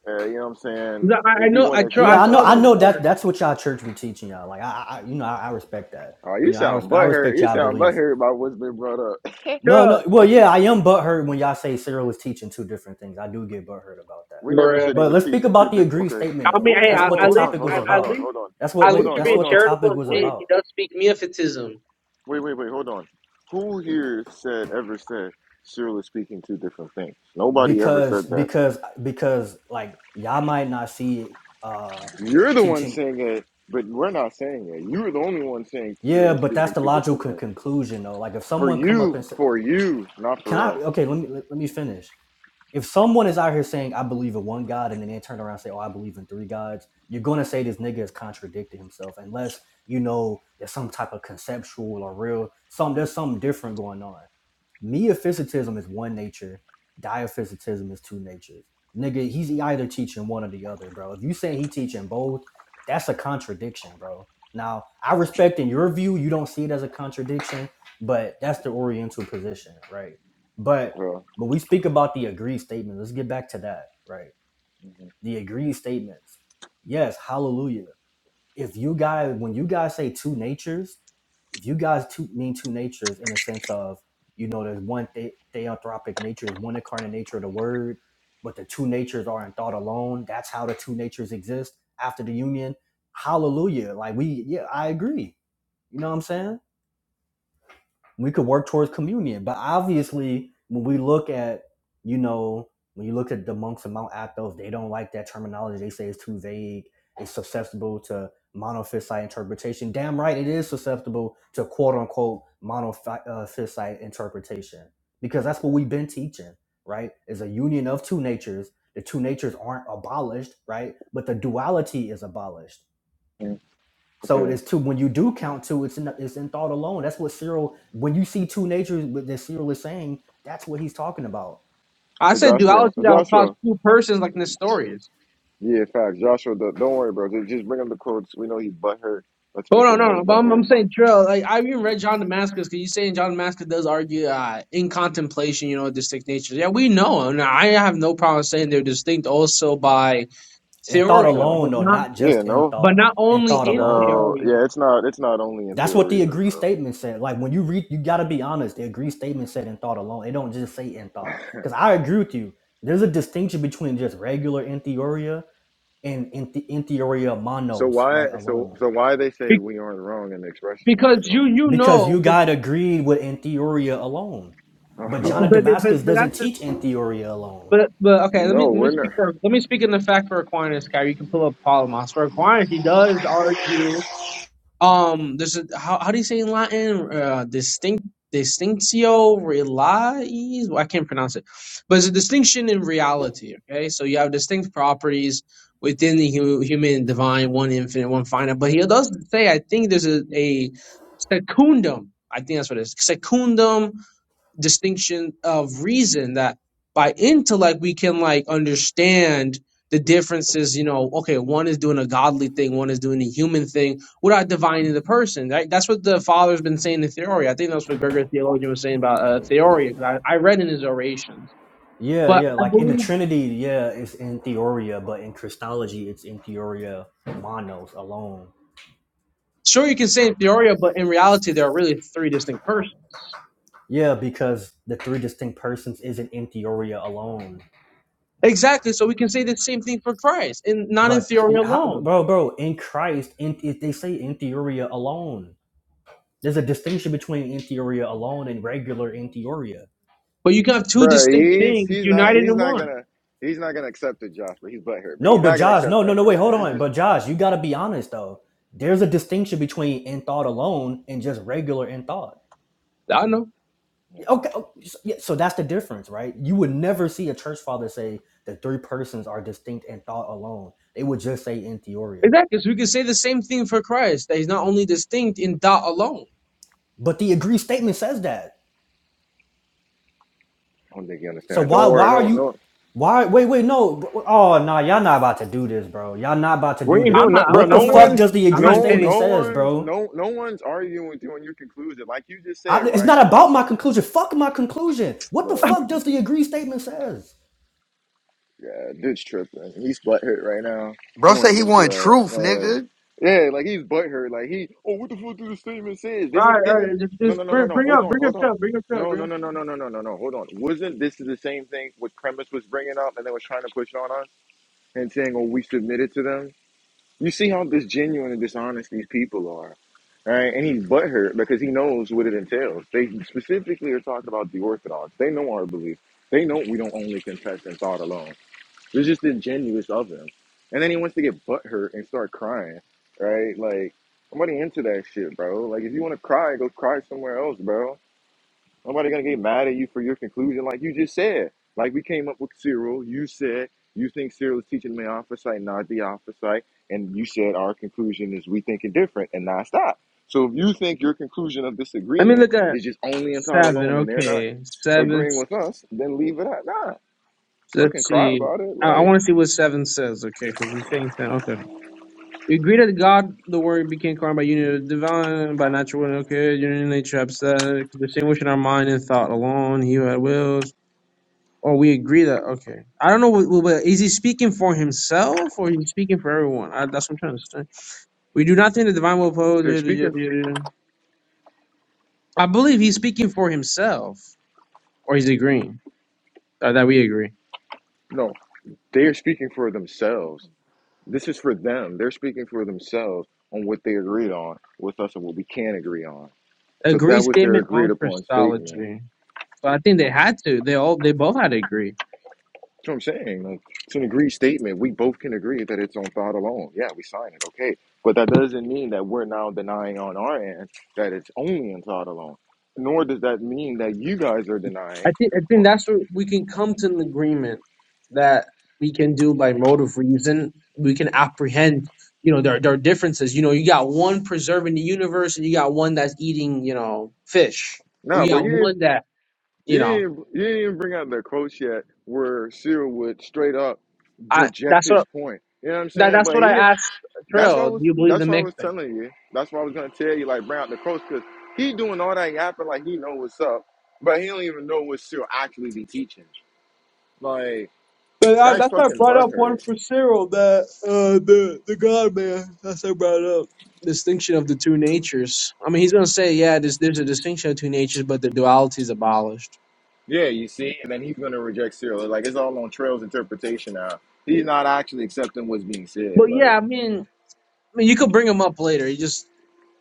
[SPEAKER 1] uh, you know what I'm saying?
[SPEAKER 3] No, I, I
[SPEAKER 1] If he
[SPEAKER 3] know,
[SPEAKER 1] want
[SPEAKER 3] I
[SPEAKER 1] to
[SPEAKER 3] Trail, I
[SPEAKER 4] Yeah,
[SPEAKER 1] express
[SPEAKER 4] I know
[SPEAKER 3] saw
[SPEAKER 1] something,
[SPEAKER 4] I
[SPEAKER 3] that
[SPEAKER 1] he,
[SPEAKER 4] know that
[SPEAKER 3] part.
[SPEAKER 4] that's what y'all church be teaching y'all. Like I, I you know I, I respect that.
[SPEAKER 1] oh,
[SPEAKER 4] You
[SPEAKER 1] you
[SPEAKER 4] know I
[SPEAKER 1] sound
[SPEAKER 4] respect I
[SPEAKER 1] butthurt.
[SPEAKER 4] respect
[SPEAKER 1] You
[SPEAKER 4] y'all
[SPEAKER 1] sound
[SPEAKER 4] belief.
[SPEAKER 1] butthurt about what's been brought up.
[SPEAKER 4] No
[SPEAKER 3] Trail,
[SPEAKER 4] no well yeah I am butthurt when y'all say Cyril was teaching two different things. I do get butthurt about
[SPEAKER 1] <laughs>
[SPEAKER 4] that.
[SPEAKER 1] we never
[SPEAKER 3] bro.
[SPEAKER 1] said he
[SPEAKER 4] But
[SPEAKER 1] was
[SPEAKER 4] let's speak
[SPEAKER 1] teaching
[SPEAKER 4] about
[SPEAKER 1] two
[SPEAKER 4] the
[SPEAKER 1] different.
[SPEAKER 4] agreed
[SPEAKER 1] Okay,
[SPEAKER 4] statement
[SPEAKER 3] I
[SPEAKER 4] though,
[SPEAKER 3] mean,
[SPEAKER 1] whoa,
[SPEAKER 4] because
[SPEAKER 3] hey,
[SPEAKER 1] whoa,
[SPEAKER 3] I,
[SPEAKER 4] that's
[SPEAKER 1] whoa,
[SPEAKER 4] what the
[SPEAKER 3] at
[SPEAKER 1] hold
[SPEAKER 3] least
[SPEAKER 1] on,
[SPEAKER 4] topic
[SPEAKER 1] hold
[SPEAKER 4] was
[SPEAKER 1] on,
[SPEAKER 3] I,
[SPEAKER 1] hold
[SPEAKER 3] at
[SPEAKER 4] about.
[SPEAKER 1] on,
[SPEAKER 3] least
[SPEAKER 1] hold on,
[SPEAKER 4] That's what
[SPEAKER 3] at
[SPEAKER 1] hold
[SPEAKER 4] wait
[SPEAKER 3] least you're
[SPEAKER 1] on,
[SPEAKER 4] that's
[SPEAKER 3] being
[SPEAKER 1] hold
[SPEAKER 4] what the
[SPEAKER 1] on.
[SPEAKER 3] charitable
[SPEAKER 4] topic
[SPEAKER 3] and
[SPEAKER 4] was
[SPEAKER 3] saying
[SPEAKER 1] Wait,
[SPEAKER 3] he
[SPEAKER 4] about.
[SPEAKER 3] does speak Miaphysitism.
[SPEAKER 1] wait, wait, wait, hold on. Who here said ever said Cyril is speaking two different things? Nobody ever
[SPEAKER 4] because
[SPEAKER 1] said that.
[SPEAKER 4] because because like y'all might not see it uh
[SPEAKER 1] You're the one
[SPEAKER 4] teaching
[SPEAKER 1] saying it, but we're not saying it. You're the only one saying
[SPEAKER 4] yeah
[SPEAKER 1] Cyril is
[SPEAKER 4] but that's
[SPEAKER 1] speaking
[SPEAKER 4] the
[SPEAKER 1] two different
[SPEAKER 4] logical
[SPEAKER 1] things.
[SPEAKER 4] conclusion though like if
[SPEAKER 1] For
[SPEAKER 4] someone come up
[SPEAKER 1] you,
[SPEAKER 4] and say
[SPEAKER 1] for you, not
[SPEAKER 4] can i
[SPEAKER 1] for us.
[SPEAKER 4] okay let me let, me finish if someone is out here saying i believe in one god and then they turn around and say oh i believe in three gods you're going to say this nigga is contradicting himself unless you know there's some type of conceptual or real some there's something different going on Meophysitism is one nature. Diaphysitism is two natures. Nigga, he's either teaching one or the other, bro. If you say he teaching both, that's a contradiction, bro. Now, I respect in your view, you don't see it as a contradiction, but that's the Oriental position, right? But
[SPEAKER 1] Bro.
[SPEAKER 4] but we speak about the agreed statement. Let's get back to that, right?
[SPEAKER 1] Mhm.
[SPEAKER 4] The agreed statements. Yes, hallelujah if you guys when you guys say two natures, if you guys two, mean two natures in the sense of you know there's one the- theanthropic nature, there's one incarnate nature of the word, but the two natures are in thought alone. That's how the two natures exist after the union. Hallelujah! Like we, yeah, I agree. You know what I'm saying? we could work towards communion. But obviously, when we look at, you know, when you look at the monks of Mount Athos, they don't like that terminology. They say it's too vague. It's susceptible to monophysite interpretation. Damn right, it is susceptible to quote unquote monophysite interpretation because that's what we've been teaching, right? Is a union of two natures. The two natures aren't abolished, right? But the duality is abolished. So
[SPEAKER 1] Okay.
[SPEAKER 4] there's two. When you do count two, it's in it's in thought alone. That's what Cyril. When you see two natures, what that Cyril is saying, that's what he's talking about.
[SPEAKER 3] I
[SPEAKER 1] Hey,
[SPEAKER 3] said
[SPEAKER 1] Joshua.
[SPEAKER 3] duology
[SPEAKER 1] Hey,
[SPEAKER 3] that would cost
[SPEAKER 1] Joshua.
[SPEAKER 3] two persons like Nestorius.
[SPEAKER 1] Yeah, facts. Joshua, don't don't worry, bro. Just just bring him the quotes. We know he's butthurt. Let's
[SPEAKER 3] Oh
[SPEAKER 1] make
[SPEAKER 3] no,
[SPEAKER 1] him
[SPEAKER 3] no,
[SPEAKER 1] more
[SPEAKER 3] no. But I'm,
[SPEAKER 1] butthurt.
[SPEAKER 3] I'm saying Trill. Like I even read John Damascus because he's saying John Damascus does argue uh, in contemplation, you know, distinct natures. Yeah, we know, and I have no problem saying they're distinct also by
[SPEAKER 4] In thought
[SPEAKER 1] Come
[SPEAKER 3] theoria,
[SPEAKER 4] alone,
[SPEAKER 3] but
[SPEAKER 4] though,
[SPEAKER 3] not,
[SPEAKER 4] not just
[SPEAKER 1] Yeah,
[SPEAKER 4] in
[SPEAKER 1] no.
[SPEAKER 3] but
[SPEAKER 4] thought.
[SPEAKER 3] not
[SPEAKER 4] In
[SPEAKER 3] only
[SPEAKER 4] thought
[SPEAKER 3] in
[SPEAKER 4] alone.
[SPEAKER 1] No.
[SPEAKER 3] theoria,
[SPEAKER 1] Yeah, it's not it's not only in
[SPEAKER 4] That's what
[SPEAKER 1] theory,
[SPEAKER 4] the agree
[SPEAKER 1] bro.
[SPEAKER 4] statement said. Like when you read, you gotta be honest. The agree statement said in thought alone. It don't just say in thought. Because I agree with you. There's a distinction between just regular entheoria and enthe- entheoria
[SPEAKER 1] So
[SPEAKER 4] monos,
[SPEAKER 1] why
[SPEAKER 4] right?
[SPEAKER 1] so
[SPEAKER 4] Alone.
[SPEAKER 1] so why they say
[SPEAKER 3] Be-
[SPEAKER 1] we aren't wrong in expressing
[SPEAKER 3] because
[SPEAKER 1] ourselves?
[SPEAKER 3] you you
[SPEAKER 4] because
[SPEAKER 3] know,
[SPEAKER 4] you
[SPEAKER 3] cause,
[SPEAKER 4] got to agree with in theoria alone but john of
[SPEAKER 3] but
[SPEAKER 1] <laughs>
[SPEAKER 3] but
[SPEAKER 4] damascus
[SPEAKER 3] but
[SPEAKER 4] doesn't
[SPEAKER 3] that's the
[SPEAKER 4] teach in theoria alone
[SPEAKER 3] but but okay. Let me
[SPEAKER 1] no,
[SPEAKER 3] let me
[SPEAKER 1] we're
[SPEAKER 3] speak
[SPEAKER 1] not
[SPEAKER 3] for let me speak in the fact for Aquinas, guy. You can pull up Palamas for Aquinas. He does argue Um, there's a how how do you say in Latin? Uh, distinct distinctio realiis. Well, I can't pronounce it, but it's a distinction in reality. Okay, so you have distinct properties within the hu- human and divine, one infinite, one finite. But he does say, I think there's a, a secundum. I think that's what it is. Secundum distinction of reason that by intellect we can like understand the differences you know okay one is doing a godly thing one is doing a human thing without divining the person right that's what the father's been saying in theoria. i think that's what gregor theologian was saying about uh, theory because I, I read in his orations
[SPEAKER 4] yeah
[SPEAKER 3] but
[SPEAKER 4] yeah
[SPEAKER 3] i
[SPEAKER 4] like in the
[SPEAKER 3] believe
[SPEAKER 4] trinity yeah it's in theoria but in christology it's in theoria monos alone
[SPEAKER 3] sure you can say in theoria, but in reality there are really three distinct persons
[SPEAKER 4] yeah because the three distinct persons isn't in theoria alone
[SPEAKER 3] exactly so we can say the same thing for christ and not in
[SPEAKER 4] but
[SPEAKER 3] theoria
[SPEAKER 4] how-
[SPEAKER 3] alone
[SPEAKER 4] bro bro in christ in, it- they say in theoria alone there's a distinction between in theoria alone and regular in theoria
[SPEAKER 3] but you can have two
[SPEAKER 1] Bro,
[SPEAKER 3] distinct
[SPEAKER 1] he's
[SPEAKER 3] things
[SPEAKER 1] he's not
[SPEAKER 3] united
[SPEAKER 1] he's
[SPEAKER 3] in
[SPEAKER 1] not
[SPEAKER 3] one
[SPEAKER 1] gonna he's not gonna accept it, Josh. But he's butthurt, bro.
[SPEAKER 4] No,
[SPEAKER 1] He's
[SPEAKER 4] but
[SPEAKER 1] not gonna
[SPEAKER 4] Josh,
[SPEAKER 1] accept
[SPEAKER 4] no, no,
[SPEAKER 1] that,
[SPEAKER 4] no,
[SPEAKER 1] bro.
[SPEAKER 4] wait, hold
[SPEAKER 1] This,
[SPEAKER 4] on.
[SPEAKER 1] this,
[SPEAKER 4] But
[SPEAKER 1] this,
[SPEAKER 4] Josh, you gotta be honest though. There's a distinction between in thought alone and just regular in thought.
[SPEAKER 3] i don't know
[SPEAKER 1] yeah,
[SPEAKER 4] Yeah, Okay, o- so, yeah, so that's the difference, right? You would never see a church father say the three persons are distinct in thought alone. They would just say in theoria.
[SPEAKER 3] Exactly. So we can say the same thing for Christ that he's not only distinct in thought alone.
[SPEAKER 4] But the agreed statement says that.
[SPEAKER 1] I don't think he
[SPEAKER 4] So
[SPEAKER 1] understands. Don't
[SPEAKER 4] why why
[SPEAKER 1] worry,
[SPEAKER 4] are
[SPEAKER 1] no,
[SPEAKER 4] you
[SPEAKER 1] no.
[SPEAKER 4] why wait wait no bro- oh no nah, y'all not about to do this, bro. Y'all not about to
[SPEAKER 1] We
[SPEAKER 4] do
[SPEAKER 1] ain't
[SPEAKER 4] this.
[SPEAKER 3] I'm
[SPEAKER 1] doing, no,
[SPEAKER 3] not. I'm,
[SPEAKER 1] bro.
[SPEAKER 4] What
[SPEAKER 3] I'm
[SPEAKER 4] the
[SPEAKER 1] No
[SPEAKER 3] not.
[SPEAKER 4] fuck
[SPEAKER 1] one's
[SPEAKER 4] does the
[SPEAKER 3] I'm
[SPEAKER 4] agreed
[SPEAKER 3] not
[SPEAKER 1] no
[SPEAKER 4] statement
[SPEAKER 3] intending.
[SPEAKER 1] no
[SPEAKER 4] says,
[SPEAKER 1] one's
[SPEAKER 4] bro?
[SPEAKER 1] no no one's arguing with you on your conclusion. Like you just said,
[SPEAKER 4] I, it's
[SPEAKER 1] right?
[SPEAKER 4] not about my conclusion. Fuck my conclusion. What the
[SPEAKER 1] bro?
[SPEAKER 4] fuck does the agree statement says?
[SPEAKER 1] Yeah, dude's tripping. He's butthurt right now.
[SPEAKER 5] bro.
[SPEAKER 1] No one's into that. Uh, yeah, like he's butthurt. Like he, oh, what the fuck did the statement say?
[SPEAKER 3] All right.
[SPEAKER 1] Isn't did
[SPEAKER 3] All
[SPEAKER 1] it?
[SPEAKER 3] right. Just,
[SPEAKER 1] No, no,
[SPEAKER 3] just
[SPEAKER 1] no, no,
[SPEAKER 3] bring,
[SPEAKER 1] no.
[SPEAKER 3] bring
[SPEAKER 1] Hold
[SPEAKER 3] up.
[SPEAKER 1] on,
[SPEAKER 3] Bring up.
[SPEAKER 1] hold on.
[SPEAKER 3] Chubb, Bring up. Chubb,
[SPEAKER 1] No,
[SPEAKER 3] Bring
[SPEAKER 1] no,
[SPEAKER 3] up.
[SPEAKER 1] no,
[SPEAKER 3] Chubb.
[SPEAKER 1] no, no, no, no, no, no. Hold on. Wasn't this the same thing what Premise was bringing up and they was trying to push on us and saying, oh, we submitted to them? You see how disgenuine and dishonest these people are, right? And he's butthurt because he knows what it entails. They specifically are talking about the Orthodox. They know our belief. They know we don't only confess in thought alone. It was just ingenuous of him. And then he wants to get butthurt and start crying, right? Like, nobody into that shit, bro. Like, if you want to cry, go cry somewhere else, bro. Nobody gonna get mad at you for your conclusion, like you just said. Like, we came up with Cyril. You said you think Cyril is teaching the opposite, not the opposite. And you said our conclusion is we thinking different and not stop. So if you think your conclusion of this
[SPEAKER 3] Let me
[SPEAKER 1] agreement
[SPEAKER 3] look at
[SPEAKER 1] is just only and taught
[SPEAKER 3] seven.
[SPEAKER 1] alone and they're not
[SPEAKER 3] Okay. Seven.
[SPEAKER 1] agreeing with us, then leave it at that. Fucking
[SPEAKER 3] Let's
[SPEAKER 1] cry
[SPEAKER 3] see.
[SPEAKER 1] about it.
[SPEAKER 3] I, I
[SPEAKER 1] Like,
[SPEAKER 3] want to see what seven says. Okay, because he's saying that. Okay. We agree that God, the Word, became carnal by union of divine, by natural will. Okay, union nature, upset, distinguishing our mind and thought alone. He who had will. Oh, we agree that okay. I don't know. wh- wh- But is he speaking for himself or is he speaking for everyone? I, that's what I'm trying to understand. We do not think the divine will oppose.
[SPEAKER 1] They're
[SPEAKER 3] yeah, yeah,
[SPEAKER 1] speaking,
[SPEAKER 3] yeah, yeah. I believe he's speaking for himself, or he's agreeing. Or that we agree.
[SPEAKER 1] no, they are speaking for themselves. This is for them. They're speaking for themselves on what they agreed on with us and what we can agree on. So
[SPEAKER 3] Agree
[SPEAKER 1] that was their
[SPEAKER 3] statement
[SPEAKER 1] agreed
[SPEAKER 3] on
[SPEAKER 1] upon statement.
[SPEAKER 3] Christology. So I think they had to. They all. They both had to agree.
[SPEAKER 1] That's what I'm saying. Like, it's an agreed statement. We both can agree that it's on God alone. Yeah, we sign it. Okay. But that doesn't mean that we're now denying on our end that it's only on God alone. Nor does that mean that you guys are denying.
[SPEAKER 3] I think I think
[SPEAKER 1] No,
[SPEAKER 3] that's what we can come to an agreement that we can do by motive reason. We can apprehend, you know, there there are differences. You know, you got one preserving the universe, and you got one that's eating, you know, fish. Or
[SPEAKER 1] nah,
[SPEAKER 3] you
[SPEAKER 1] but
[SPEAKER 3] got
[SPEAKER 1] yeah,
[SPEAKER 3] one that, you
[SPEAKER 1] You
[SPEAKER 3] know,
[SPEAKER 1] didn't, you didn't bring out the quotes yet where Cyril would straight up
[SPEAKER 3] I
[SPEAKER 1] reject
[SPEAKER 3] that's
[SPEAKER 1] his
[SPEAKER 3] what
[SPEAKER 1] point. You know what I'm
[SPEAKER 3] that
[SPEAKER 1] saying?
[SPEAKER 3] that's
[SPEAKER 1] But
[SPEAKER 3] what
[SPEAKER 1] he
[SPEAKER 3] I
[SPEAKER 1] didn't.
[SPEAKER 3] asked
[SPEAKER 1] That's why I
[SPEAKER 3] Trail. Do
[SPEAKER 1] was.
[SPEAKER 3] you believe the
[SPEAKER 1] That's why I
[SPEAKER 3] mix?
[SPEAKER 1] was telling you. That's why I was gonna tell you like bring out the quotes because he doing all that yapping like he know what's up, but he don't even know what Cyril actually be teaching. Like
[SPEAKER 3] But I,
[SPEAKER 1] guy's
[SPEAKER 3] that's why I
[SPEAKER 1] fucking
[SPEAKER 3] brought up one
[SPEAKER 1] butthurt.
[SPEAKER 3] for Cyril, that uh, the the God man. That's what I brought up. Distinction of the two natures. I mean, he's gonna say, yeah, there's there's a distinction of two natures, but the duality is abolished.
[SPEAKER 1] Yeah, you see, and then he's gonna reject Cyril. Like it's all on Trail's interpretation now. He's not actually accepting what's being
[SPEAKER 3] But
[SPEAKER 1] said. Like.
[SPEAKER 3] yeah, I mean, I mean, you could bring him up later. You just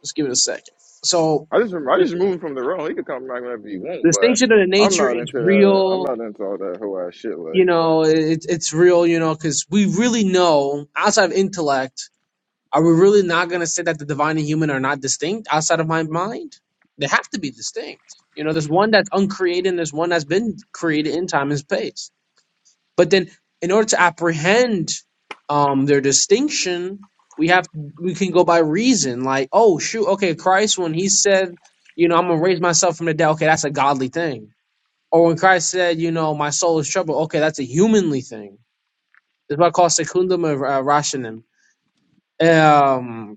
[SPEAKER 3] just give it a second. So
[SPEAKER 1] I just I
[SPEAKER 3] the
[SPEAKER 1] just removed him from the room. He could come back whenever he
[SPEAKER 3] the
[SPEAKER 1] want,
[SPEAKER 3] distinction of the
[SPEAKER 1] but I'm
[SPEAKER 3] nature
[SPEAKER 1] not
[SPEAKER 3] is
[SPEAKER 1] into that. I'm
[SPEAKER 3] real.
[SPEAKER 1] not into all that whole ass shit.
[SPEAKER 3] You
[SPEAKER 1] Like
[SPEAKER 3] know, it, it's real. You know, because we really know outside of intellect. Are we really not going to say that the divine and human are not distinct outside of my mind? They have to be distinct. You know, there's one that's uncreated and there's one that's been created in time and space. But then, in order to apprehend um, their distinction, we have we can go by reason. Like, oh shoot, okay, Christ when he said, you know, I'm gonna raise myself from the dead. Okay, that's a godly thing. Or when Christ said, you know, my soul is troubled. Okay, that's a humanly thing. It's what I call secundum of uh, rationem. Um,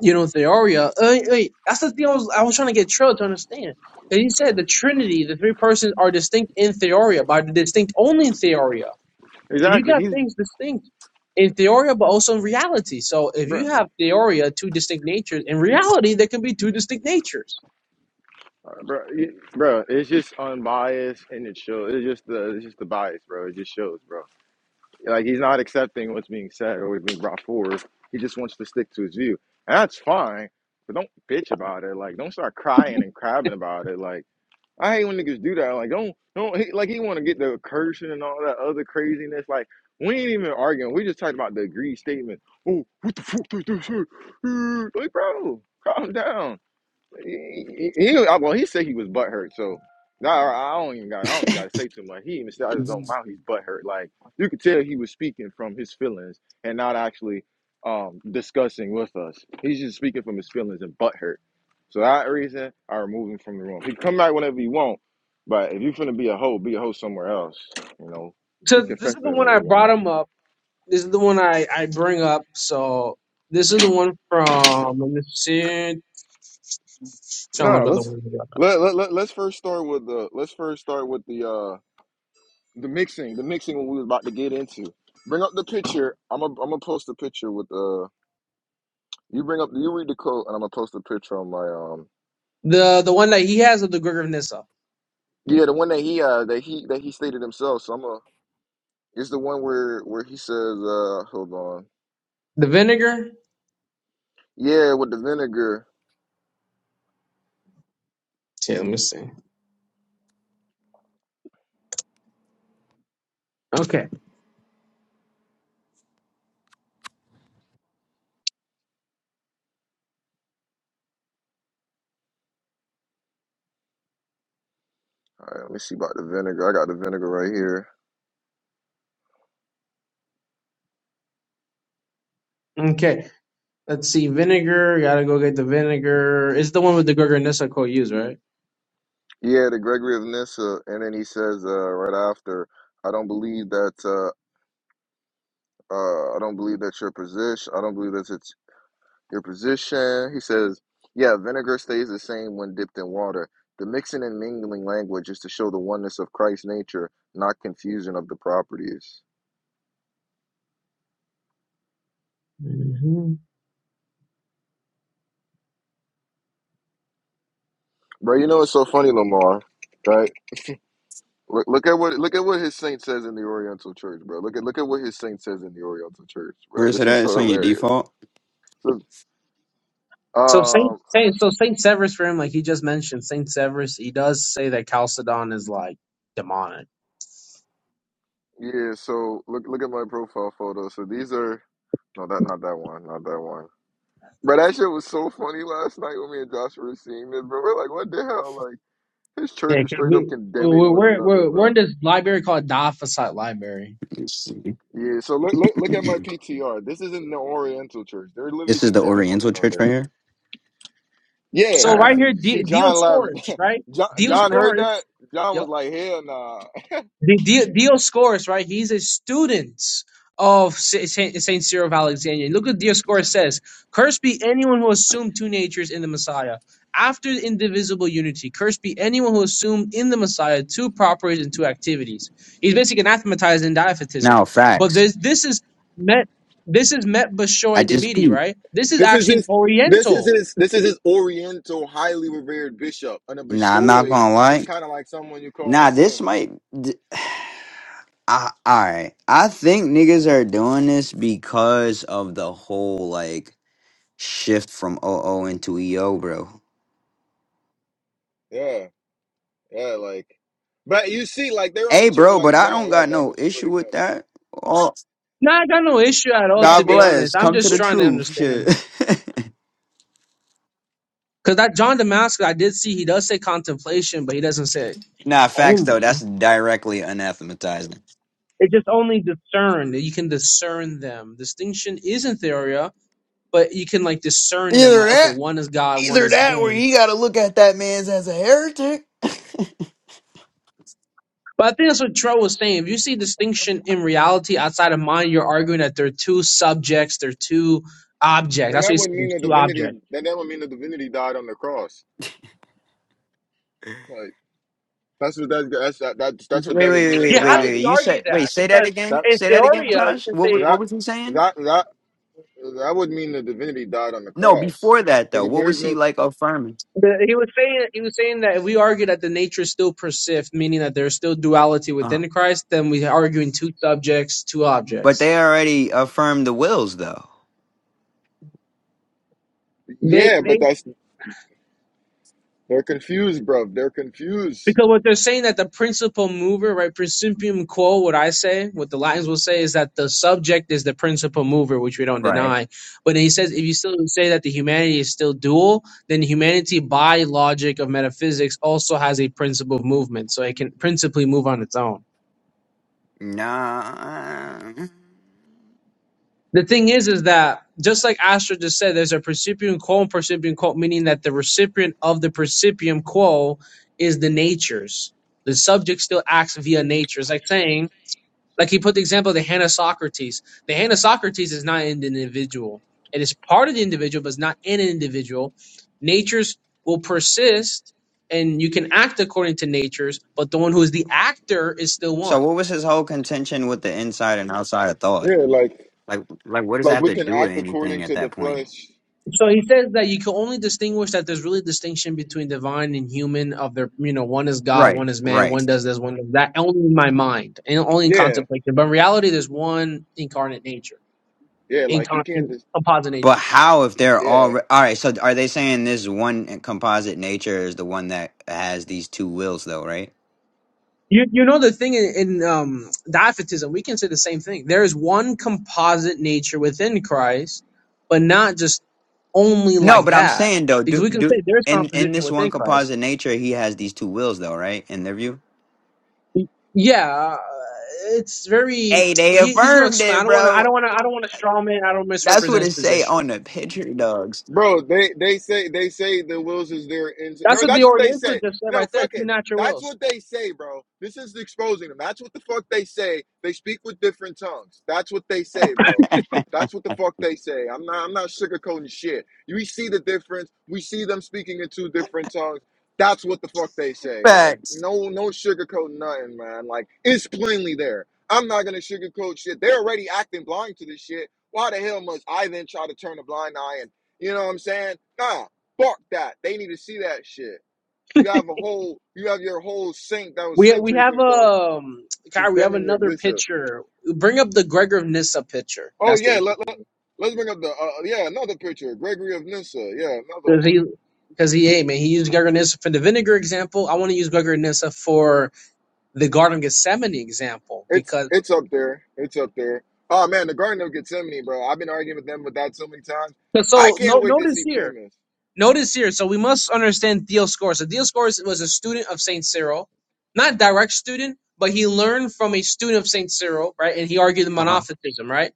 [SPEAKER 3] you know, Theoria. Uh, wait, that's the thing I was I was trying to get Trill to understand. And he said the Trinity, the three persons, are distinct in Theoria, but are distinct only in Theoria. So you
[SPEAKER 1] exactly,
[SPEAKER 3] got
[SPEAKER 1] he's
[SPEAKER 3] things distinct in Theoria, but also in reality. So if
[SPEAKER 1] bro,
[SPEAKER 3] you have Theoria, two distinct natures, in reality, there can be two distinct natures.
[SPEAKER 1] bro, bro. It's just unbiased and it shows. It's just the it's just the bias, bro. It just shows, bro. Like he's not accepting what's being said or what's being brought forward. He just wants to stick to his view, and that's fine. But don't bitch about it. Like don't start crying and crabbing about it. Like. I hate when niggas do that. Like, don't, don't, he, like, he want to get the cursing and all that other craziness. Like, we ain't even arguing. We just talking about the agreed statement. Oh, what the fuck did this shit? Like, bro, calm down. He, he well, he said he was butthurt, so nah, I I don't even got I don't even got to say too much. He even said out of his own mouth he's butthurt. Like you could tell he was speaking from his feelings and not actually um discussing with us. He's just speaking from his feelings and butthurt. So that reason, I remove him from the room. He can come back whenever he want, but if you finna be a hoe, be a hoe somewhere else. You know, he
[SPEAKER 3] So this is
[SPEAKER 1] confessed
[SPEAKER 3] the
[SPEAKER 1] that. Let
[SPEAKER 3] one I
[SPEAKER 1] everyone
[SPEAKER 3] brought
[SPEAKER 1] know.
[SPEAKER 3] him up. This is the one I, I bring up. So this is the one from, let me see, trying to
[SPEAKER 1] No, nah,
[SPEAKER 3] look at the
[SPEAKER 1] let's
[SPEAKER 3] one.
[SPEAKER 1] let, let, let let's first start with the let's first start with the uh the mixing, the mixing when we was about to get into. Bring up the picture. I'm a, I'm gonna post a picture with uh you bring up you read the quote and I'm gonna post a picture on my um
[SPEAKER 3] The, the one that he has of the Gregor of Nyssa.
[SPEAKER 1] yeah the one that he uh that he that he stated himself. So I'm a it's the one where where he says uh hold on
[SPEAKER 3] The vinegar,
[SPEAKER 1] yeah with the vinegar.
[SPEAKER 3] Okay, let me see. Okay,
[SPEAKER 1] All right, let me see about the vinegar. I got the vinegar right here.
[SPEAKER 3] okay. Let's see. Vinegar. Gotta go get the vinegar. It's the one with the Gorgonzola use, right?
[SPEAKER 1] Yeah, the Gregory of Nyssa, and then he says uh right after, I don't believe that uh uh I don't believe that your position. I don't believe that it's Your position, he says, yeah, vinegar stays the same when dipped in water. The mixing and mingling language is to show the oneness of Christ's nature, not confusion of the properties.
[SPEAKER 3] hmm
[SPEAKER 1] Bro, you know it's so funny, Lamar, right? Look, look at what look at what his saint says in the Oriental Church, bro. Look at look at what his saint says in the Oriental Church,
[SPEAKER 5] Where
[SPEAKER 1] bro.
[SPEAKER 5] is it
[SPEAKER 1] This is
[SPEAKER 5] at?
[SPEAKER 1] so
[SPEAKER 5] It's on your
[SPEAKER 1] hilarious.
[SPEAKER 5] default.
[SPEAKER 1] So,
[SPEAKER 3] So Saint,
[SPEAKER 1] um,
[SPEAKER 3] Saint, so Saint Severus for him, like he just mentioned, Saint Severus, he does say that Chalcedon is like demonic.
[SPEAKER 1] yeah. So look look at my profile photo. So these are no, that not that one, not that one. But that shit was so funny last night when me and Joshua were seeing this, bro. We're like, what the hell? Like, his church
[SPEAKER 3] Yeah,
[SPEAKER 1] is
[SPEAKER 3] 'cause
[SPEAKER 1] straight up
[SPEAKER 3] we
[SPEAKER 1] condemning
[SPEAKER 3] we're
[SPEAKER 1] one
[SPEAKER 3] we're
[SPEAKER 1] another,
[SPEAKER 3] we're we're in
[SPEAKER 1] bro.
[SPEAKER 3] this library called Daphosite Library.
[SPEAKER 5] Let's see.
[SPEAKER 1] Yeah, so look, look, look at my
[SPEAKER 5] <clears throat>
[SPEAKER 1] PTR. This isn't the Oriental Church. They're
[SPEAKER 5] This
[SPEAKER 1] literally
[SPEAKER 5] is the
[SPEAKER 1] condemning one
[SPEAKER 5] Oriental Church
[SPEAKER 1] another.
[SPEAKER 5] right here.
[SPEAKER 1] Yeah.
[SPEAKER 3] So
[SPEAKER 1] Oh,
[SPEAKER 3] right
[SPEAKER 5] Alright.
[SPEAKER 1] see,
[SPEAKER 3] here, D-
[SPEAKER 1] see, John
[SPEAKER 3] Dioscorus,
[SPEAKER 1] loved.
[SPEAKER 3] right?
[SPEAKER 1] <laughs> John, John heard
[SPEAKER 3] Dioscorus.
[SPEAKER 1] that. John
[SPEAKER 3] yup.
[SPEAKER 1] was like, hell nah.
[SPEAKER 3] The Dioscorus, right? He's a student of Saint, Cyril of Alexandria. And Look what Dioscorus says: "Cursed be anyone who assumed two natures in the Messiah." After the indivisible unity, cursed be anyone who assumed in the Messiah two properties and two activities. He's basically anathematizing diaphytism.
[SPEAKER 5] Now,
[SPEAKER 3] But
[SPEAKER 5] facts.
[SPEAKER 3] this this is met this is met
[SPEAKER 5] I
[SPEAKER 3] Bashoy
[SPEAKER 5] just
[SPEAKER 3] Demidi,
[SPEAKER 5] peeped.
[SPEAKER 3] right? This is
[SPEAKER 1] This is
[SPEAKER 3] actually an
[SPEAKER 1] his. This is
[SPEAKER 3] Oriental.
[SPEAKER 1] his. This is his Oriental, highly revered bishop, and a
[SPEAKER 5] Nah, I'm not
[SPEAKER 1] bishoy
[SPEAKER 5] gonna
[SPEAKER 1] is
[SPEAKER 5] lie.
[SPEAKER 1] kind of like someone you call a
[SPEAKER 5] Nah, this
[SPEAKER 1] saint.
[SPEAKER 5] might. th- <sighs> I, all right, I think niggas are doing this because of the whole like shift from O O into EO, bro.
[SPEAKER 1] Yeah. Yeah, like, but you see, like their
[SPEAKER 5] Hey,
[SPEAKER 1] own church,
[SPEAKER 5] bro, but
[SPEAKER 1] like
[SPEAKER 5] I
[SPEAKER 1] John
[SPEAKER 5] don't got
[SPEAKER 1] love that,
[SPEAKER 5] no
[SPEAKER 1] which is pretty
[SPEAKER 5] issue with
[SPEAKER 1] funny.
[SPEAKER 5] that. Oh,
[SPEAKER 3] No, I got no issue at all, to
[SPEAKER 1] No,
[SPEAKER 5] God
[SPEAKER 1] we,
[SPEAKER 3] be
[SPEAKER 1] don't-
[SPEAKER 3] honest.
[SPEAKER 5] bless.
[SPEAKER 3] I'm
[SPEAKER 5] Come to
[SPEAKER 3] just
[SPEAKER 5] the
[SPEAKER 1] we
[SPEAKER 3] trying to
[SPEAKER 5] truth.
[SPEAKER 3] understand.
[SPEAKER 5] Shit.
[SPEAKER 3] Because that John Damascus, I did see he does say contemplation, but he doesn't say
[SPEAKER 5] <laughs> nah, facts though. That's
[SPEAKER 3] only.
[SPEAKER 5] directly anathematizing.
[SPEAKER 3] It just only discern. You can discern them. Distinction isn't theoria, but you can like discern them.
[SPEAKER 5] Either
[SPEAKER 3] Like okay,
[SPEAKER 5] that,
[SPEAKER 3] one is God, one
[SPEAKER 5] either
[SPEAKER 3] is
[SPEAKER 5] that, or
[SPEAKER 3] man.
[SPEAKER 5] you got to look at that man's as a heretic.
[SPEAKER 3] But I think that's what Tro was saying. If you see distinction in reality outside of mind, you're arguing that they're two subjects, they're two objects.
[SPEAKER 1] and
[SPEAKER 3] That's what
[SPEAKER 1] that
[SPEAKER 3] he
[SPEAKER 1] wouldn't
[SPEAKER 3] said.
[SPEAKER 1] mean
[SPEAKER 3] There's
[SPEAKER 1] the
[SPEAKER 3] two
[SPEAKER 1] divinity.
[SPEAKER 3] objects.
[SPEAKER 1] That that would mean the divinity died on the cross. Like that's what that, that's that, that's that's
[SPEAKER 5] Wait,
[SPEAKER 1] what
[SPEAKER 5] wait,
[SPEAKER 1] that would
[SPEAKER 5] wait,
[SPEAKER 1] mean in
[SPEAKER 5] wait,
[SPEAKER 3] Yeah, how
[SPEAKER 5] wait,
[SPEAKER 3] did
[SPEAKER 5] wait.
[SPEAKER 1] reality.
[SPEAKER 3] you
[SPEAKER 5] You
[SPEAKER 3] argue
[SPEAKER 5] said, wait,
[SPEAKER 3] that?
[SPEAKER 5] say that
[SPEAKER 3] Because
[SPEAKER 5] again.
[SPEAKER 1] That
[SPEAKER 3] in
[SPEAKER 5] Say that again,
[SPEAKER 3] theoria, you
[SPEAKER 5] Josh.
[SPEAKER 3] can
[SPEAKER 5] What,
[SPEAKER 3] say
[SPEAKER 5] wa- what
[SPEAKER 1] that
[SPEAKER 5] was he saying?
[SPEAKER 1] that that that would mean the divinity died on the
[SPEAKER 5] No,
[SPEAKER 1] cross.
[SPEAKER 5] before that though,
[SPEAKER 1] Because if
[SPEAKER 5] what
[SPEAKER 1] there's
[SPEAKER 5] was he
[SPEAKER 1] no,
[SPEAKER 5] like affirming?
[SPEAKER 3] The, he was saying he was saying that if we argue that the nature still persists, meaning that there's still duality
[SPEAKER 5] Uh,
[SPEAKER 3] within Christ, then we're arguing two subjects, two
[SPEAKER 5] but
[SPEAKER 3] objects.
[SPEAKER 5] they already affirmed the wills though.
[SPEAKER 3] They
[SPEAKER 1] yeah,
[SPEAKER 3] they
[SPEAKER 1] but that's they're confused, bro. They're confused.
[SPEAKER 3] because what they're saying that the principal mover, right, principium quo, what I say, what the Latins will say is that the subject is the principal mover, which we don't
[SPEAKER 5] Right.
[SPEAKER 3] deny. But he says if you still say that the humanity is still dual, then humanity by logic of metaphysics also has a principle of movement. So it can principally move on its own.
[SPEAKER 5] Nah.
[SPEAKER 3] the thing is is that just like Astra just said, there's a percipium quo and percipium quo, meaning that the recipient of the percipium quo is the natures. The subject still acts via nature. It's like saying, like he put the example of the hand of Socrates. The hand of Socrates is not an individual. It is part of the individual, but it's not in an individual. Natures will persist and you can act according to natures, but the one who is the actor is still one.
[SPEAKER 5] So what was his whole contention with the inside and outside of thought?
[SPEAKER 1] Yeah, like
[SPEAKER 5] Like like what does that
[SPEAKER 1] like
[SPEAKER 5] have
[SPEAKER 1] we
[SPEAKER 5] to
[SPEAKER 1] can
[SPEAKER 5] do with
[SPEAKER 1] act
[SPEAKER 5] anything
[SPEAKER 1] according
[SPEAKER 5] at
[SPEAKER 1] to
[SPEAKER 5] that
[SPEAKER 1] the
[SPEAKER 5] point?
[SPEAKER 1] flesh.
[SPEAKER 3] So he says that you can only distinguish that there's really distinction between divine and human of their you know one is God,
[SPEAKER 5] Right,
[SPEAKER 3] one is man,
[SPEAKER 5] right.
[SPEAKER 3] one does this, one does that. Only in my mind and only in
[SPEAKER 1] Yeah,
[SPEAKER 3] contemplation. But in reality, there's one incarnate nature,
[SPEAKER 1] yeah, like you
[SPEAKER 3] incarnate
[SPEAKER 1] can't just
[SPEAKER 3] composite nature.
[SPEAKER 5] But how if they're
[SPEAKER 1] yeah.
[SPEAKER 5] all all right, so are they saying this one composite nature is the one that has these two wills though, right?
[SPEAKER 3] You you know the thing in, in um, diaphytism, we can say the same thing. There is one composite nature within Christ, but not just only
[SPEAKER 5] No,
[SPEAKER 3] like
[SPEAKER 5] but I'm
[SPEAKER 3] that,
[SPEAKER 5] saying though,
[SPEAKER 3] because
[SPEAKER 5] do
[SPEAKER 3] we can
[SPEAKER 5] do
[SPEAKER 3] say there's
[SPEAKER 5] in in
[SPEAKER 3] composition
[SPEAKER 5] this
[SPEAKER 3] within
[SPEAKER 5] one
[SPEAKER 3] Christ.
[SPEAKER 5] composite nature he has these two wills though, right? In their view?
[SPEAKER 3] yeah, it's very.
[SPEAKER 5] Hey, they
[SPEAKER 3] He, he's gonna
[SPEAKER 5] affirmed
[SPEAKER 3] explain. I
[SPEAKER 5] it,
[SPEAKER 3] don't want to. I
[SPEAKER 5] bro.
[SPEAKER 3] don't want to. I don't want to straw man. I don't
[SPEAKER 5] That's
[SPEAKER 3] misrepresent
[SPEAKER 5] what
[SPEAKER 3] his
[SPEAKER 5] it say
[SPEAKER 3] position.
[SPEAKER 5] on the picture, dogs.
[SPEAKER 1] Bro, they they say they say the Wills is their ins
[SPEAKER 3] That's
[SPEAKER 1] No,
[SPEAKER 3] what the
[SPEAKER 1] that's what they
[SPEAKER 3] Oriental
[SPEAKER 1] say.
[SPEAKER 3] just said
[SPEAKER 1] You know,
[SPEAKER 3] right there.
[SPEAKER 1] fuck
[SPEAKER 3] Two
[SPEAKER 1] it.
[SPEAKER 3] natural
[SPEAKER 1] That's
[SPEAKER 3] wills.
[SPEAKER 1] what they say, bro. This is exposing them. That's what the fuck they say. They speak with different tongues. That's what they say, bro. That's what the fuck they say. I'm not I'm not sugarcoating shit. We see the difference. We see them speaking in two different tongues. That's what the fuck they say. Like,
[SPEAKER 5] Facts.
[SPEAKER 1] no, no sugarcoating nothing, man. Like, it's plainly there. I'm not gonna sugarcoat shit. They're already acting blind to this shit. Why the hell must I then try to turn a blind eye and you know what I'm saying? Nah, fuck that. They need to see that shit. You have a whole, you have your whole sink that was
[SPEAKER 3] We we
[SPEAKER 1] centuries
[SPEAKER 3] have
[SPEAKER 1] ago
[SPEAKER 3] um Kyrie. We have
[SPEAKER 1] condemning your
[SPEAKER 3] another
[SPEAKER 1] bishop.
[SPEAKER 3] picture. Bring up the Gregor of Nyssa picture.
[SPEAKER 1] Oh
[SPEAKER 3] That's the
[SPEAKER 1] yeah, let, let
[SPEAKER 3] interesting
[SPEAKER 1] let's bring up the uh, uh, yeah another picture, Gregory of Nyssa. Yeah, another
[SPEAKER 3] because
[SPEAKER 1] one.
[SPEAKER 3] he because he hey man he used Gregor of Nyssa for the vinegar example. I want to use Gregor of Nyssa for the Garden of Gethsemane example
[SPEAKER 1] It's
[SPEAKER 3] because
[SPEAKER 1] it's up there. It's up there. Oh man, the Garden of Gethsemane, bro. I've been arguing with them with that so many times.
[SPEAKER 3] so
[SPEAKER 1] I
[SPEAKER 3] so, no
[SPEAKER 1] can't wait to
[SPEAKER 3] notice
[SPEAKER 1] see
[SPEAKER 3] here.
[SPEAKER 1] premise.
[SPEAKER 3] Notice here, so we must understand Dioscorus. So Dioscorus was a student of Saint Cyril, not direct student, but he learned from a student of Saint Cyril, right? And he argued the
[SPEAKER 5] Uh-huh.
[SPEAKER 3] monophysitism, right?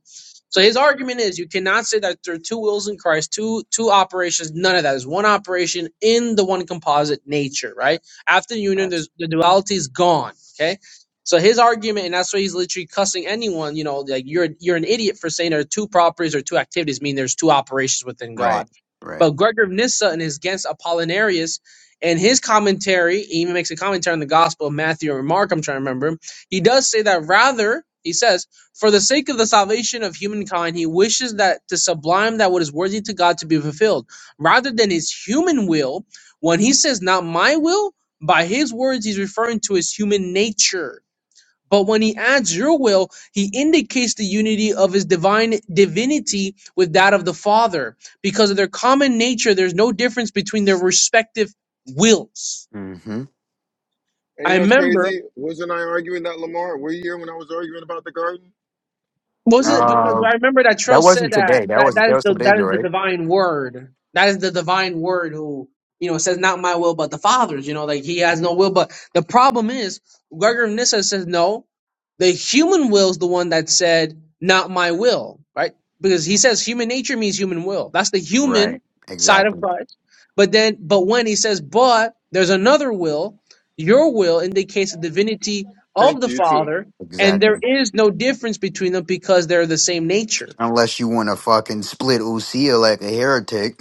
[SPEAKER 3] So his argument is you cannot say that there are two wills in Christ, two two operations. None of that is one operation in the one composite nature, right? After union,
[SPEAKER 5] Facts.
[SPEAKER 3] there's, the duality is gone. Okay. So his argument, and that's why he's literally cussing anyone. You know, like you're you're an idiot for saying there are two properties or two activities. Mean there's two operations within God.
[SPEAKER 5] Right. Right.
[SPEAKER 3] But Gregor of Nyssa and his against Apollinarius, and his commentary, he even makes a commentary on the Gospel of Matthew or Mark, I'm trying to remember. He does say that rather, he says, for the sake of the salvation of humankind, he wishes that to sublime that what is worthy to God to be fulfilled, rather than his human will. When he says, not my will, by his words, he's referring to his human nature but when he adds your will, he indicates the unity of his divine divinity with that of the Father. Because of their common nature, there's no difference between their respective wills.
[SPEAKER 5] Mm-hmm.
[SPEAKER 1] And
[SPEAKER 3] I
[SPEAKER 1] you know what's
[SPEAKER 3] remember
[SPEAKER 1] crazy? Wasn't I arguing that Lamar? Were you here when I was arguing about the Garden? Were
[SPEAKER 3] Was
[SPEAKER 1] you
[SPEAKER 3] it
[SPEAKER 1] ever in
[SPEAKER 3] because
[SPEAKER 1] one?
[SPEAKER 3] I remember that Trill said that that that is the that is the divine word. That is the divine word who you know says not my will but the Father's. You know, like he has no will. But the problem is Gregory of Nyssa says no. The human will is the one that said not my will, right? Because he says human nature means human will. That's the
[SPEAKER 5] Right.
[SPEAKER 3] human side of
[SPEAKER 5] Exactly.
[SPEAKER 3] Christ. But then, but when he says but, there's another will. Your will indicates the divinity of
[SPEAKER 1] Thank
[SPEAKER 3] the
[SPEAKER 1] you too.
[SPEAKER 3] Father and
[SPEAKER 5] Exactly.
[SPEAKER 3] there is no difference between them because they're the same nature.
[SPEAKER 5] Unless you want to fucking split Usia like a heretic.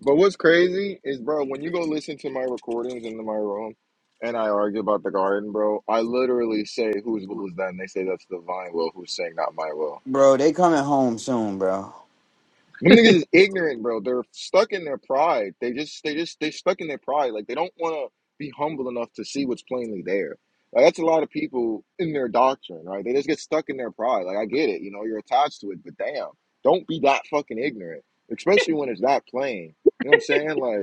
[SPEAKER 1] But what's crazy is, bro, when you go listen to my recordings in my room and I argue about the garden, bro, I literally say, whose will is that? And they say, that's the divine will. Who's saying, not my will?
[SPEAKER 5] <laughs> bro, they coming home soon, bro.
[SPEAKER 1] Them niggas is ignorant, bro. They're stuck in their pride. They just, they just, they stuck in their pride. Like, they don't want to be humble enough to see what's plainly there. Like, that's a lot of people in their doctrine, right? They just get stuck in their pride. Like, I get it. You know, you're attached to it, but damn, don't be that fucking ignorant, especially when it's that plain. You know what I'm saying? Like,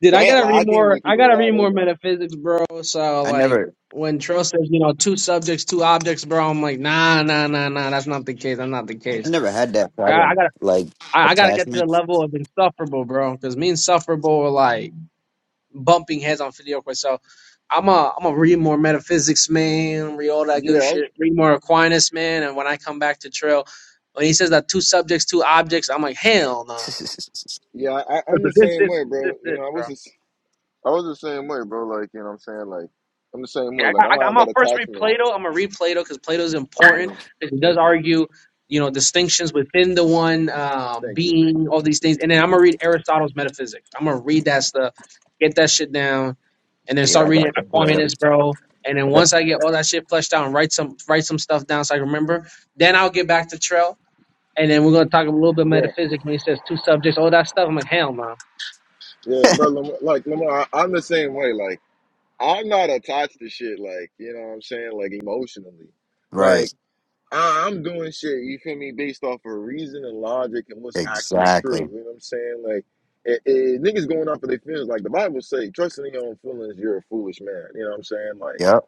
[SPEAKER 3] Dude, I
[SPEAKER 1] Damn,
[SPEAKER 3] gotta
[SPEAKER 1] like I
[SPEAKER 3] read
[SPEAKER 1] can't
[SPEAKER 3] more.
[SPEAKER 1] believe
[SPEAKER 3] I
[SPEAKER 1] people
[SPEAKER 3] gotta
[SPEAKER 1] are
[SPEAKER 3] read
[SPEAKER 1] that
[SPEAKER 3] more
[SPEAKER 1] ignorant.
[SPEAKER 3] metaphysics, bro. So
[SPEAKER 5] I
[SPEAKER 3] like
[SPEAKER 5] never
[SPEAKER 3] when Trill says, you know, two subjects, two objects, bro, I'm like, nah, nah, nah, nah. That's not the case. That's not the
[SPEAKER 5] I
[SPEAKER 3] case.
[SPEAKER 5] never had that
[SPEAKER 3] I, I
[SPEAKER 5] problem.
[SPEAKER 3] gotta,
[SPEAKER 5] Like
[SPEAKER 3] I, I gotta get to the
[SPEAKER 5] attachment.
[SPEAKER 3] level of insufferable, bro. Because me and insufferable are like bumping heads on video quiz. So I'm a, I'm gonna read more metaphysics, man. Read all that
[SPEAKER 1] Yeah,
[SPEAKER 3] good
[SPEAKER 1] I,
[SPEAKER 3] shit. Read more Aquinas, man. And when I come back to Trill, when he says that two subjects, two objects, I'm like, hell no.
[SPEAKER 5] <laughs>
[SPEAKER 1] yeah, I, I'm the
[SPEAKER 3] This,
[SPEAKER 1] same
[SPEAKER 3] this,
[SPEAKER 1] way,
[SPEAKER 3] this,
[SPEAKER 1] bro. You
[SPEAKER 3] this,
[SPEAKER 1] know, I was
[SPEAKER 3] bro.
[SPEAKER 1] just, I was the same way, bro. Like, you know, what I'm saying, like, I'm the same
[SPEAKER 3] Yeah,
[SPEAKER 1] way.
[SPEAKER 3] I
[SPEAKER 1] Like,
[SPEAKER 3] got,
[SPEAKER 1] I
[SPEAKER 3] I
[SPEAKER 1] don't
[SPEAKER 3] got, I'm
[SPEAKER 1] have
[SPEAKER 3] gonna
[SPEAKER 1] that
[SPEAKER 3] first read
[SPEAKER 1] attachment.
[SPEAKER 3] Plato. I'm gonna read Plato because Plato's
[SPEAKER 1] Come
[SPEAKER 3] important
[SPEAKER 1] on,
[SPEAKER 3] because he does
[SPEAKER 1] thank you,
[SPEAKER 3] argue, you know, distinctions within the one um,
[SPEAKER 1] thank you,
[SPEAKER 3] being, all
[SPEAKER 1] thank
[SPEAKER 3] these
[SPEAKER 1] you.
[SPEAKER 3] things, and then I'm gonna read Aristotle's Metaphysics. I'm gonna read that stuff, get that shit down, and then
[SPEAKER 5] yeah,
[SPEAKER 3] start
[SPEAKER 5] I
[SPEAKER 3] reading
[SPEAKER 5] got the play
[SPEAKER 3] Aquinas,
[SPEAKER 5] I
[SPEAKER 3] bro. And then
[SPEAKER 5] got-
[SPEAKER 3] once I get all that shit fleshed out and write some write some stuff down so I can remember, then I'll get back to Trail, and then we're gonna talk a little bit
[SPEAKER 1] bro.
[SPEAKER 3] metaphysics when he says two subjects, all that stuff. I'm like, hell no.
[SPEAKER 1] Yeah, bro. Lam- Like, Lamar, I- I'm the same way. Like, I'm not attached to shit. Like, you know, what I'm saying, like, emotionally. like.
[SPEAKER 5] Right.
[SPEAKER 1] I- I'm doing shit, you feel me, based off of reason and logic and what's actually true.
[SPEAKER 5] Exactly.
[SPEAKER 1] You know what I'm saying? Like, it, it, niggas going off of their feelings. Like, the Bible say, trusting in your own feelings, you're a foolish man. You know what I'm saying? Like,
[SPEAKER 5] Yep.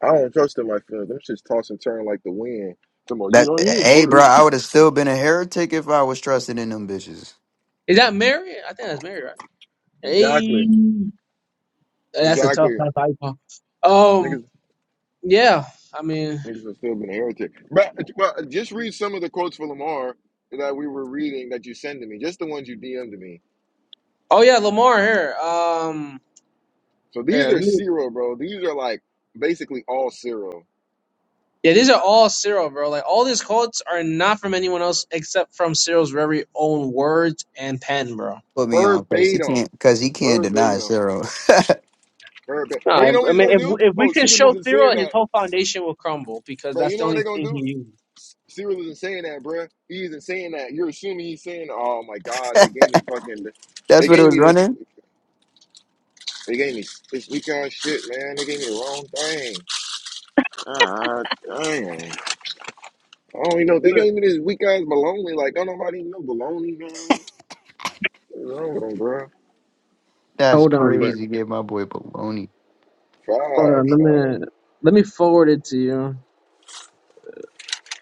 [SPEAKER 1] I don't trust in my feelings. Them shits toss and turn like the wind. Come on, you
[SPEAKER 5] That
[SPEAKER 1] know, you
[SPEAKER 5] hey bro,
[SPEAKER 1] bird.
[SPEAKER 5] I
[SPEAKER 1] <laughs>
[SPEAKER 5] would have still been a heretic if I was trusted in them bitches.
[SPEAKER 3] Is that Mary? I think that's Mary, right?
[SPEAKER 1] Exactly.
[SPEAKER 3] Hey. That's a tough
[SPEAKER 1] Exactly.
[SPEAKER 3] ass icon. Um,
[SPEAKER 1] Niggas,
[SPEAKER 3] yeah, I mean,
[SPEAKER 1] niggas have still been a heretic. But, but just read some of the quotes for Lamar that we were reading that you sent to me, just the ones you DM'd to me.
[SPEAKER 3] oh yeah, Lamar here. Um,
[SPEAKER 1] So
[SPEAKER 3] here,
[SPEAKER 1] these
[SPEAKER 3] let
[SPEAKER 1] are
[SPEAKER 3] me.
[SPEAKER 1] zero, bro. These are like basically all zero.
[SPEAKER 3] Yeah, these are all Cyril, bro. Like all these quotes are not from anyone else except from Cyril's very own words and pen, bro.
[SPEAKER 5] Put me on cause he
[SPEAKER 1] Verbatim.
[SPEAKER 5] can't cause he can't deny
[SPEAKER 1] Verbatim.
[SPEAKER 5] Sarah.
[SPEAKER 1] Verbatim.
[SPEAKER 3] No,
[SPEAKER 1] But you
[SPEAKER 3] I
[SPEAKER 1] know what
[SPEAKER 3] I
[SPEAKER 1] he's
[SPEAKER 3] mean,
[SPEAKER 1] gonna
[SPEAKER 3] if
[SPEAKER 1] do?
[SPEAKER 3] if
[SPEAKER 1] Oh,
[SPEAKER 3] we can
[SPEAKER 1] Cedarm
[SPEAKER 3] show
[SPEAKER 1] isn't saying
[SPEAKER 3] Cyril, his
[SPEAKER 1] that.
[SPEAKER 3] whole foundation will crumble because
[SPEAKER 1] But
[SPEAKER 3] that's
[SPEAKER 1] you know
[SPEAKER 3] the
[SPEAKER 1] what they're
[SPEAKER 3] only
[SPEAKER 1] gonna
[SPEAKER 3] thing he
[SPEAKER 1] do?
[SPEAKER 3] uses.
[SPEAKER 1] Cyril isn't saying that, bruh. He isn't saying that. You're assuming he's saying, "Oh my God, they gave me fucking,
[SPEAKER 5] <laughs>
[SPEAKER 1] they
[SPEAKER 5] That's what it
[SPEAKER 1] gave
[SPEAKER 5] was
[SPEAKER 1] me this,
[SPEAKER 5] running?
[SPEAKER 1] they gave me this weekend shit, man. They gave me the wrong thing. Ah, dang. I don't even know. They
[SPEAKER 3] Look,
[SPEAKER 1] gave me this weak ass baloney. Like, don't nobody know baloney, man. What's wrong with them, bro?
[SPEAKER 5] That's
[SPEAKER 3] Hold on, bro.
[SPEAKER 5] crazy. Gave my boy baloney.
[SPEAKER 3] Hold on.
[SPEAKER 1] Facts,
[SPEAKER 3] Let
[SPEAKER 1] man.
[SPEAKER 3] me let me forward it to you.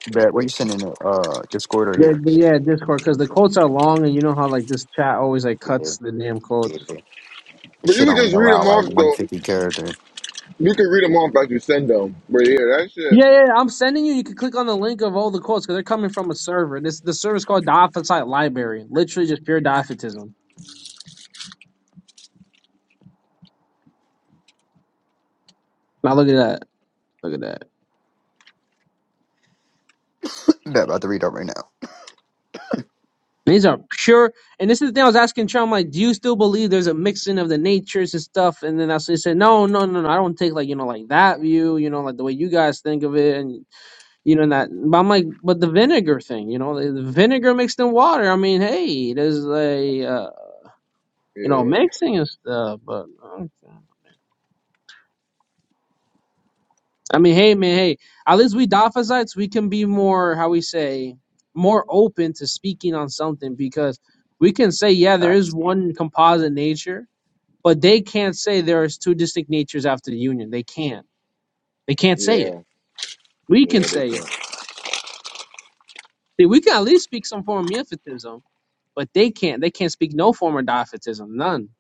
[SPEAKER 5] But where you sending it? Uh, Discord or
[SPEAKER 3] Yeah,
[SPEAKER 5] here?
[SPEAKER 3] yeah, Discord, because the quotes are long, and you know how like this chat always like
[SPEAKER 5] Yeah,
[SPEAKER 3] cuts the damn quotes.
[SPEAKER 5] yeah. It
[SPEAKER 1] But you
[SPEAKER 5] should
[SPEAKER 1] could
[SPEAKER 5] only
[SPEAKER 1] just read
[SPEAKER 5] allow
[SPEAKER 1] them off,
[SPEAKER 5] like one
[SPEAKER 1] though.
[SPEAKER 5] fifty character.
[SPEAKER 1] You could read them off as you send them. But yeah, that shit.
[SPEAKER 3] Yeah, yeah, yeah, I'm sending you. You can click on the link of all the quotes because they're coming from a server. This the server's called Diophysite Library. Literally just pure Diophytism. Now look at that. Look at that.
[SPEAKER 5] Bet about to read up right now.
[SPEAKER 3] These are pure. And this is the thing I was asking Chum. I'm like, do you still believe there's a mixing of the natures and stuff? And then I what he said, no, no, no, no. I don't take like you know like that view. You know like the way you guys think of it, and you know that. But I'm like, but the vinegar thing. You know, the the vinegar mixed in water. I mean, hey, there's a uh, you know
[SPEAKER 1] Yeah,
[SPEAKER 3] mixing and stuff, but. Okay. I mean, hey man, hey. At least we Dafazites, we can be more, how we say, more open to speaking on something because we can say, yeah, there is
[SPEAKER 5] Facts.
[SPEAKER 3] one composite nature, but they can't say there is two distinct natures after the union. They can't. They can't say it.
[SPEAKER 1] yeah,
[SPEAKER 3] We can
[SPEAKER 1] yeah. They
[SPEAKER 3] say it.
[SPEAKER 1] can't.
[SPEAKER 3] See, we can at least speak some form of Neophytism, but they can't. They can't speak no form of Diophytism, none.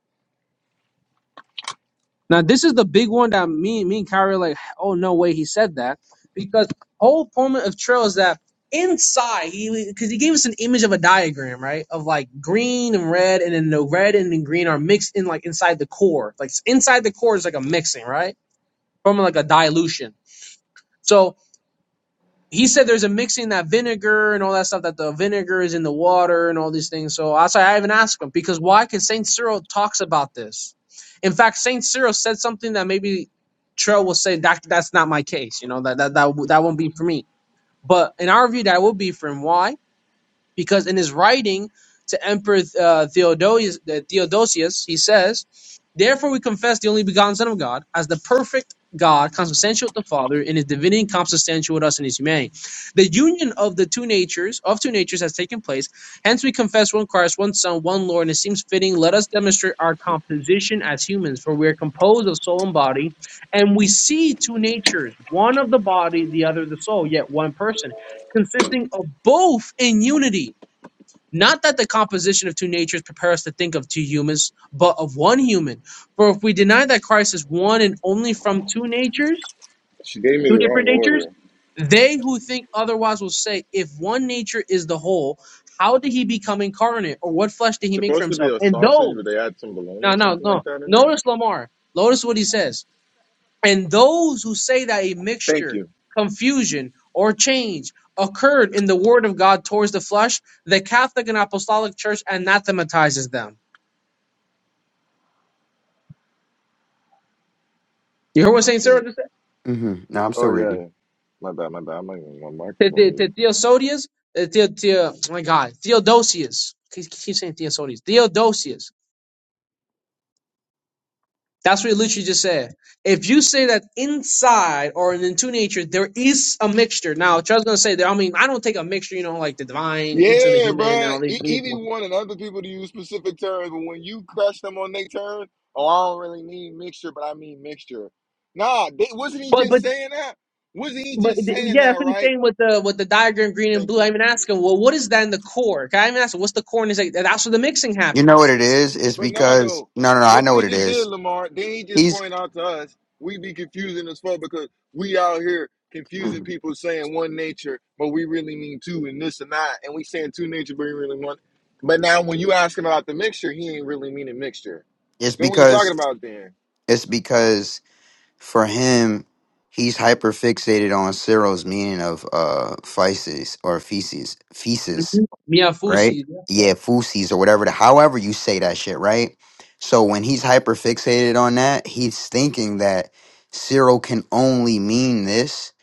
[SPEAKER 3] Now this is the big one that me, me and Kyrie are like, oh no way he said that because whole point of Trail is that inside he because he gave us an image of a diagram right of like green and red and then the red and the green are mixed in like inside the core like inside the core is like a mixing right from like a dilution. So he said there's a mixing that vinegar and all that stuff that the vinegar is in the water and all these things. So I said I even asked him because why? Because Saint Cyril talks about this. In fact, Saint Cyril said something that maybe Trell will say that that's not my case. You know that that that that won't be for me. But in our view, that will be for him. Why? because in his writing to Emperor uh, Theodosius, uh, Theodosius, he says, "Therefore we confess the only begotten Son of God as the perfect God, consubstantial with the Father in His divinity, and consubstantial with us in His humanity. The union of the two natures of two natures has taken place. Hence we confess one Christ, one Son, one Lord, and it seems fitting. Let us demonstrate our composition as humans, for we are composed of soul and body, and we see two natures: one of the body, the other of the soul, yet one person, consisting of both in unity." Not that the composition of two natures prepare us to think of two humans, but of one human. For if we deny that Christ is one and only from two natures,
[SPEAKER 1] She gave me
[SPEAKER 3] two
[SPEAKER 1] the wrong
[SPEAKER 3] different natures,
[SPEAKER 1] order.
[SPEAKER 3] they who think otherwise will say, if one nature is the whole, how did he become incarnate? Or what flesh did
[SPEAKER 1] It's
[SPEAKER 3] he make for
[SPEAKER 1] supposed to be
[SPEAKER 3] himself?
[SPEAKER 1] a
[SPEAKER 3] And
[SPEAKER 1] sausage,
[SPEAKER 3] those,
[SPEAKER 1] but they add some bologna
[SPEAKER 3] no,
[SPEAKER 1] or
[SPEAKER 3] no,
[SPEAKER 1] something
[SPEAKER 3] no.
[SPEAKER 1] like that in there.
[SPEAKER 3] Notice Lamar. Notice what he says. And those who say that a
[SPEAKER 1] Thank
[SPEAKER 3] mixture,
[SPEAKER 1] you.
[SPEAKER 3] confusion, or change occurred in the word of God towards the flesh, the Catholic and Apostolic Church anathematizes them. You hear what
[SPEAKER 1] Oh,
[SPEAKER 3] Saint
[SPEAKER 1] shit.
[SPEAKER 3] Cyril just said?
[SPEAKER 5] Mm-hmm. No, I'm still
[SPEAKER 1] Oh, yeah,
[SPEAKER 5] reading.
[SPEAKER 1] yeah. My bad, my bad. I'm not even, my mic
[SPEAKER 3] The,
[SPEAKER 1] is on
[SPEAKER 3] the,
[SPEAKER 1] mute.
[SPEAKER 3] the Theosodius, the, the, the, oh my God, Theodosius. Keep, keep saying Theosodius. Theodosius. That's what he literally just said. If you say that inside or in two nature there is a mixture, now Charles is gonna say that. I mean, I don't take a mixture, you know, like the divine, inter the
[SPEAKER 1] Yeah,
[SPEAKER 3] human, and
[SPEAKER 1] bruh.
[SPEAKER 3] all these.
[SPEAKER 1] He, he be
[SPEAKER 3] people,
[SPEAKER 1] wanting other people to use specific terms, but when you crush them on their turn, oh, I don't really mean mixture, but I mean mixture. Nah, they, wasn't he just saying that? Wasn't he
[SPEAKER 3] But
[SPEAKER 1] just
[SPEAKER 3] th-
[SPEAKER 1] saying
[SPEAKER 3] yeah,
[SPEAKER 1] that,
[SPEAKER 3] that's what he's
[SPEAKER 1] right?
[SPEAKER 3] saying with the with the diagram green and
[SPEAKER 1] Thank
[SPEAKER 3] blue.
[SPEAKER 1] you.
[SPEAKER 3] I even ask him, well, what is that in the core? Can I even ask him, what's the core? And he's like, that's where the mixing
[SPEAKER 5] You know what
[SPEAKER 3] happens.
[SPEAKER 5] it is? It's
[SPEAKER 1] But now
[SPEAKER 5] because
[SPEAKER 1] though,
[SPEAKER 5] no, no, no. I
[SPEAKER 1] look
[SPEAKER 5] know
[SPEAKER 1] what
[SPEAKER 5] what
[SPEAKER 1] he
[SPEAKER 5] it
[SPEAKER 1] just did,
[SPEAKER 5] is.
[SPEAKER 1] Lamar. Then he just
[SPEAKER 5] He's.
[SPEAKER 1] point out to us, we be confusing as fuck because we out here confusing people saying one nature, but we really mean two and this and that, and we saying two nature, but we really one. But now when you ask him about the mixture, he ain't really meaning mixture.
[SPEAKER 5] It's
[SPEAKER 1] Then what you talking
[SPEAKER 5] because
[SPEAKER 1] about then?
[SPEAKER 5] it's because for him, he's hyper fixated on Cyril's meaning of uh feces or feces feces.
[SPEAKER 3] Mhm.
[SPEAKER 5] right?
[SPEAKER 3] Miafusi.
[SPEAKER 5] Yeah, Fusi's or whatever. The, however you say that shit, right? So when he's hyper fixated on that, he's thinking that Cyril can only mean this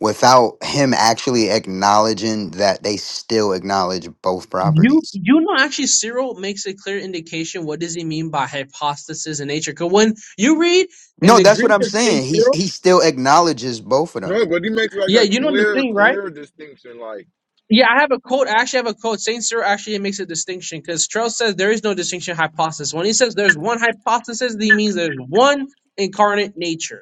[SPEAKER 5] without him actually acknowledging that they still acknowledge both
[SPEAKER 3] You
[SPEAKER 5] properties.
[SPEAKER 3] you know actually Cyril makes a clear indication what does he mean by hypostasis in nature. Cause when you read in
[SPEAKER 5] No,
[SPEAKER 3] the
[SPEAKER 5] that's what
[SPEAKER 3] Greek
[SPEAKER 5] I'm
[SPEAKER 3] of Saint
[SPEAKER 5] saying. He
[SPEAKER 3] Cyril,
[SPEAKER 5] he still acknowledges both of them.
[SPEAKER 1] No, but he makes like
[SPEAKER 3] yeah,
[SPEAKER 1] a
[SPEAKER 3] you know the
[SPEAKER 1] clear,
[SPEAKER 3] thing, right?
[SPEAKER 1] clear distinction. Like
[SPEAKER 3] Yeah, I have a quote. I actually have a quote. Saint Cyril actually makes a distinction because Charles says there is no distinction hypostasis. When he says there's one hypostasis, he means there's one incarnate nature.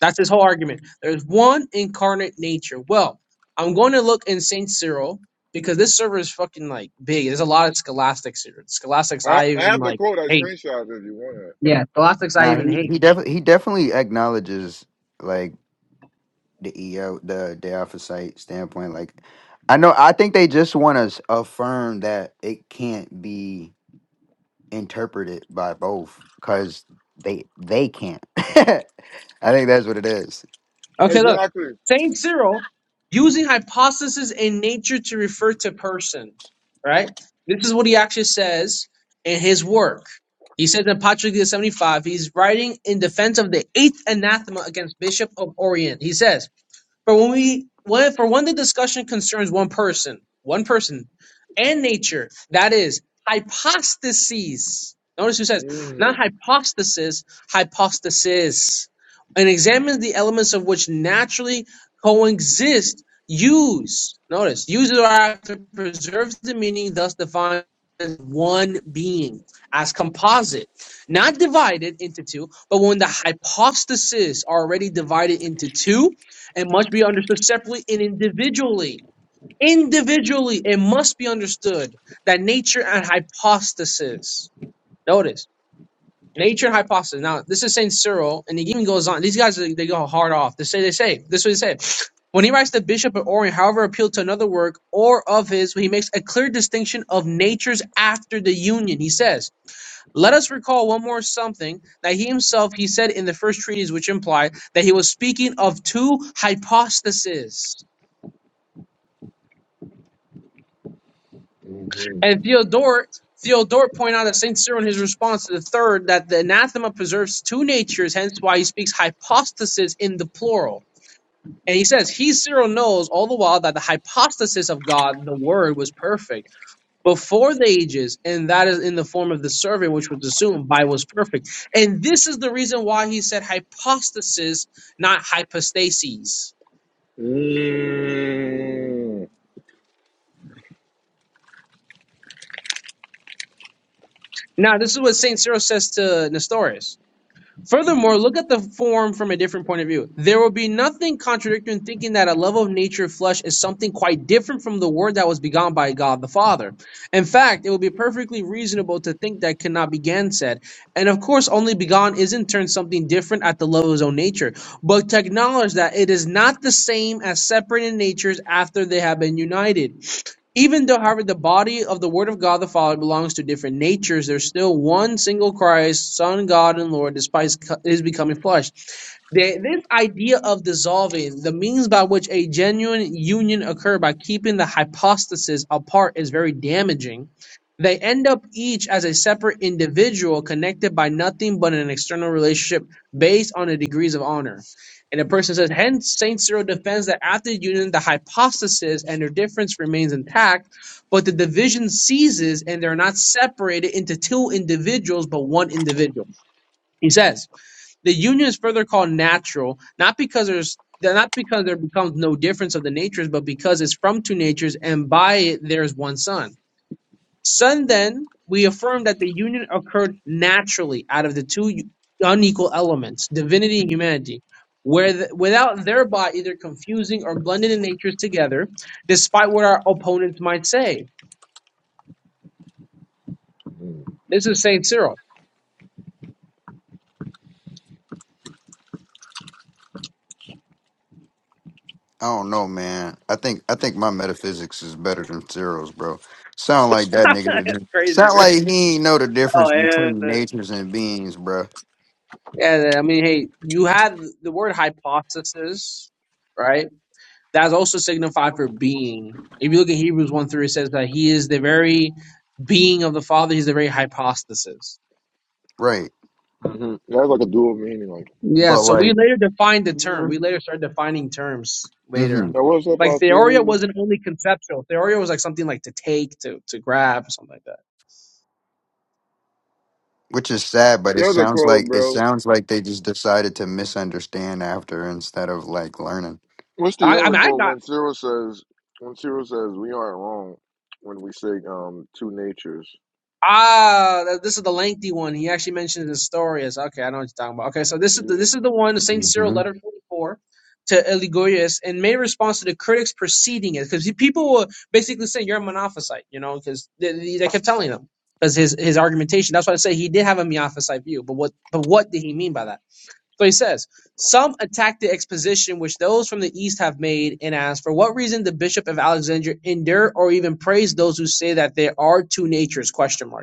[SPEAKER 3] That's his whole argument. There's one incarnate nature. Well, I'm going to look in Saint Cyril because this server is fucking like big. There's a lot of scholastics here. Scholastics
[SPEAKER 1] I,
[SPEAKER 3] I
[SPEAKER 1] I
[SPEAKER 3] even
[SPEAKER 1] have the
[SPEAKER 3] like
[SPEAKER 1] quote, I
[SPEAKER 3] hate.
[SPEAKER 1] screenshot if you want it.
[SPEAKER 3] Yeah, scholastics I
[SPEAKER 5] Nah,
[SPEAKER 3] even
[SPEAKER 5] he
[SPEAKER 3] hate.
[SPEAKER 5] he definitely he definitely acknowledges like the EO the Diophysite standpoint. Like I know I think they just want to affirm that it can't be interpreted by both because they they can't. <laughs> I think that's what it is.
[SPEAKER 3] Okay, look.
[SPEAKER 1] Exactly.
[SPEAKER 3] Saint Cyril using hypostasis in nature to refer to person, right? This is what he actually says in his work. He says in Patrick 75, he's writing in defense of the eighth anathema against Bishop of Orient. He says, For when we when, for when the discussion concerns one person, one person, and nature, that is hypostases. Notice who says not
[SPEAKER 1] Mm-hmm.
[SPEAKER 3] hypostasis, hypostasis, and examines the elements of which naturally coexist. Use notice use or after preserves the meaning thus defined as one being as composite, not divided into two. But when the hypostases are already divided into two, and must be understood separately and individually. Individually, it must be understood that nature and hypostasis. Notice nature and hypostasis. Now, this is Saint Cyril, and he even goes on. These guys they go hard off. They say they say this. Is what they say. When he writes the Bishop of Orient, however, appealed to another work or of his, he makes a clear distinction of natures after the union. He says, "Let us recall one more something that he himself he said in the first treatise, which implied that he was speaking of two hypostases."
[SPEAKER 1] Mm-hmm.
[SPEAKER 3] And Theodore, Theodore, point out that Saint Cyril in his response to the third that the anathema preserves two natures, hence why he speaks hypostasis in the plural. And he says, He Cyril knows all the while that the hypostasis of God, the Word, was perfect before the ages, and that is in the form of the servant, which was assumed by was perfect. And this is the reason why he said hypostasis, not hypostases. Now, this is what Saint Cyril says to Nestorius. Furthermore, look at the form from a different point of view. There will be nothing contradictory in thinking that a love of nature flesh is something quite different from the word that was begotten by God the Father. In fact, it would be perfectly reasonable to think that cannot be gainsaid. And of course, only begotten is in turn something different at the level of his own nature, but to acknowledge that it is not the same as separated natures after they have been united. Even though, however, the body of the Word of God the Father belongs to different natures, there's still one single Christ, Son, God, and Lord, despite his becoming flesh. The, this idea of dissolving, the means by which a genuine union occur by keeping the hypostases apart, is very damaging. They end up each as a separate individual connected by nothing but an external relationship based on the degrees of honor. And the person says, hence, St. Cyril defends that after union, the hypostasis and their difference remains intact, but the division ceases and they're not separated into two individuals, but one individual. He says, the union is further called natural, not because there's not because there becomes no difference of the natures, but because it's from two natures, and by it there's one son. Son then, we affirm that the union occurred naturally out of the two unequal elements, divinity and humanity, where th- without thereby either confusing or blending the natures together, despite what our opponents might say.
[SPEAKER 1] Mm-hmm.
[SPEAKER 3] This is Saint Cyril.
[SPEAKER 5] I don't know, man. I think I think my metaphysics is better than zeros, bro. Sound like that
[SPEAKER 3] <laughs>
[SPEAKER 5] nigga. that
[SPEAKER 3] That's
[SPEAKER 5] did-
[SPEAKER 3] crazy,
[SPEAKER 5] Sound
[SPEAKER 3] man.
[SPEAKER 5] like he ain't know the
[SPEAKER 3] Oh,
[SPEAKER 5] difference
[SPEAKER 3] yeah.
[SPEAKER 5] between natures and beings, bro.
[SPEAKER 3] Yeah, I mean, hey, you had the word hypothesis, right? that's also signified for being. If you look at Hebrews 1 3, it says that he is the very being of the Father, he's the very hypostasis.
[SPEAKER 5] Right,
[SPEAKER 1] hmm That's like a dual meaning. Like,
[SPEAKER 3] Yeah,
[SPEAKER 5] but
[SPEAKER 3] so we
[SPEAKER 5] like,
[SPEAKER 3] later defined the term. We
[SPEAKER 5] hmm
[SPEAKER 3] later started defining terms later.
[SPEAKER 1] now what's up,
[SPEAKER 3] Like theoria
[SPEAKER 1] Alfarius?
[SPEAKER 3] wasn't only conceptual. Theoria was like something like to take, to to grab, something like that.
[SPEAKER 5] which is sad. But it
[SPEAKER 1] The other
[SPEAKER 5] sounds
[SPEAKER 1] quote,
[SPEAKER 5] like it
[SPEAKER 1] bro.
[SPEAKER 5] sounds like they just decided to misunderstand after instead of like learning.
[SPEAKER 1] What's the
[SPEAKER 3] I, I
[SPEAKER 1] other
[SPEAKER 3] mean, I
[SPEAKER 1] quote
[SPEAKER 3] got
[SPEAKER 1] when Cyril says, when Cyril says, we aren't wrong when we say um two natures?
[SPEAKER 3] Ah, this is the lengthy one. He actually mentioned Nestorius. Okay, I know what you're talking about. Okay, so this is the
[SPEAKER 1] Yeah.
[SPEAKER 3] this is the one, Saint Cyril,
[SPEAKER 5] Mm-hmm.
[SPEAKER 3] letter 44 to Eligoius, and made response to the critics preceding it, because people were basically saying you're a monophysite, you know, because they, they they kept telling them because his his argumentation. That's why I say he did have a monophysite view, but what but what did he mean by that? So he says some attack the exposition which those from the east have made, and ask for what reason the bishop of Alexandria endure or even praise those who say that there are two natures? Question mark.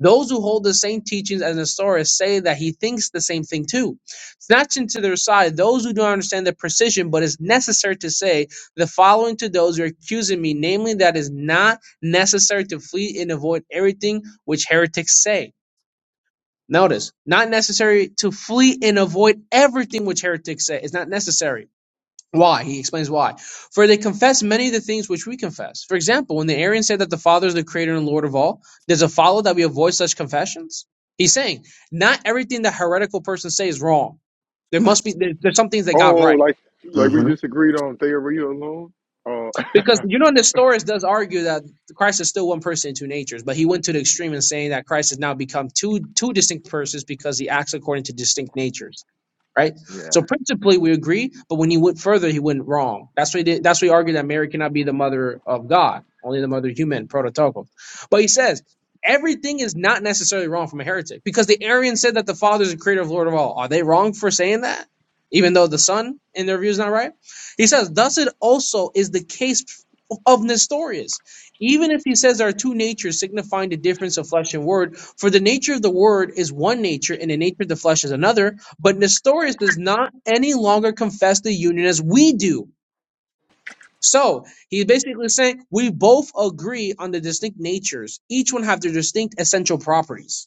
[SPEAKER 3] Those who hold the same teachings as Nestorius say that he thinks the same thing too. Snatching to their side those who don't understand the precision, but it's necessary to say the following to those who are accusing me, namely that it's not necessary to flee and avoid everything which heretics say. Notice, not necessary to flee and avoid everything which heretics say. It's not necessary why? He explains why. For they confess many of the things which we confess. For example, when the Arians say that the Father is the creator and Lord of all, does it follow that we avoid such confessions? He's saying, not everything the heretical person says is wrong. There must be, there, there's some things they got
[SPEAKER 1] Oh, oh,
[SPEAKER 3] right.
[SPEAKER 1] like like we
[SPEAKER 5] Mm-hmm.
[SPEAKER 1] just agreed on theory alone? Oh, <laughs>
[SPEAKER 3] Because you know, Nestorius does argue that Christ is still one person in two natures, but he went to the extreme in saying that Christ has now become two two distinct persons because he acts according to distinct natures. Right. So
[SPEAKER 1] yeah.
[SPEAKER 3] principally, we agree, but when he went further, he went wrong. That's what he did. That's what he argued that Mary cannot be the mother of God, only the mother of human, prototokos. But he says everything is not necessarily wrong from a heretic because the Arians said that the Father is the creator of Lord of all. Are they wrong for saying that? Even though the Son, in their view, is not right he says, thus it also is the case of Nestorius. Even if he says there are two natures signifying the difference of flesh and word, for the nature of the word is one nature and the nature of the flesh is another, but Nestorius does not any longer confess the union as we do. So he's basically saying we both agree on the distinct natures. Each one have their distinct essential properties.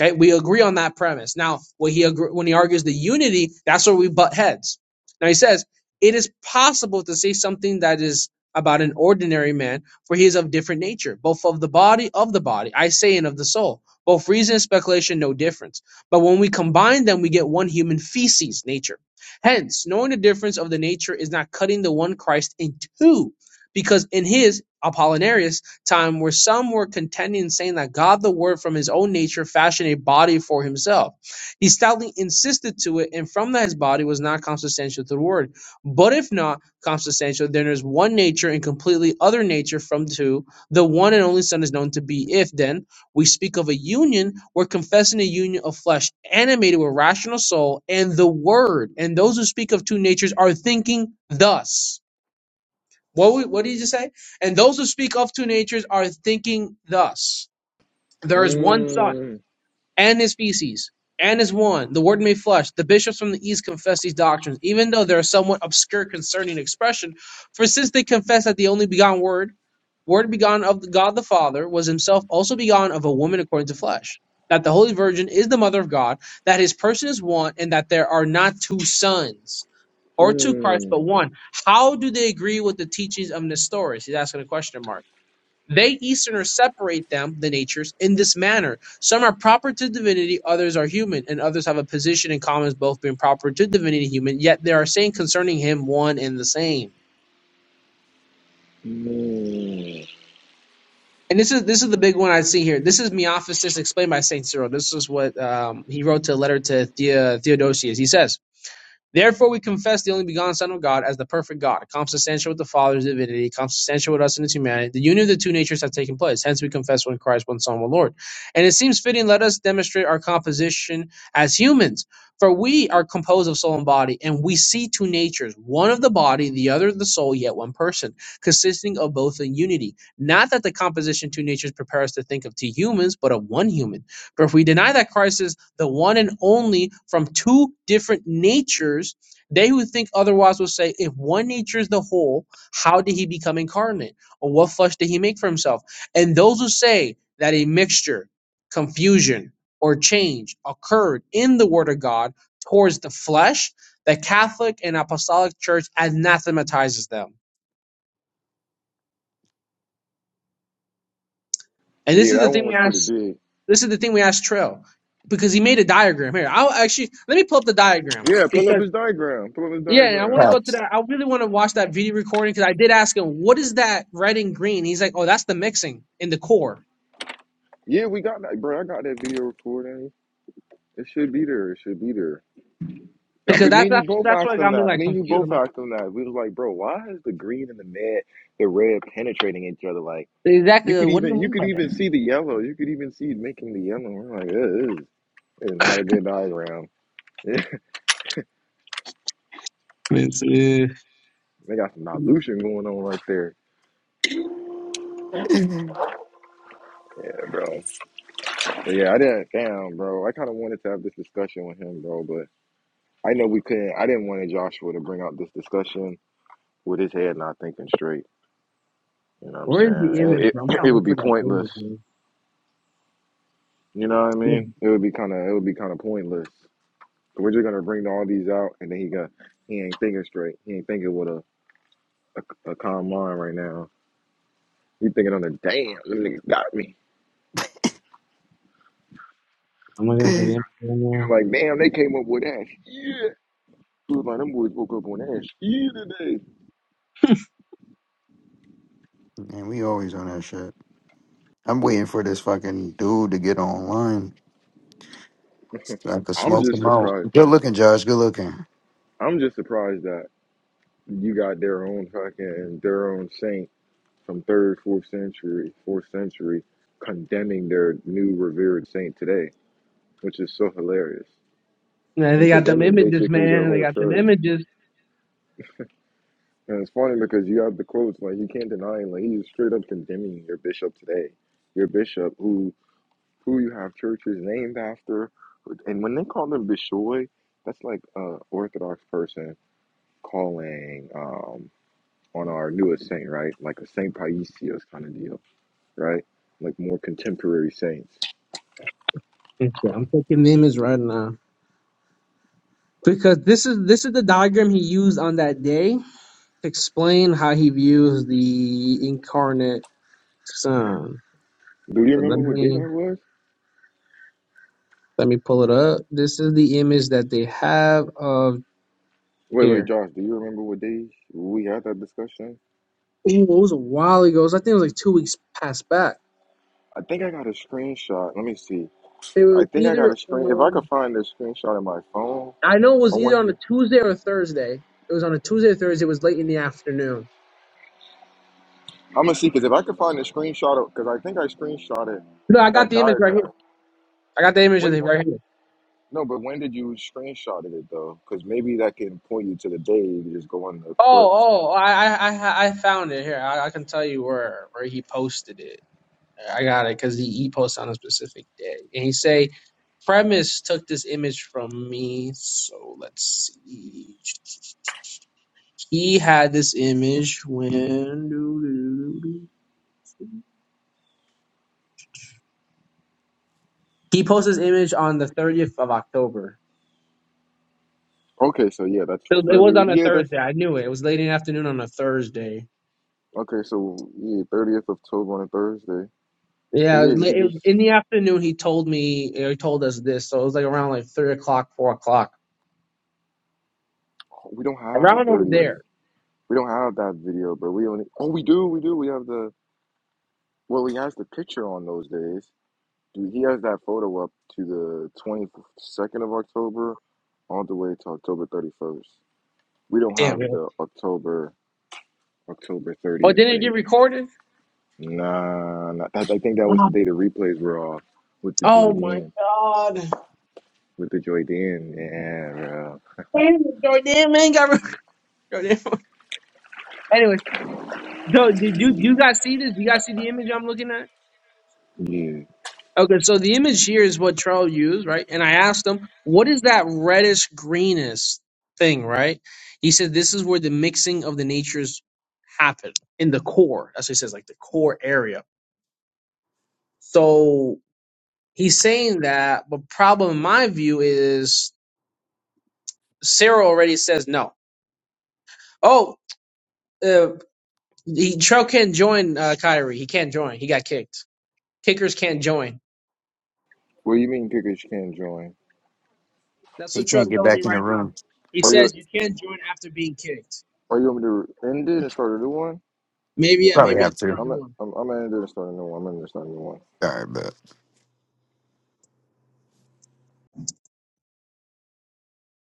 [SPEAKER 3] Okay, we agree on that premise. Now, when he agr when he argues the unity, that's where we butt heads. Now he says it is possible to say something that is about an ordinary man, for he is of different nature, both of the body of the body, I say, and of the soul. Both reason and speculation, no difference. But when we combine them, we get one human feces, nature. Hence, knowing the difference of the nature is not cutting the one Christ in two, because in his Apollinarius time where some were contending and saying that God the Word from his own nature fashioned a body for himself. He stoutly insisted to it, and from that his body was not consubstantial to the Word. But if not consubstantial, then there's one nature and completely other nature from two. The one and only Son is known to be if then we speak of a union, we're confessing a union of flesh animated with rational soul and the word. And those who speak of two natures are thinking thus. What what did you say? And those who speak of two natures are thinking thus: There is one Son
[SPEAKER 1] Mm,
[SPEAKER 3] and his species, and is one, the word made flesh. The bishops from the East confess these doctrines, even though they are somewhat obscure concerning expression, for since they confess that the only begotten word, word begotten of God the Father, was himself also begotten of a woman according to flesh, that the Holy Virgin is the mother of God, that his person is one, and that there are not two sons or two Christs but
[SPEAKER 1] mm,
[SPEAKER 3] one. How do they agree with the teachings of Nestorius? He's asking a question mark they Easterners separate them, the natures, in this manner. Some are proper to divinity, others are human, and others have a position in common as both being proper to divinity and human, yet they are saying concerning him one and the same.
[SPEAKER 1] mm.
[SPEAKER 3] And this is this is the big one I see here. This is Miaphysis explained by Saint Cyril. This is what um, he wrote to a letter to Thea, Theodosius. He says, Therefore, we confess the only begotten Son of God as the perfect God, consubstantial with the Father's divinity, consubstantial with us in his humanity. The union of the two natures have taken place. Hence, we confess one Christ, one Son, one Lord. And it seems fitting, let us demonstrate our composition as humans. For we are composed of soul and body, and we see two natures, one of the body, the other of the soul, yet one person, consisting of both in unity. Not that the composition two natures prepare us to think of two humans, but of one human. For if we deny that Christ is the one and only from two different natures. They who think otherwise will say, if one nature is the whole, how did he become incarnate? Or what flesh did he make for himself? And those who say that a mixture, confusion, or change occurred in the Word of God towards the flesh, the Catholic and Apostolic Church anathematizes them. And this
[SPEAKER 1] Yeah,
[SPEAKER 3] is the
[SPEAKER 1] that
[SPEAKER 3] thing
[SPEAKER 1] one
[SPEAKER 3] we
[SPEAKER 1] was pretty
[SPEAKER 3] asked.
[SPEAKER 1] big.
[SPEAKER 3] This is the thing we asked Trill because he made a diagram here. I'll actually let me pull up the diagram
[SPEAKER 1] Yeah, pull up
[SPEAKER 3] because.
[SPEAKER 1] his diagram. Pull up his
[SPEAKER 3] Yeah, and I want
[SPEAKER 1] diagram.
[SPEAKER 3] to go to
[SPEAKER 5] Facts.
[SPEAKER 3] that. I really want to watch that video recording because I did ask him, "What is that red and green?" He's like, "Oh, that's the mixing in the core."
[SPEAKER 1] Yeah, we got that, bro. I got that video recording. It should be there. It should be there. Yeah,
[SPEAKER 3] Because
[SPEAKER 1] but me
[SPEAKER 3] that's
[SPEAKER 1] and you
[SPEAKER 3] that's
[SPEAKER 1] both
[SPEAKER 3] that's what
[SPEAKER 1] asked him
[SPEAKER 3] got me
[SPEAKER 1] that.
[SPEAKER 3] like
[SPEAKER 1] Me and you
[SPEAKER 3] confused. I'm
[SPEAKER 1] both
[SPEAKER 3] like,
[SPEAKER 1] asked him that. We was like, bro, why is the green and the med, the red penetrating each other? Like you
[SPEAKER 3] exactly.
[SPEAKER 1] could
[SPEAKER 3] like, What do
[SPEAKER 1] even
[SPEAKER 3] you
[SPEAKER 1] you
[SPEAKER 3] mean
[SPEAKER 1] could
[SPEAKER 3] by that?
[SPEAKER 1] even see the yellow. You could even see it making the yellow. I'm like, yeah, this is, this is not a good diagram. <laughs> they
[SPEAKER 3] It's, uh,
[SPEAKER 1] got some dilution going on right there.
[SPEAKER 5] <laughs> Man,
[SPEAKER 1] Yeah, bro. But yeah, I didn't. Damn, bro. I kind of wanted to have this discussion with him, bro. But I know we couldn't. I didn't want Joshua to bring out this discussion with his head not thinking straight. You know what I'm
[SPEAKER 3] Where is the
[SPEAKER 1] saying?
[SPEAKER 3] image,
[SPEAKER 1] It,
[SPEAKER 3] bro? I'm
[SPEAKER 1] it, <clears throat>
[SPEAKER 3] trying
[SPEAKER 1] it
[SPEAKER 3] to
[SPEAKER 1] would
[SPEAKER 3] look
[SPEAKER 1] be
[SPEAKER 3] for that
[SPEAKER 1] pointless
[SPEAKER 3] image, man.
[SPEAKER 1] You know what I
[SPEAKER 3] Hmm,
[SPEAKER 1] mean? It would be kind of it would be kind of pointless. So we're just gonna bring all these out, and then he got he ain't thinking straight. He ain't thinking with a a, a calm mind right now. He thinking on the damn them niggas got me.
[SPEAKER 3] I'm looking
[SPEAKER 1] Like
[SPEAKER 3] for the image right
[SPEAKER 1] he was
[SPEAKER 3] now.
[SPEAKER 1] like damn they came up with that. Yeah, he was like them boys woke up on that. Yeah, today.
[SPEAKER 5] we always on that shit. I'm waiting for this fucking dude to get online so I could
[SPEAKER 1] I'm
[SPEAKER 5] smoke
[SPEAKER 1] just
[SPEAKER 5] him out.
[SPEAKER 1] surprised.
[SPEAKER 5] Good looking, Josh. Good looking.
[SPEAKER 1] I'm just surprised that you got their own fucking their own saint from third, fourth century, fourth century condemning their new revered saint today, which is so hilarious.
[SPEAKER 3] Yeah, they
[SPEAKER 1] and
[SPEAKER 3] got them
[SPEAKER 1] condemning
[SPEAKER 3] images,
[SPEAKER 1] basically their
[SPEAKER 3] man. They
[SPEAKER 1] whole
[SPEAKER 3] got them
[SPEAKER 1] church.
[SPEAKER 3] images.
[SPEAKER 1] And it's funny because you have the quotes like you can't deny it. Like he's straight up condemning your bishop today, your bishop who who you have churches named after, and when they call them bishoy, that's like a Orthodox person calling um, on our newest saint, right? Like a Saint Paisios kind of deal, right? Like more contemporary saints.
[SPEAKER 3] Okay, I'm taking the image right now because this is this is the diagram he used on that day to explain how he views the incarnate son.
[SPEAKER 1] Do you
[SPEAKER 3] But let
[SPEAKER 1] remember what day that
[SPEAKER 3] me
[SPEAKER 1] was?
[SPEAKER 3] let me pull it up. This is the image that they have of
[SPEAKER 1] Wait, wait,
[SPEAKER 3] here.
[SPEAKER 1] Josh, do you remember what day we had that discussion?
[SPEAKER 3] Ooh, it was a while ago. It was- I think it was like two weeks past back.
[SPEAKER 1] I think I got a screenshot. Let me see.
[SPEAKER 3] They
[SPEAKER 1] I
[SPEAKER 3] were
[SPEAKER 1] think I got
[SPEAKER 3] either
[SPEAKER 1] a screen. If I could
[SPEAKER 3] on.
[SPEAKER 1] find the screenshot of my phone,
[SPEAKER 3] I know it
[SPEAKER 1] I
[SPEAKER 3] was either
[SPEAKER 1] want
[SPEAKER 3] on a
[SPEAKER 1] you.
[SPEAKER 3] Tuesday or a Thursday. It was on a Tuesday or Thursday. It was late in the afternoon.
[SPEAKER 1] I'm gonna see because if I could find the screenshot of, because I think I screenshotted
[SPEAKER 3] No, I got
[SPEAKER 1] that
[SPEAKER 3] the image right here.
[SPEAKER 1] diagram.
[SPEAKER 3] I got the image of
[SPEAKER 1] When
[SPEAKER 3] it right here.
[SPEAKER 1] no, but when did you screenshot it though? Because maybe that can point you to the day. You just go on the
[SPEAKER 3] Oh,
[SPEAKER 1] clips.
[SPEAKER 3] oh, oh, I, I, I, I found it here. I, I can tell you where where he posted it. I got it because he, he posts on a specific day, and he say, "Premise took this image from me." So let's see. He had this image when he posted this image on the thirtieth of October.
[SPEAKER 1] Okay, so yeah, that's
[SPEAKER 3] So It
[SPEAKER 1] fairly.
[SPEAKER 3] was
[SPEAKER 1] Re-
[SPEAKER 3] on a
[SPEAKER 1] yeah, that's
[SPEAKER 3] Thursday. I knew it. It was late in the afternoon on a Thursday.
[SPEAKER 1] okay. So yeah, thirtieth of October on a Thursday. So
[SPEAKER 3] Yeah,
[SPEAKER 1] yeah,
[SPEAKER 3] it
[SPEAKER 1] you could
[SPEAKER 3] was
[SPEAKER 1] just.
[SPEAKER 3] in the afternoon. He told me. or He told us this. So it was like around like three o'clock, four o'clock,
[SPEAKER 1] We don't have the
[SPEAKER 3] around over
[SPEAKER 1] thirtieth.
[SPEAKER 3] there.
[SPEAKER 1] We don't have that video, but we only. Oh, we do. We do. We have the. Well, he has the picture on those days. Dude, he has that photo up to the 22nd of October all the way to October 31st. We don't
[SPEAKER 3] Damn.
[SPEAKER 1] have the October October
[SPEAKER 3] Oh,
[SPEAKER 1] 30th
[SPEAKER 3] didn't it get
[SPEAKER 1] date.
[SPEAKER 3] recorded?
[SPEAKER 1] Nah, nah I, I think that was the day the replays were off with the Joy
[SPEAKER 3] Oh my
[SPEAKER 1] Dan.
[SPEAKER 3] god.
[SPEAKER 1] With the Joy Dan. Yeah, bro.
[SPEAKER 3] Goddamn man got goddamn. <laughs> Anyway, so did you you guys see this? You guys see the image I'm looking at?
[SPEAKER 1] Yeah.
[SPEAKER 3] Okay, so the image here is what Charles used, right? And I asked him, "What is that reddish greenish thing?" Right? He said, "This is where the mixing of the natures happen in the core." That's what he says, like the core area. So he's saying that, but problem in my view is Sarah already says no. Oh, uh, he Charles can't join uh, Kyrie. He can't join. He got kicked. Kickers can't join.
[SPEAKER 1] What do you mean kickers can't join?
[SPEAKER 3] That's
[SPEAKER 5] He
[SPEAKER 3] what
[SPEAKER 5] can't
[SPEAKER 3] Trust
[SPEAKER 5] get
[SPEAKER 3] telling me
[SPEAKER 5] back in the
[SPEAKER 3] right now.
[SPEAKER 5] room.
[SPEAKER 3] He
[SPEAKER 1] Are you
[SPEAKER 3] says you can't join after being kicked.
[SPEAKER 1] are you want me to end it and start a new one?
[SPEAKER 3] Maybe yeah,
[SPEAKER 1] I'm
[SPEAKER 5] Probably
[SPEAKER 3] maybe I
[SPEAKER 1] in
[SPEAKER 5] have to.
[SPEAKER 3] start a
[SPEAKER 1] I'm
[SPEAKER 3] new
[SPEAKER 1] I'm
[SPEAKER 3] one.
[SPEAKER 1] I'm gonna end it and start a new one. I'm gonna end it and start a new one.
[SPEAKER 5] All right, bet.